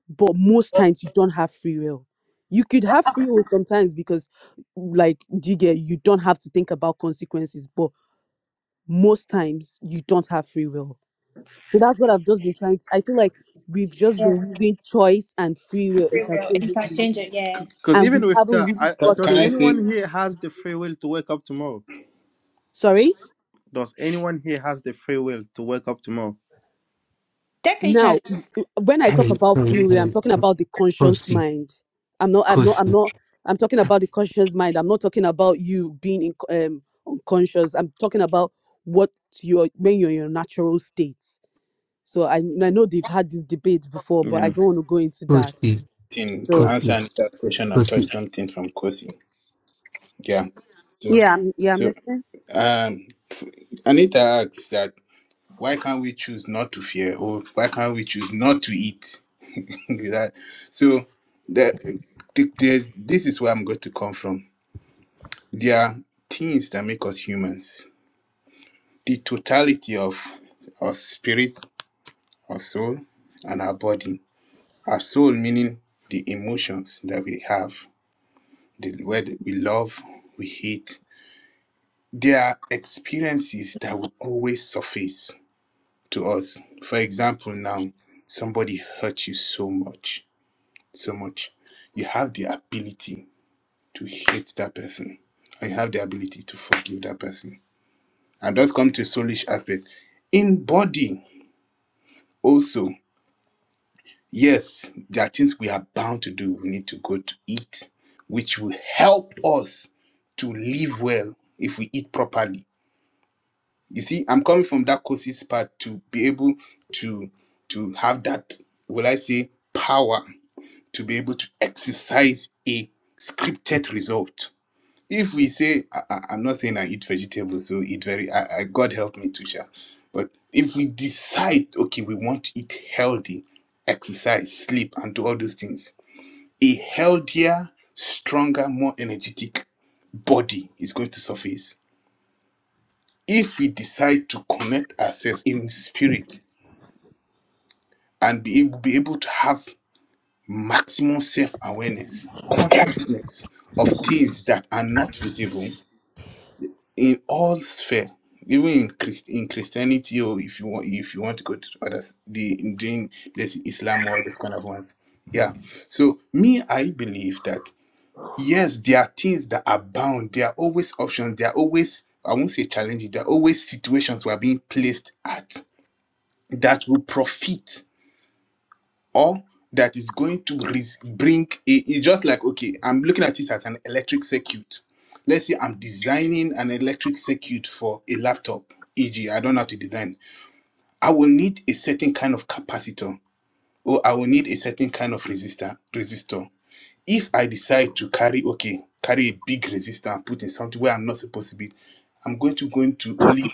E: but most times you don't have free will. You could have free will sometimes because, like, do you get you don't have to think about consequences, but most times you don't have free will. So that's what I've just been trying to. I feel like we've just
C: Yeah,
E: been using choice and free will
C: free will,
E: interchangeably,
C: interchange, yeah.
D: Because
E: and
D: even
E: we
D: with
E: haven't
D: that,
E: really
D: I,
M: Ca-
D: does
M: Can
E: gotten.
M: I say
D: anyone here has the free will to wake up tomorrow?
E: Sorry?
D: Does anyone here has the free will to wake up tomorrow?
E: now
C: Technically,
E: when i talk
B: Kosi,
E: about free will i'm talking about the conscious mind i'm not i'm not i'm
B: Kosi,
E: not i'm talking about the conscious mind i'm not talking about you being in, um, unconscious i'm talking about what you're when you're in your natural state so I, I know they've had this debate before but i
D: Yeah.
E: don't want to go into that
B: Kosi,
M: something to
E: so
M: answer
B: Kosi,
M: Anita's question and touch something from Kosi? Yeah. So,
E: yeah I'm, yeah i'm
M: so
E: listening
M: um, Anita asks that why can't we choose not to fear or why can't we choose not to eat? That- so, the, the, the, this is where I'm going to come from. There are things that make us humans. The totality of our spirit, our soul, and our body. Our soul meaning the emotions that we have the word that we love, we hate. There are experiences that will always surface to us. For example, now somebody hurt you so much, so much. You have the ability to hate that person. I have the ability to forgive that person. And that's come to a soulish aspect. In body, also, yes, there are things we are bound to do. We need to go to eat, which will help us to live well if we eat properly You see, I'm coming from that courses part to be able to to have that, will I say, power to be able to exercise a scripted result. If we say, I, I, I'm not saying I eat vegetables, so eat very, I, I, God help me to share. But if we decide, okay, we want to eat healthy, exercise, sleep, and do all those things, a healthier, stronger, more energetic body is going to surface if we decide to connect ourselves in spirit and be able, be able to have maximum self awareness, consciousness of things that are not visible in all sphere, even in Christ, in Christianity, or if you want if you want to go to others, the in there's Islam or this kind of ones. Yeah. So me, I believe that yes, there are things that are bound. There are always options. There are always I won't say challenges. There are always situations we are being placed at that will profit or that is going to res- bring it, it's just like okay i'm looking at this as an electric circuit let's say i'm designing an electric circuit for a laptop eg i don't know how to design i will need a certain kind of capacitor oh, I will need a certain kind of resistor. Resistor. If I decide to carry, okay, carry a big resistor and put in something where I'm not supposed to be, I'm going to going to only.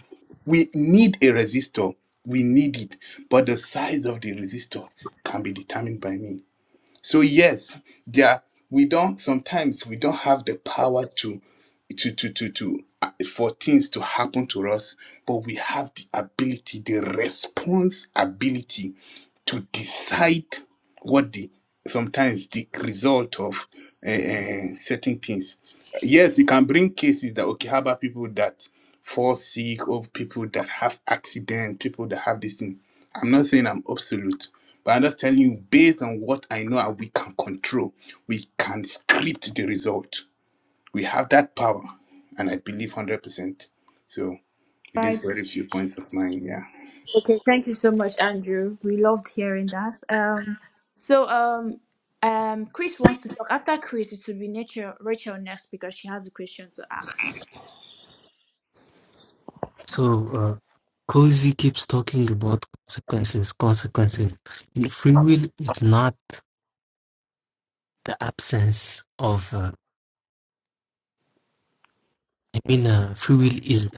M: We need a resistor. We need it, but the size of the resistor can be determined by me. So yes, there we don't. Sometimes we don't have the power to, to to to to uh, for things to happen to us, but we have the ability, the response ability to decide what the sometimes the result of uh, uh, certain things. Yes, you can bring cases that okay, how about people that fall sick or people that have accident, people that have this thing. I'm not saying I'm absolute, but I'm just telling you based on what I know and we can control, we can script the result. We have that power, and I believe one hundred percent. So it is
C: right?
M: very few points of mine. Yeah,
C: Okay, thank you so much, Andrew. We loved hearing that. Um, so um, um, Chris wants to talk. After Chris, it will be Rachel, Rachel next because she has a question to ask.
B: So uh, Cozy keeps talking about consequences, consequences. And free will is not the absence of. Uh, I mean, uh, free will is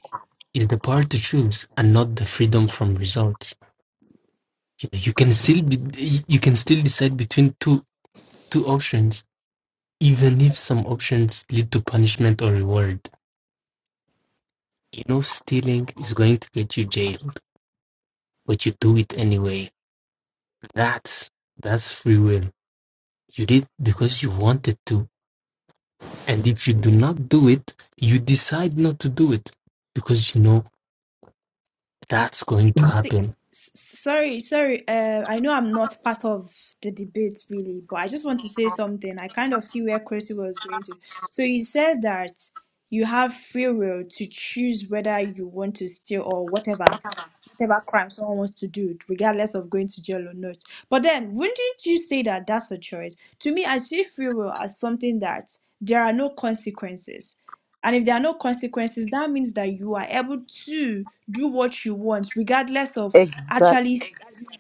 B: is the power to choose and not the freedom from results. You, know, you can still be, you can still decide between two two options, even if some options lead to punishment or reward. You know, stealing is going to get you jailed, but you do it anyway. That's that's free will. You did because you wanted to And if you do not do it, you decide not to do it because you know that's going to
C: S-
B: happen.
C: s- Sorry, sorry. Uh, I know I'm not part of the debate really, but I just want to say something. I kind of see where Chrissy was going to. So you said that you have free will to choose whether you want to steal or whatever. whatever crime someone wants to do, regardless of going to jail or not. But then, wouldn't you say that that's a choice? To me, I see free will as something that there are no consequences. And if there are no consequences, that means that you are able to do what you want, regardless of
E: exactly
C: actually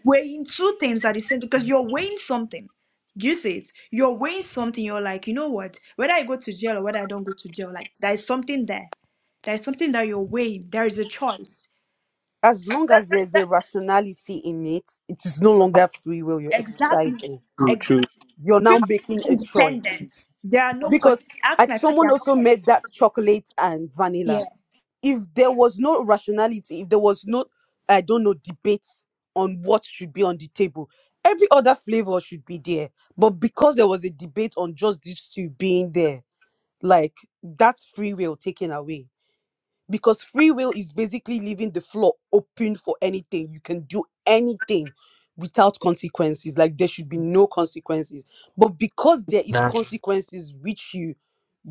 C: weighing two things at the same time, because you're weighing something. Do you see it? You're weighing something, you're like, you know what? Whether I go to jail or whether I don't go to jail, like there is something there. There is something that you're weighing. There is a choice.
E: as
C: So
E: long
C: that
E: as there's a
C: that.
E: rationality in it it is no longer free will you're
C: Exactly.
E: exercising
I: True, true.
C: Exactly.
E: you're now
C: Feel
E: making a choice
C: independent. There are no
E: because
C: constraints.
E: I,
C: Ask my friend,
E: someone
C: there are no
E: also
C: constraints.
E: made that chocolate and vanilla.
C: Yeah.
E: If there was no rationality, if there was no, I don't know, debate on what should be on the table, every other flavor should be there. But because there was a debate on just these two being there, like that's free will taken away because free will is basically leaving the floor open for anything you can do anything without consequences like there should be no consequences but because there is
B: That's
E: consequences which you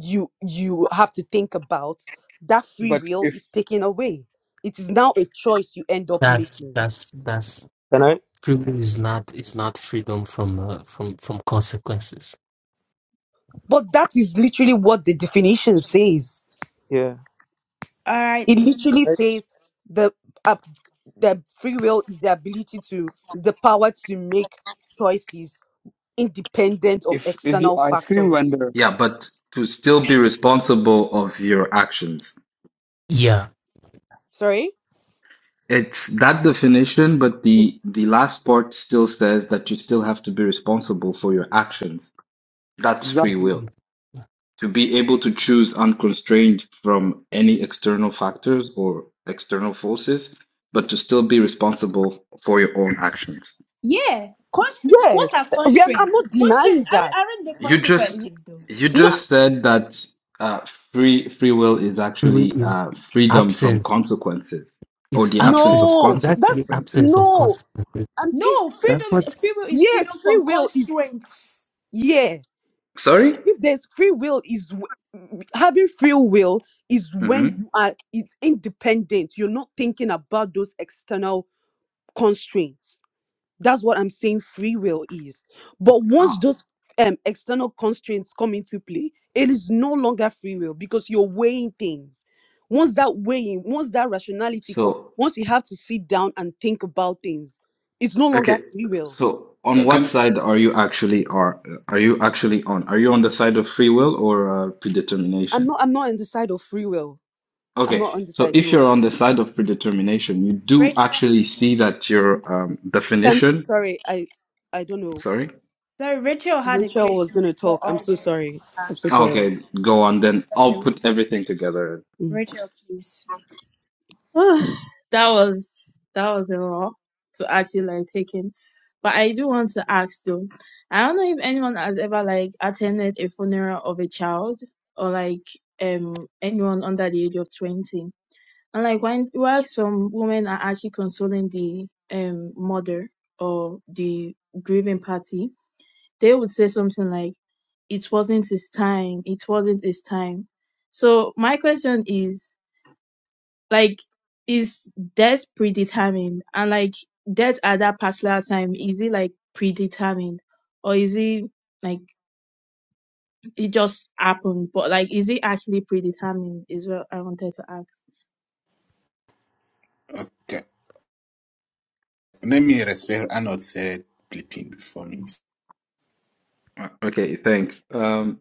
E: you you have to think about that free
L: But
E: will
L: if
E: is taken away it is now a choice you end up
B: that's
E: making
B: that's that's
I: Can I?
B: freedom is not is not freedom from uh, from from consequences.
E: but that is literally what the definition says
I: Yeah.
C: All right.
E: it literally
I: Right.
E: says the uh, the free will is the ability to is the power to make choices independent of
L: if if the
E: external
L: ice cream
E: factors.
L: vendor
K: Yeah, but to still be responsible of your actions.
B: Yeah,
E: Sorry?
K: It's that definition, but the the last part still says that you still have to be responsible for your actions. That's free
L: exactly
K: will. To be able to choose unconstrained from any external factors or external forces, but to still be responsible for your own actions.
C: Yeah. Constraints. What are
E: Yes, we are, I'm
C: constraints?
E: not
C: Constraints
E: denying that.
C: aren't, aren't the
K: You just
E: Y-
C: consequences, though.
K: you
E: No,
K: just said that uh, free free will is actually
B: freedom is
K: uh, freedom from
B: absence
K: consequences or
B: is
K: the absence of
B: absence.
E: no,
B: That's the
E: that's
B: absence
K: consequences.
B: of
E: no.
B: consequences.
E: I'm saying
C: No,
B: That's
C: freedom
B: what
C: freedom is
E: yes,
C: freedom
E: free
C: from
E: will is
C: constraints.
E: yeah.
K: Sorry?
E: If there's free will, is w- having free will is
K: Mm-hmm.
E: when you are it's independent. You're not thinking about those external constraints. That's what I'm saying free will is. But once
K: Ah,
E: those um, external constraints come into play, it is no longer free will because you're weighing things. Once that weighing, once that rationality comes,
K: so
E: once you have to sit down and think about things, it's no longer
K: okay.
E: free will.
K: So on what
M: can
K: side are you actually are are you actually on? Are you on the side of free will or uh,
E: I'm
K: predetermination?
E: not I'm not on the side of free will. I'm
K: Okay.
C: Okay.
E: not on the
K: So
E: side,
K: if you're
E: no.
K: on the side of predetermination, you do
C: Rachel has
K: actually
C: a
K: see
C: question.
K: that your um,
E: Can
K: definition.
E: sorry, I I don't know.
K: Sorry.
C: Sorry, Rachel had a
E: Rachel was
C: question
E: gonna
C: before
E: talk. I'm
C: all
E: so
C: this.
E: sorry.
C: Ah,
E: I'm so sorry.
K: Okay, go on then.
C: sorry,
K: I'll put
C: Rachel.
K: everything together.
E: Mm.
C: Rachel, please.
G: that was that was a lot to actually like take in. But I do want to ask though. I don't know if anyone has ever like attended a funeral of a child or like um anyone under the age of twenty. And like when while some women are actually consoling the um mother or the grieving party, they would say something like, it wasn't his time, it wasn't his time. So my question is, like, is death predetermined? And like death at that particular time, is it like predetermined? Or is it like it just happened? But like is it actually predetermined is what I wanted to ask.
M: I? Okay. Let me respect Arnold said bleeping before me.
K: Uh, Okay, thanks. Um,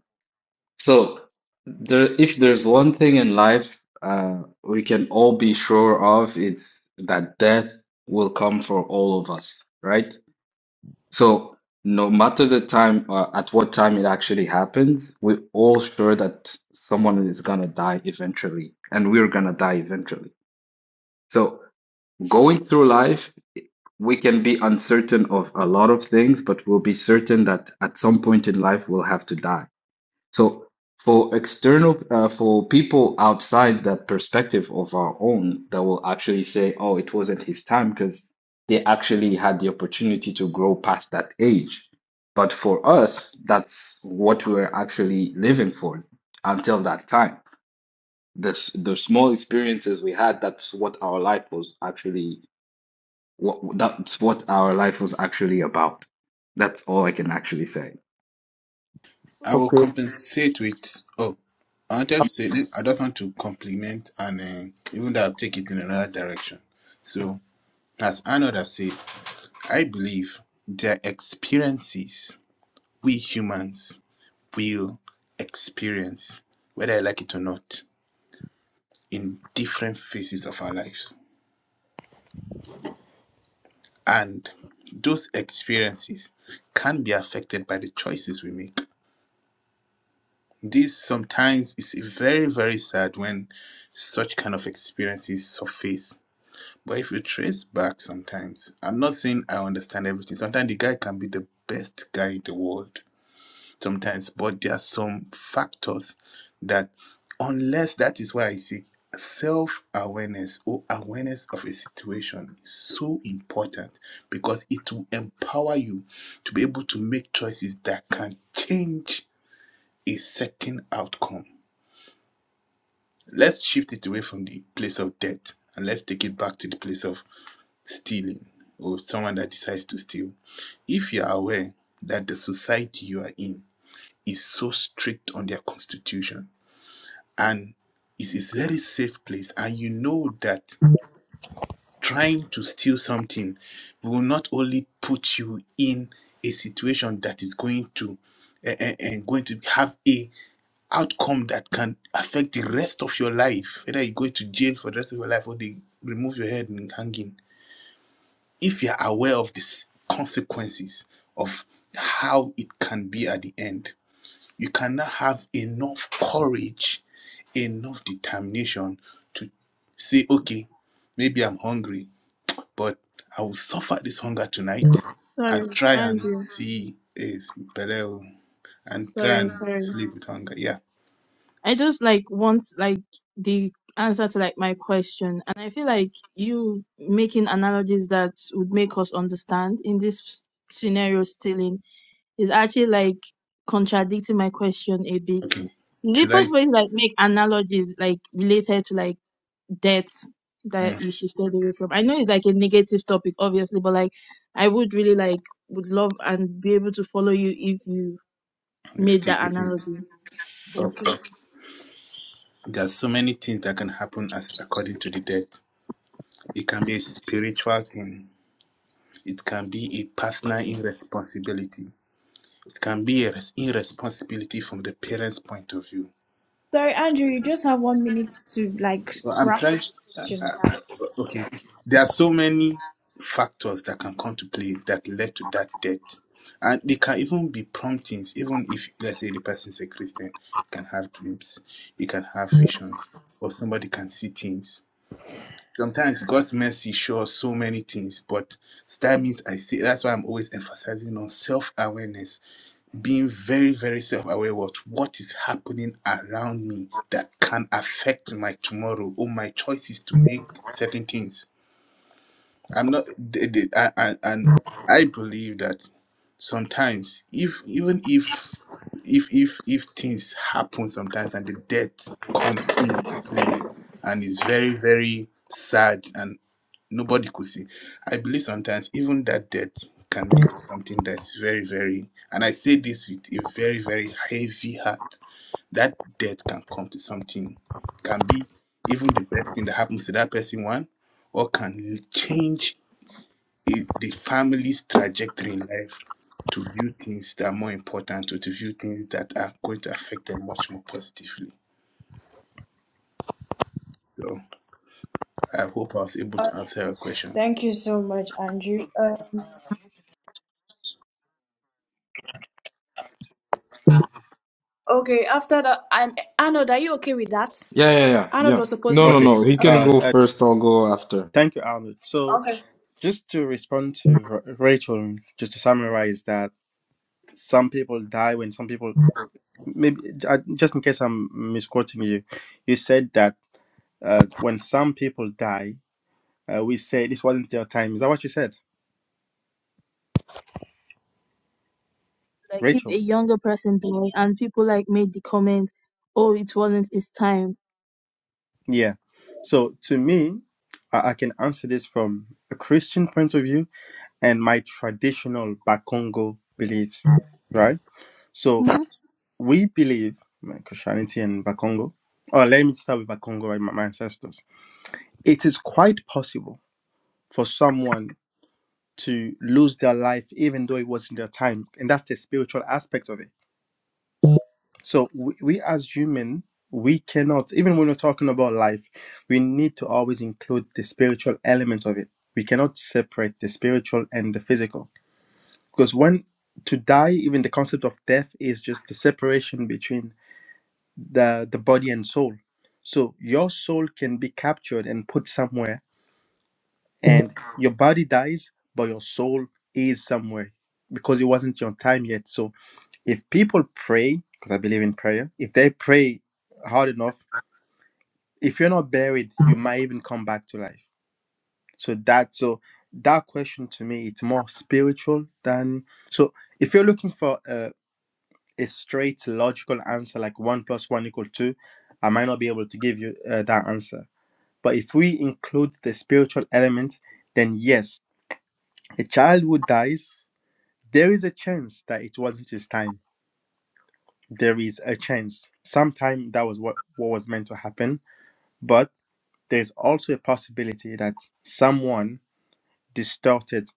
K: so there, if there's one thing in life uh, we can all be sure of, it's that death will come for all of us, right? So no matter the time, uh, at what time it actually happens, we're all sure that someone is gonna die eventually, and we're gonna die eventually. So going through life we can be uncertain of a lot of things, but we'll be certain that at some point in life we'll have to die. So for external, uh, for people outside that perspective of our own, that will actually say, "Oh, it wasn't his time," because they actually had the opportunity to grow past that age. But for us, that's what we were actually living for until that time. The s- the small experiences we had, that's what our life was actually what that's what our life was actually about. That's all I can actually say.
M: I will
I: Okay.
M: compensate with. Oh, I wanted to
I: Uh,
M: say that I just want to compliment and uh, even though I'll take it in another direction. So, as Arnold has said, I believe their experiences we humans will experience, whether I like it or not, in different phases of our lives. And those experiences can be affected by the choices we make. This sometimes is very, very sad when such kind of experiences surface. But if you trace back sometimes, I'm not saying I understand everything. Sometimes the guy can be the best guy in the world. Sometimes, but there are some factors that unless that is why I see self-awareness or awareness of a situation is so important because it will empower you to be able to make choices that can change a certain outcome Let's shift it away from the place of debt and let's take it back to the place of stealing or someone that decides to steal. If you are aware that the society you are in is so strict on their constitution and is a very safe place, and you know that trying to steal something will not only put you in a situation that is going to and uh, uh, uh, going to have a outcome that can affect the rest of your life, whether you go to jail for the rest of your life or they remove your head and hang in. If you're aware of these consequences of how it can be at the end, you cannot have enough courage, enough determination to say, okay, maybe I'm hungry, but I will suffer this hunger
I: but,
M: tonight and
G: Sorry,
M: try and
G: Andrew.
M: see a Beleo and try and
G: Sorry, sorry.
M: sleep with hunger. Yeah.
G: I just like want like the answer to like my question, and I feel like you making analogies that would make us understand in this s- scenario stealing is actually like contradicting my question a bit.
M: Okay.
G: Is it
M: Should I?
G: possible to like make analogies like related to like debts
M: Mm.
G: that you should stay away from? I know it's like a negative topic, obviously, but like I would really like would love and be able to follow you if you
M: You
G: made
M: stick
G: that
M: with it.
G: analogy. Thank you.
M: Okay. There's so many things that can happen as according to the death. It can be a spiritual thing. It can be a personal irresponsibility. It can be a res- irresponsibility from the parents' point of view.
C: Sorry, Andrew, you just have one minute to like
M: Well, I'm
C: wrap
M: trying.
C: up the
M: Uh,
C: question.
M: uh, okay. There are so many factors that can come to play that led to that death. And they can even be promptings, even if, let's say, the person is a Christian, can have dreams, he can have visions, or somebody can see things Sometimes God's mercy shows so many things, but that means I see. That's why I'm always emphasizing on self awareness, being very, very self aware of what is happening around me that can affect my tomorrow or my choices to make certain things. I'm not, the- the- I, I, and I believe that sometimes, if even if if if if things happen sometimes and the death comes in play and it's very very sad and nobody could see. I believe sometimes even that death can lead to something that's very, very, and I say this with a very, very heavy heart. That death can come to something, can be even the best thing that happens to that person, one, or can change i- the family's trajectory in life to view things that are more important or to view things that are going to affect them much more positively. So I hope I was able to answer your question.
C: Thank you so much, Andrew. Uh, okay, after that, I'm Arnold. Are you okay with that?
K: Yeah, yeah, yeah,
C: Arnold
K: yeah.
C: was
K: No, no,
D: Okay.
C: supposed to.
K: no. He can
D: Uh,
C: Okay,
K: go
D: uh
K: first. I'll go after.
D: thank you, Arnold. So
C: okay.
D: just to respond to Ra- Rachel, just to summarize that some people die when some people maybe uh, just in case I'm misquoting you, you said that uh, when some people die, uh, we say this wasn't their time. Is that what you said,
G: Like if
D: Rachel?
G: a younger person died and people like made the comment, "Oh, it wasn't his time."
D: Yeah. So to me, I, I can answer this from a Christian point of view and my traditional Bakongo beliefs, right? So
G: Mm-hmm.
D: we believe my Christianity and Bakongo. Or let me start with Bakongo, right? My, my ancestors. It is quite possible for someone to lose their life even though it wasn't their time. And that's the spiritual aspect of it. So we, we as human, we cannot, even when we're talking about life, we need to always include the spiritual element of it. We cannot separate the spiritual and the physical. Because when to die, even the concept of death is just the separation between the, the body and soul. So your soul can be captured and put somewhere, and your body dies, but your soul is somewhere because it wasn't your time yet. So if people pray, because I believe in prayer, if they pray hard enough, if you're not buried, you might even come back to life. So that so that question to me, it's more spiritual than so. If you're looking for a, a straight logical answer like one plus one equal two, I might not be able to give you uh, that answer. But if we include the spiritual element, then yes, a child who dies, there is a chance that it wasn't his time there is a chance. Sometime that was what, what was meant to happen, but there's also a possibility that someone distorted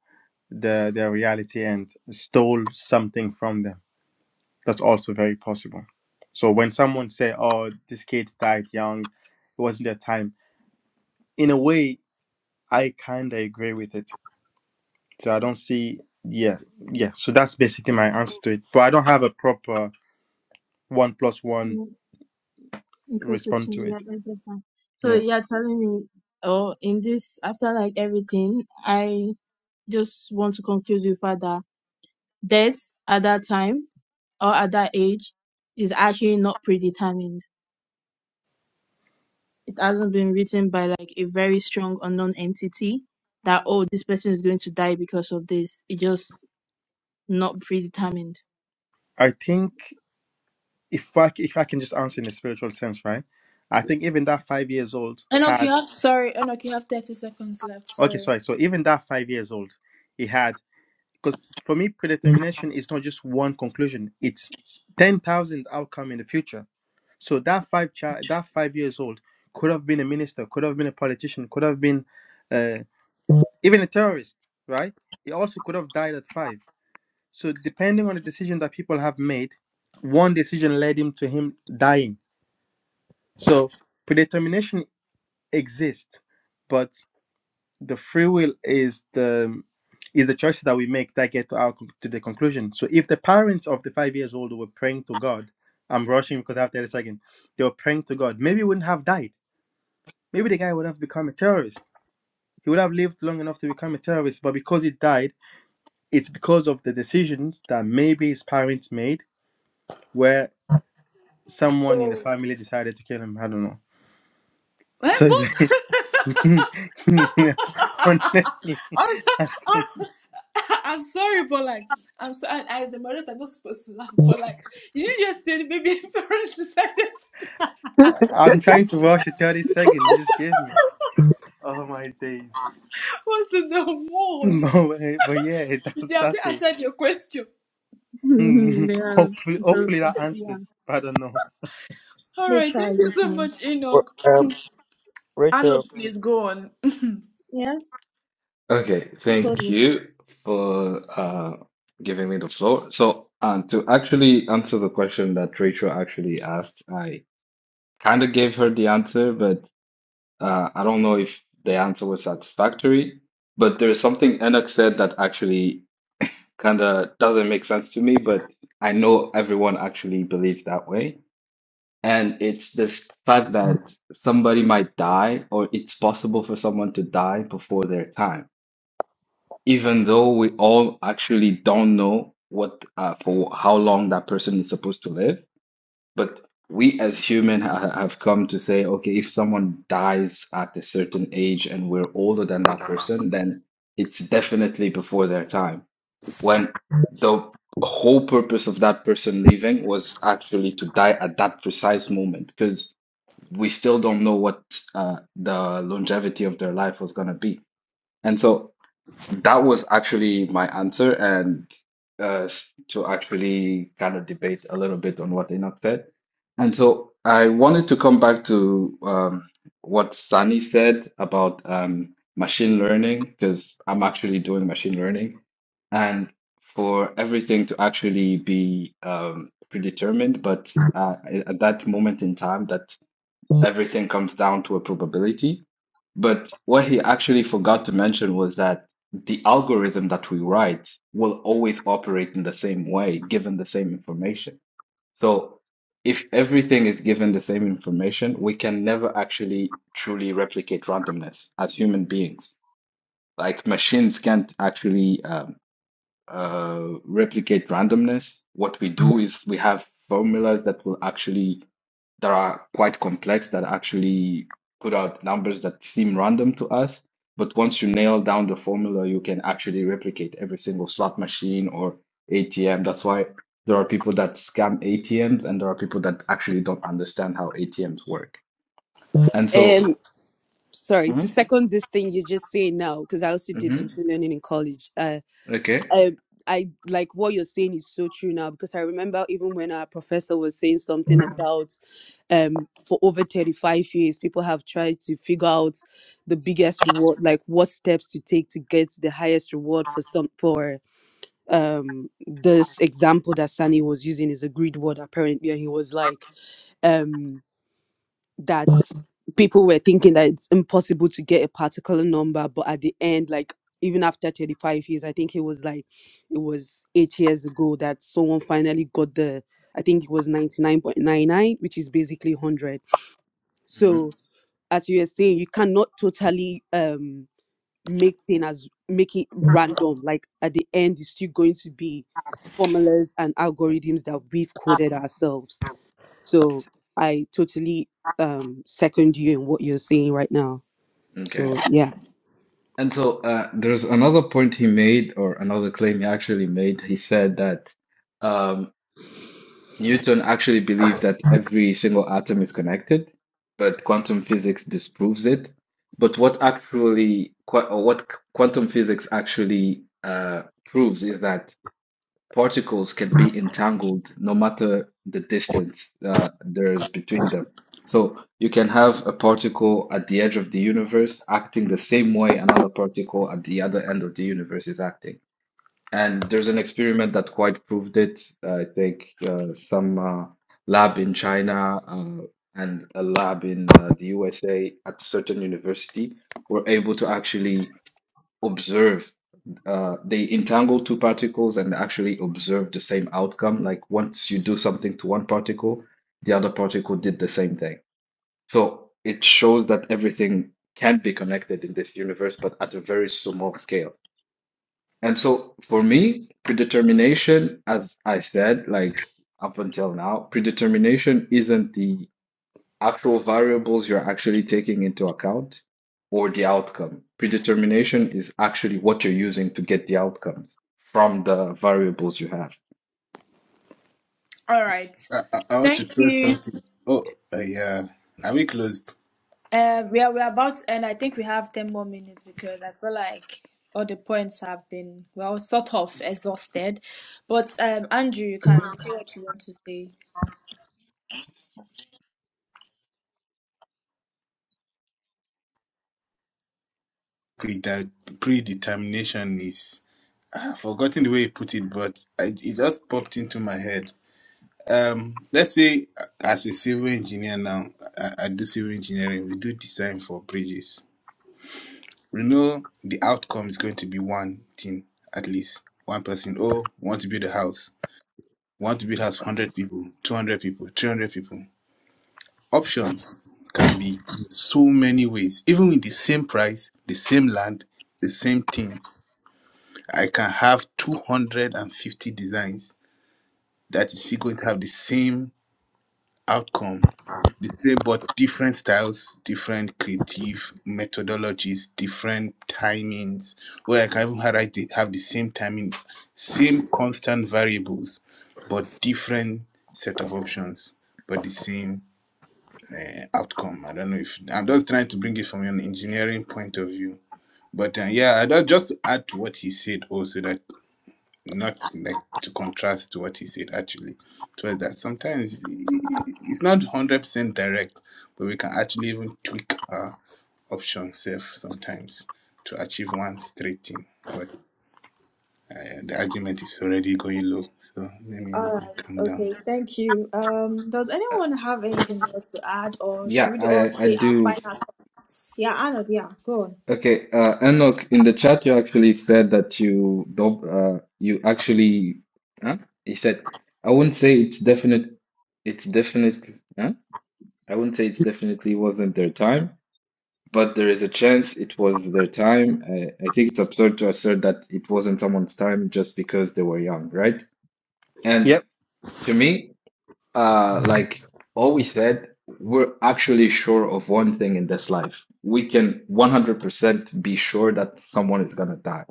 D: the their reality and stole something from them. That's also very possible. So when someone say, "Oh, this kid died young," it wasn't their time. In a way, I kind of agree with it. So I don't see, yeah, yeah. So that's basically my answer to it. But I don't have a proper one plus one
G: Yeah, it to
D: response to
G: two.
D: it.
G: Yeah, I get that. So
D: Yeah,
G: you're telling me, oh, in this after like everything, I just want to conclude with that that death at that time or at that age is actually not predetermined. It hasn't been written by like a very strong unknown entity that oh this person is going to die because of this. It just not predetermined
D: I think. if I, c- if I can just answer in a spiritual sense, right? I think even that five years old
C: Enoch, you
D: had
C: have sorry, Enoch, you have thirty seconds left.
D: okay,
C: Sorry.
D: sorry. So even that five years old, he had because for me predetermination is not just one conclusion; it's ten thousand outcome in the future. So that five child, that five years old could have been a minister, could have been a politician, could have been uh, even a terrorist, right? He also could have died at five. So depending on the decision that people have made, one decision led him to him dying. So predetermination exist, but the free will is the is the choices that we make that get to our to the conclusion. So if the parents of the five years old were praying to God, I'm rushing because I have 30 seconds. They were praying to God. Maybe he wouldn't have died. Maybe the guy would have become a terrorist. He would have lived long enough to become a terrorist, but because he died, it's because of the decisions that maybe his parents made, where someone in the family decided to kill him. I don't know.
C: Eh,
D: So
C: but
D: yeah, honestly.
C: I'm, so, I'm sorry, but like I'm so and as the moderator, I'm not supposed to laugh, but like you just said, maybe parents decided
D: I'm trying to rush a 30 second you just gave me. Oh my days.
C: what's in the mood.
D: No way, but yeah, that's
C: They have
D: that's
C: not
D: it.
C: answered your question.
D: Hmm.
G: yeah
D: Hopefully,
G: it was
D: hopefully that
G: yeah
D: answered. I don't know.
C: All
G: they
C: right, thank
G: tried
C: you
G: they
C: so
G: tried
C: much, Enoch.
I: Um,
C: Arnold,
I: Rachel,
C: please go on.
G: yeah
K: Okay,
G: God
K: thank you for uh, giving me the floor. So, um, to actually answer the question that Rachel actually asked, I kind of gave her the answer, but uh, I don't know if the answer was satisfactory. But there's something Enoch said that actually kind of doesn't make sense to me, but I know everyone actually believes that way. And it's this fact that somebody might die, or it's possible for someone to die before their time, even though we all actually don't know what uh, for how long that person is supposed to live. But we as human ha have come to say, okay, if someone dies at a certain age and we're older than that person, then it's definitely before their time. When the whole purpose of that person leaving was actually to die at that precise moment, because we still don't know what uh, the longevity of their life was going to be. And so that was actually my answer, and uh, to actually kind of debate a little bit on what Enoch said. And so I wanted to come back to um, what Sunny said about um, machine learning, because I'm actually doing machine learning. And for everything to actually be um, predetermined, but uh, at that moment in time, that everything comes down to a probability. But what he actually forgot to mention was that the algorithm that we write will always operate in the same way, given the same information. So if everything is given the same information, we can never actually truly replicate randomness as human beings. Like machines can't actually um, uh, replicate randomness. What we do is we have formulas that will actually that are quite complex that actually put out numbers that seem random to us. But once you nail down the formula, you can actually replicate every single slot machine or ATM. That's why there are people that scam ATMs and there are people that actually don't understand how ATMs work. And so,
E: Um, sorry to
K: Mhm,
E: second this thing you just saying now because i also did
K: mhm,
E: machine learning in college uh
K: okay,
E: I, I like what you're saying is so true now because i remember even when our professor was saying something Mm. about um for over 35 years people have tried to figure out the biggest reward like what steps to take to get the highest reward for some for um this example that sani was using is a grid word apparently and he was like um that people were thinking that it's impossible to get a particular number but at the end like even after 35 years i think it was like it was eight years ago that someone finally got the i think it was 99.99 which is basically 100
K: mhm,
E: so as you were saying you cannot totally um make things as make it random like at the end it's still going to be formulas and algorithms that we've coded ourselves so I totally um second you in what you're saying right now.
K: okay.
E: So yeah.
K: And so uh, there's another point he made, or another claim he actually made. He said that. um, Newton actually believed that every single atom is connected, but quantum physics disproves it. But what actually, qu- or what c- quantum physics actually uh, proves is that particles can be entangled no matter the distance uh, there is between them. So you can have a particle at the edge of the universe acting the same way another particle at the other end of the universe is acting. And there's an experiment that quite proved it. I think uh, some uh, lab in China uh, and a lab in uh, the USA at certain university were able to actually observe. Uh, they entangle two particles and actually observe the same outcome. Like once you do something to one particle, the other particle did the same thing. So it shows that everything can be connected in this universe, but at a very small scale. And so for me, predetermination, as I said, like up until now, predetermination isn't the actual variables you're actually taking into account or the outcome. Predetermination is actually what you're using to get the outcomes from the variables you have.
C: All right.
M: I, I I want to
C: Thank
M: throw
C: you.
M: something. Oh, uh, yeah. Are we close?
C: Uh, we are we're about to end. I think we have ten more minutes because I feel like all the points have been well sort of exhausted. But um, Andrew, you can say what you want to say.
M: Prede- predetermination is. I've forgotten the way he put it, but I, it just popped into my head. Um, let's say uh, as a civil engineer now, I, I do civil engineering. We do design for bridges. We know the outcome is going to be one thing at least. One person. Oh, we want to build a house. We want to build a house. for one Hundred people, two hundred people, three hundred people. Options can be so many ways, even with the same price, the same land, the same things. I can have 250 designs that is still going to have the same outcome, the same but different styles, different creative methodologies, different timings, where I can even have like the have the same timing, same constant variables, but different set of options, but the same uh, outcome. I don't know if I'm just trying to bring it from an engineering point of view. But uh, yeah, I just just to add to what he said also that not like to contrast to what he said actually. So that sometimes it's not hundred percent direct, but we can actually even tweak our options self sometimes to achieve one straight thing. But uh, the argument is already going low, so let me
C: All right.
M: calm down.
C: Okay. Thank you. Um, does
K: Uh,
C: anyone have anything else to add, or should
K: Yeah,
C: we all
K: I, I
C: say our
K: do
C: final thoughts? Yeah, Arnold. Yeah, go on.
K: Okay, uh, Enoch, in the chat you actually said that you don't, uh, you actually, huh? He said, I wouldn't say it's definite, it's definitely, huh? I wouldn't say it's definitely wasn't their time, but there is a chance it was their time. I, I think it's absurd to assert that it wasn't someone's time just because they were young, right? And
D: Yep,
K: to me, uh, like always said, we're actually sure of one thing in this life. We can 100% be sure that someone is gonna die.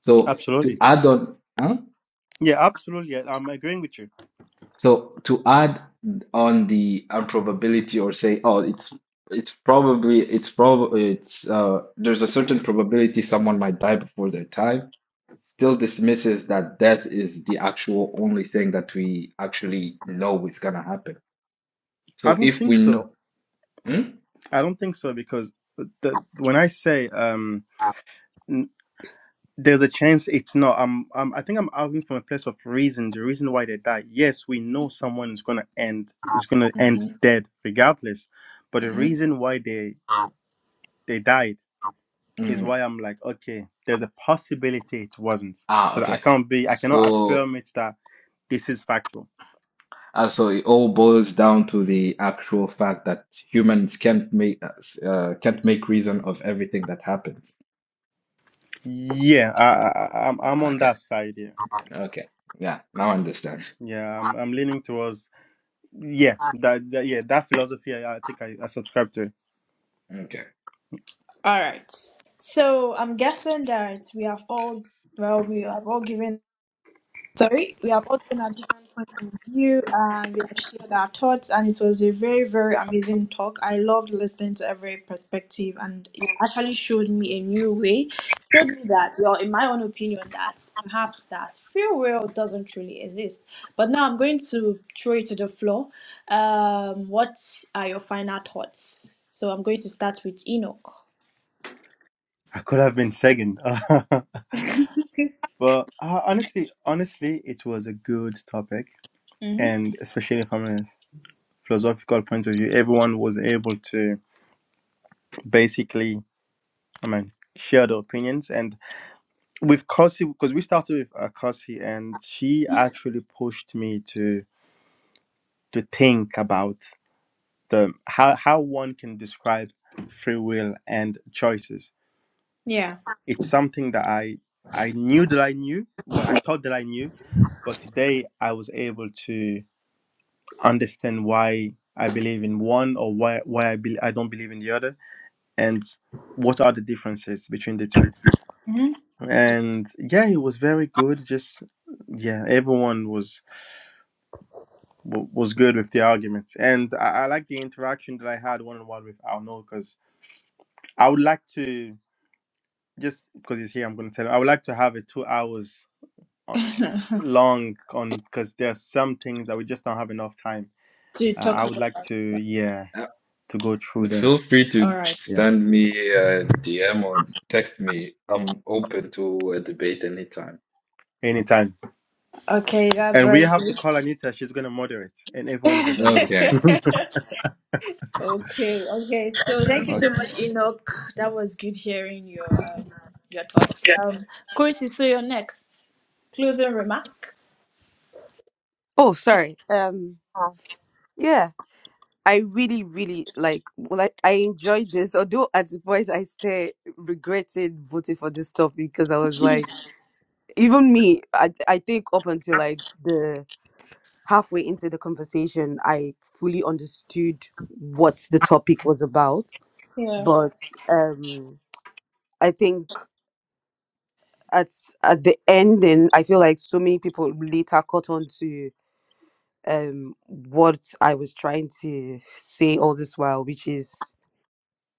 K: So to
D: absolutely.
K: add on, huh?
D: Yeah, absolutely. I- I'm agreeing with you.
K: So to add on the improbability or say, oh, it's it's probably it's probably it's uh there's a certain probability someone might die before their time, still dismisses that death is the actual only thing that we actually know is gonna happen.
D: I
K: So
D: don't
K: if
D: think
K: we
D: so.
K: know, hmm?
D: I don't think so because the, when I say um, n- there's a chance it's not. I'm, I'm. I think I'm arguing from a place of reason. The reason why they died. Yes, we know someone is gonna end. Is gonna end dead regardless. But the
K: hmm
D: reason why they they died is
K: Mm.
D: why I'm like, okay, there's a possibility it wasn't
K: Ah,
D: because I
K: okay.
D: can't be, I cannot
K: So,
D: affirm it that this is factual.
K: uh, so it all boils down to the actual fact that humans can't make uh, s- uh, can't make reason of everything that happens.
D: Yeah, I, I, I- am I'm on
K: Okay,
D: that side. Yeah,
K: okay. Yeah, now I understand.
D: yeah, I'm, I'm leaning towards, yeah, that, that yeah, that philosophy. I, I think I, I subscribe to. it.
K: Okay.
C: All right. So I'm guessing that we have all well, we have all given Sorry, we have all been at different points of view and we have shared our thoughts and it was a very, very amazing talk. I loved listening to every perspective and it actually showed me a new way. Showed me that, well, in my own opinion, that perhaps that free will doesn't truly exist. But now I'm going to throw it to the floor. Um, what are your final thoughts? So I'm going to start with Enoch.
D: I could have been second, but uh, honestly, honestly, it was a good topic,
C: hmm
D: and especially from a philosophical point of view, everyone was able to basically, I mean, share their opinions and with Kasi because we started with uh, Kasi and she actually pushed me to to think about the how how one can describe free will and choices.
C: Yeah.
D: It's something that I I knew that I knew, well I thought that I knew, but today I was able to understand why I believe in one or why why I be, I don't believe in the other and what are the differences between the two.
C: hmm
D: And yeah, it was very good just yeah, everyone was w- was good with the arguments, and I, I like the interaction that I had one on one with Arnaud because I would like to just because he's here, I'm going to tell him I would like to have it two hours o- long on because there are some things that we just don't have enough time.
C: to
D: Uh,
C: talk
D: I would
C: about
D: like to yeah
K: Uh,
D: to go through them
K: feel free to
C: All right.
D: yeah
K: send me a DM or text me. I'm open to a debate anytime.
D: anytime,
C: Okay, that's
D: and we
C: very
D: have to
C: good.
D: call Anita. She's going to moderate, and everyone is invited.
K: Okay.
C: okay, okay. So thank you so much, Enoch. That was good hearing your um, your thoughts. Um, Chris, so your next closing remark.
E: Oh, sorry. Um yeah. I really, really like well I, I enjoyed this, although at this point I still regretted voting for this topic because I was like even me, I I think up until like the halfway into the conversation I fully understood what the topic was about.
C: Yeah.
E: But um I think at at the ending, I feel like so many people later caught on to um what I was trying to say all this while, which is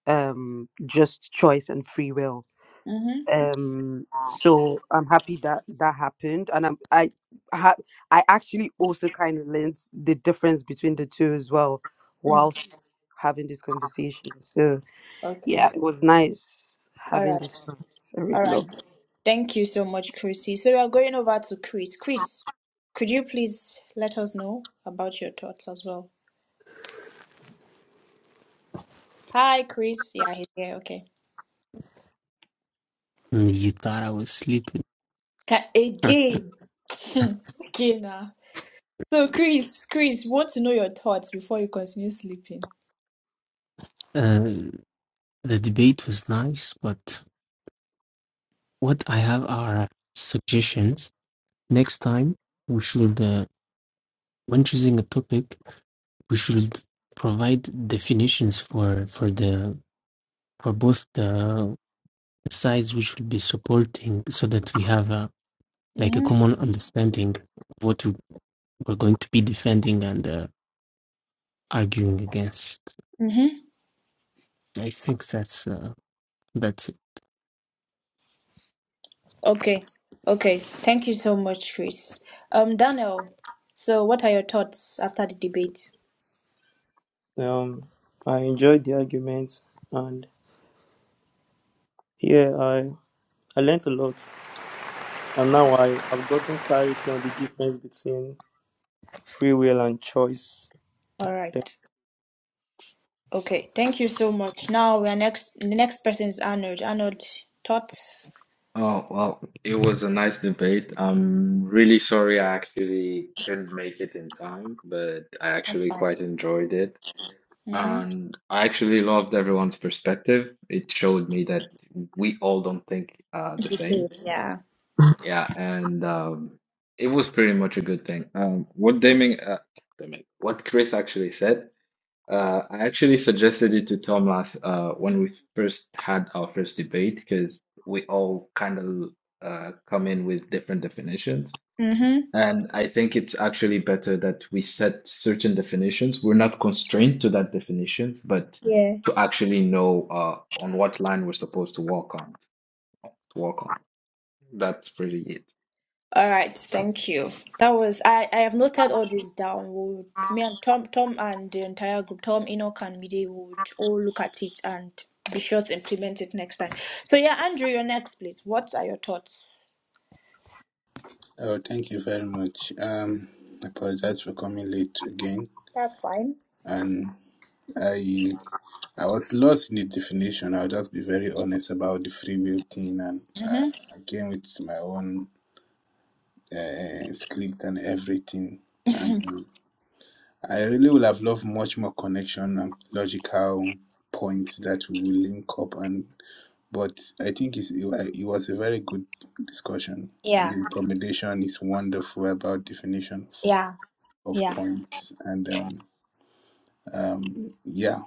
E: um just choice and free will.
C: Mm-hmm.
E: Um so I'm happy that that happened and I'm I ha- I actually also kind of learned the difference between the two as well
C: Mm.
E: whilst having this conversation. So
C: Okay.
E: yeah, it was nice
C: All
E: having this
C: right.
E: chat. I really
C: All right.
E: loved it.
C: Thank you so much, Chrissy. So we are going over to Chris. Chris, could you please let us know about your thoughts as well? Hi, Chris. Yeah, he's here. Okay.
B: Mm, you thought I was sleeping.
C: Ca- Again. Again. ah. So, Chris, Chris, want to know your thoughts before you continue sleeping.
B: Uh, the debate was nice, but what I have are suggestions Next time, we should, uh, when choosing a topic, we should provide definitions for for the for both the sides we should be supporting, so that we have a like a
C: Mm-hmm.
B: common understanding of what we- we're going to be defending and uh, arguing against.
C: Mm-hmm.
B: I think that's uh, that's it.
C: Okay. Okay. Thank you so much, Chris. Um, Daniel, so what are your thoughts after the debate?
I: um, I enjoyed the argument, and yeah, I I learnt a lot, and now I I've gotten clarity on the difference between free will and choice.
C: All right. Okay. Thank you so much. Now we are next. The next person is Arnold. Arnold, thoughts?
K: Oh, well, it was a nice debate. I'm really sorry I actually couldn't make it in time, but I
C: That's
K: actually
C: fine.
K: quite enjoyed it.
C: Mm-hmm.
K: And I actually loved everyone's perspective. It showed me that we all don't think uh, the same.
C: Yeah.
K: Yeah, and um, it was pretty much a good thing. Um, what Deming, uh, Deming, what Chris actually said. Uh, I actually suggested it to Tom last uh, when we first had our first debate because we all kind of uh, come in with different definitions.
C: Mm-hmm.
K: And I think it's actually better that we set certain definitions. We're not constrained to that definitions, but
C: Yeah.
K: to actually know uh, on what line we're supposed to walk on. To walk on. That's pretty it.
C: All right, thank you. That was I. I have noted all this down. We would, me and Tom, Tom and the entire group, Tom, Enoch, and Mide would all look at it and be sure to implement it next time. So yeah, Andrew, you're next, please. What are your thoughts?
M: Oh, thank you very much. Um, I apologize for coming late again.
C: That's fine.
M: and I I was lost in the definition. I'll just be very honest about the free will thing, and
C: Mm-hmm.
M: I, I came with my own uh, script and everything, and um, I really would have loved much more connection and logical points that we will link up and. But I think it's, it, wa- it was a very good discussion.
C: Yeah,
M: The recommendation is wonderful about definition of,
C: yeah,
M: of
C: yeah.
M: points, and um, um, yeah,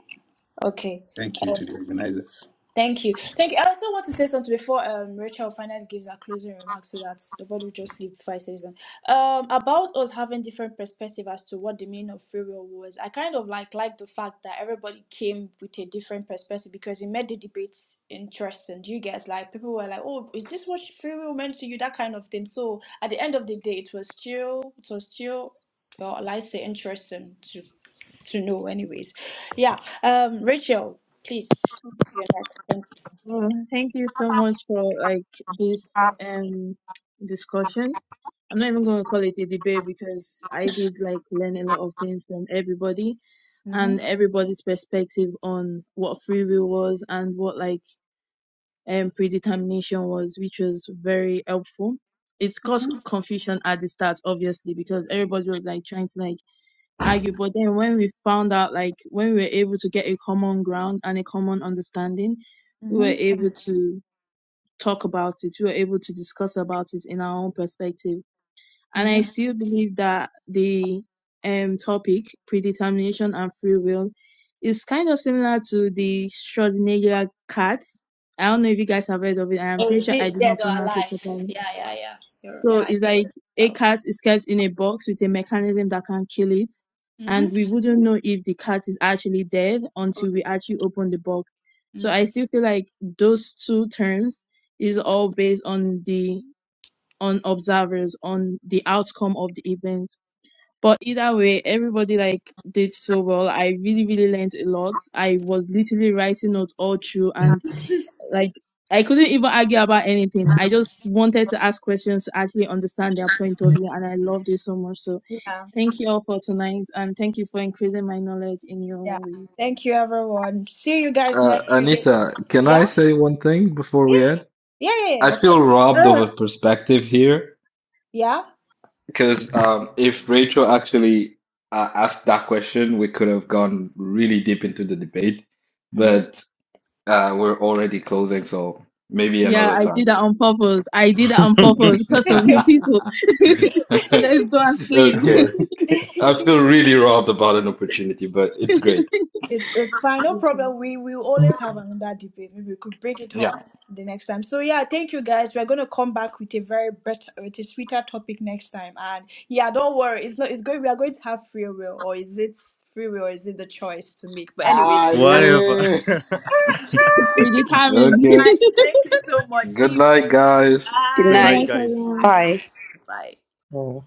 C: Okay.
M: thank you to the organizers.
C: Thank you. Thank you. I also want to say something before um, Rachel finally gives her closing remarks so that the body will just sleep five seconds. Um, about us having different perspective as to what the meaning of free will was. I kind of like like the fact that everybody came with a different perspective because it made the debates interesting. Do you guys like people were like, oh, is this what free will meant to you? That kind of thing. So at the end of the day, it was still it was still well, I say interesting to to know. Anyways, yeah. Um, Rachel, please, you're next.
G: Well, thank you so much for like this um discussion. I'm not even going to call it a debate because I did like learn a lot of things from everybody
C: Mm-hmm.
G: and everybody's perspective on what free will was and what like um predetermination was, which was very helpful. It's caused confusion at the start, obviously, because everybody was like trying to like argue. But then when we found out like when we were able to get a common ground and a common understanding, we
C: Mm-hmm.
G: were able to talk about it. We were able to discuss about it in our own perspective. And I
C: Mm-hmm.
G: still believe that the um, topic, predetermination and free will, is kind of similar to the Schrodinger cat. I don't know if you guys have heard of it. I'm
C: Or
G: pretty
C: is
G: sure I
C: it
G: did not
C: dead or
G: pronounce it
C: alive?
G: properly.
C: Yeah, yeah, yeah. You're, yeah,
G: So
C: I
G: it's
C: know what
G: like
C: it's
G: a
C: about.
G: cat is kept in a box with a mechanism that can kill it. And
C: Mm-hmm.
G: we wouldn't know if the cat is actually dead until we actually open the box. So
C: Mm.
G: I still feel like those two terms is all based on the on observers, on the outcome of the event. But either way, everybody like did so well. I really, really learned a lot. I was literally writing notes all through and like I couldn't even argue about anything. I just wanted to ask questions to actually understand their point of view, and I loved it so much. So
C: Yeah,
G: thank you all for tonight, and thank you for increasing my knowledge in your
C: yeah.
G: own ways.
C: Thank you, everyone. See you guys
K: Uh,
C: next week.
K: Anita, can I
C: Yeah, yeah,
K: say one thing before we end?
C: yeah, yeah. yeah,
K: I
C: Of
K: feel
C: course.
K: robbed of
G: Oh.
K: a perspective here
C: Yeah.
K: Because um, if Rachel actually uh, asked that question, we could have gone really deep into the debate, but uh, we're already closing, so maybe
G: Yeah,
K: another
G: I did
K: time.
G: that on purpose. I did that on
D: okay.
G: purpose because of you people. Let's
C: Mm-hmm.
G: go and sleep.
D: I'm
K: Okay.
D: like,
K: I feel really robbed about an opportunity, but it's great.
C: It's it's fine, no problem.
G: it's
C: We we will always have another debate. Maybe we could bring it up
K: Yeah.
C: the next time. So yeah, thank you guys. We're gonna come back with a very better, with a sweeter topic next time. And yeah, don't worry. It's not. It's going. We are going to have free will, or is it free will, or is it the choice to make? But anyways,
M: Ah,
C: that's
D: Whatever.
M: yeah.
G: pretty tiring.
K: Okay.
C: guys.
G: Good
C: Thank you so much. See
K: Good
C: you
K: night,
C: guys next time.
K: guys.
E: Good
D: Good
C: Bye.
D: night,
G: night,
E: night.
D: guys.
G: everyone.
C: Bye.
E: Bye.
C: Bye.
I: Oh.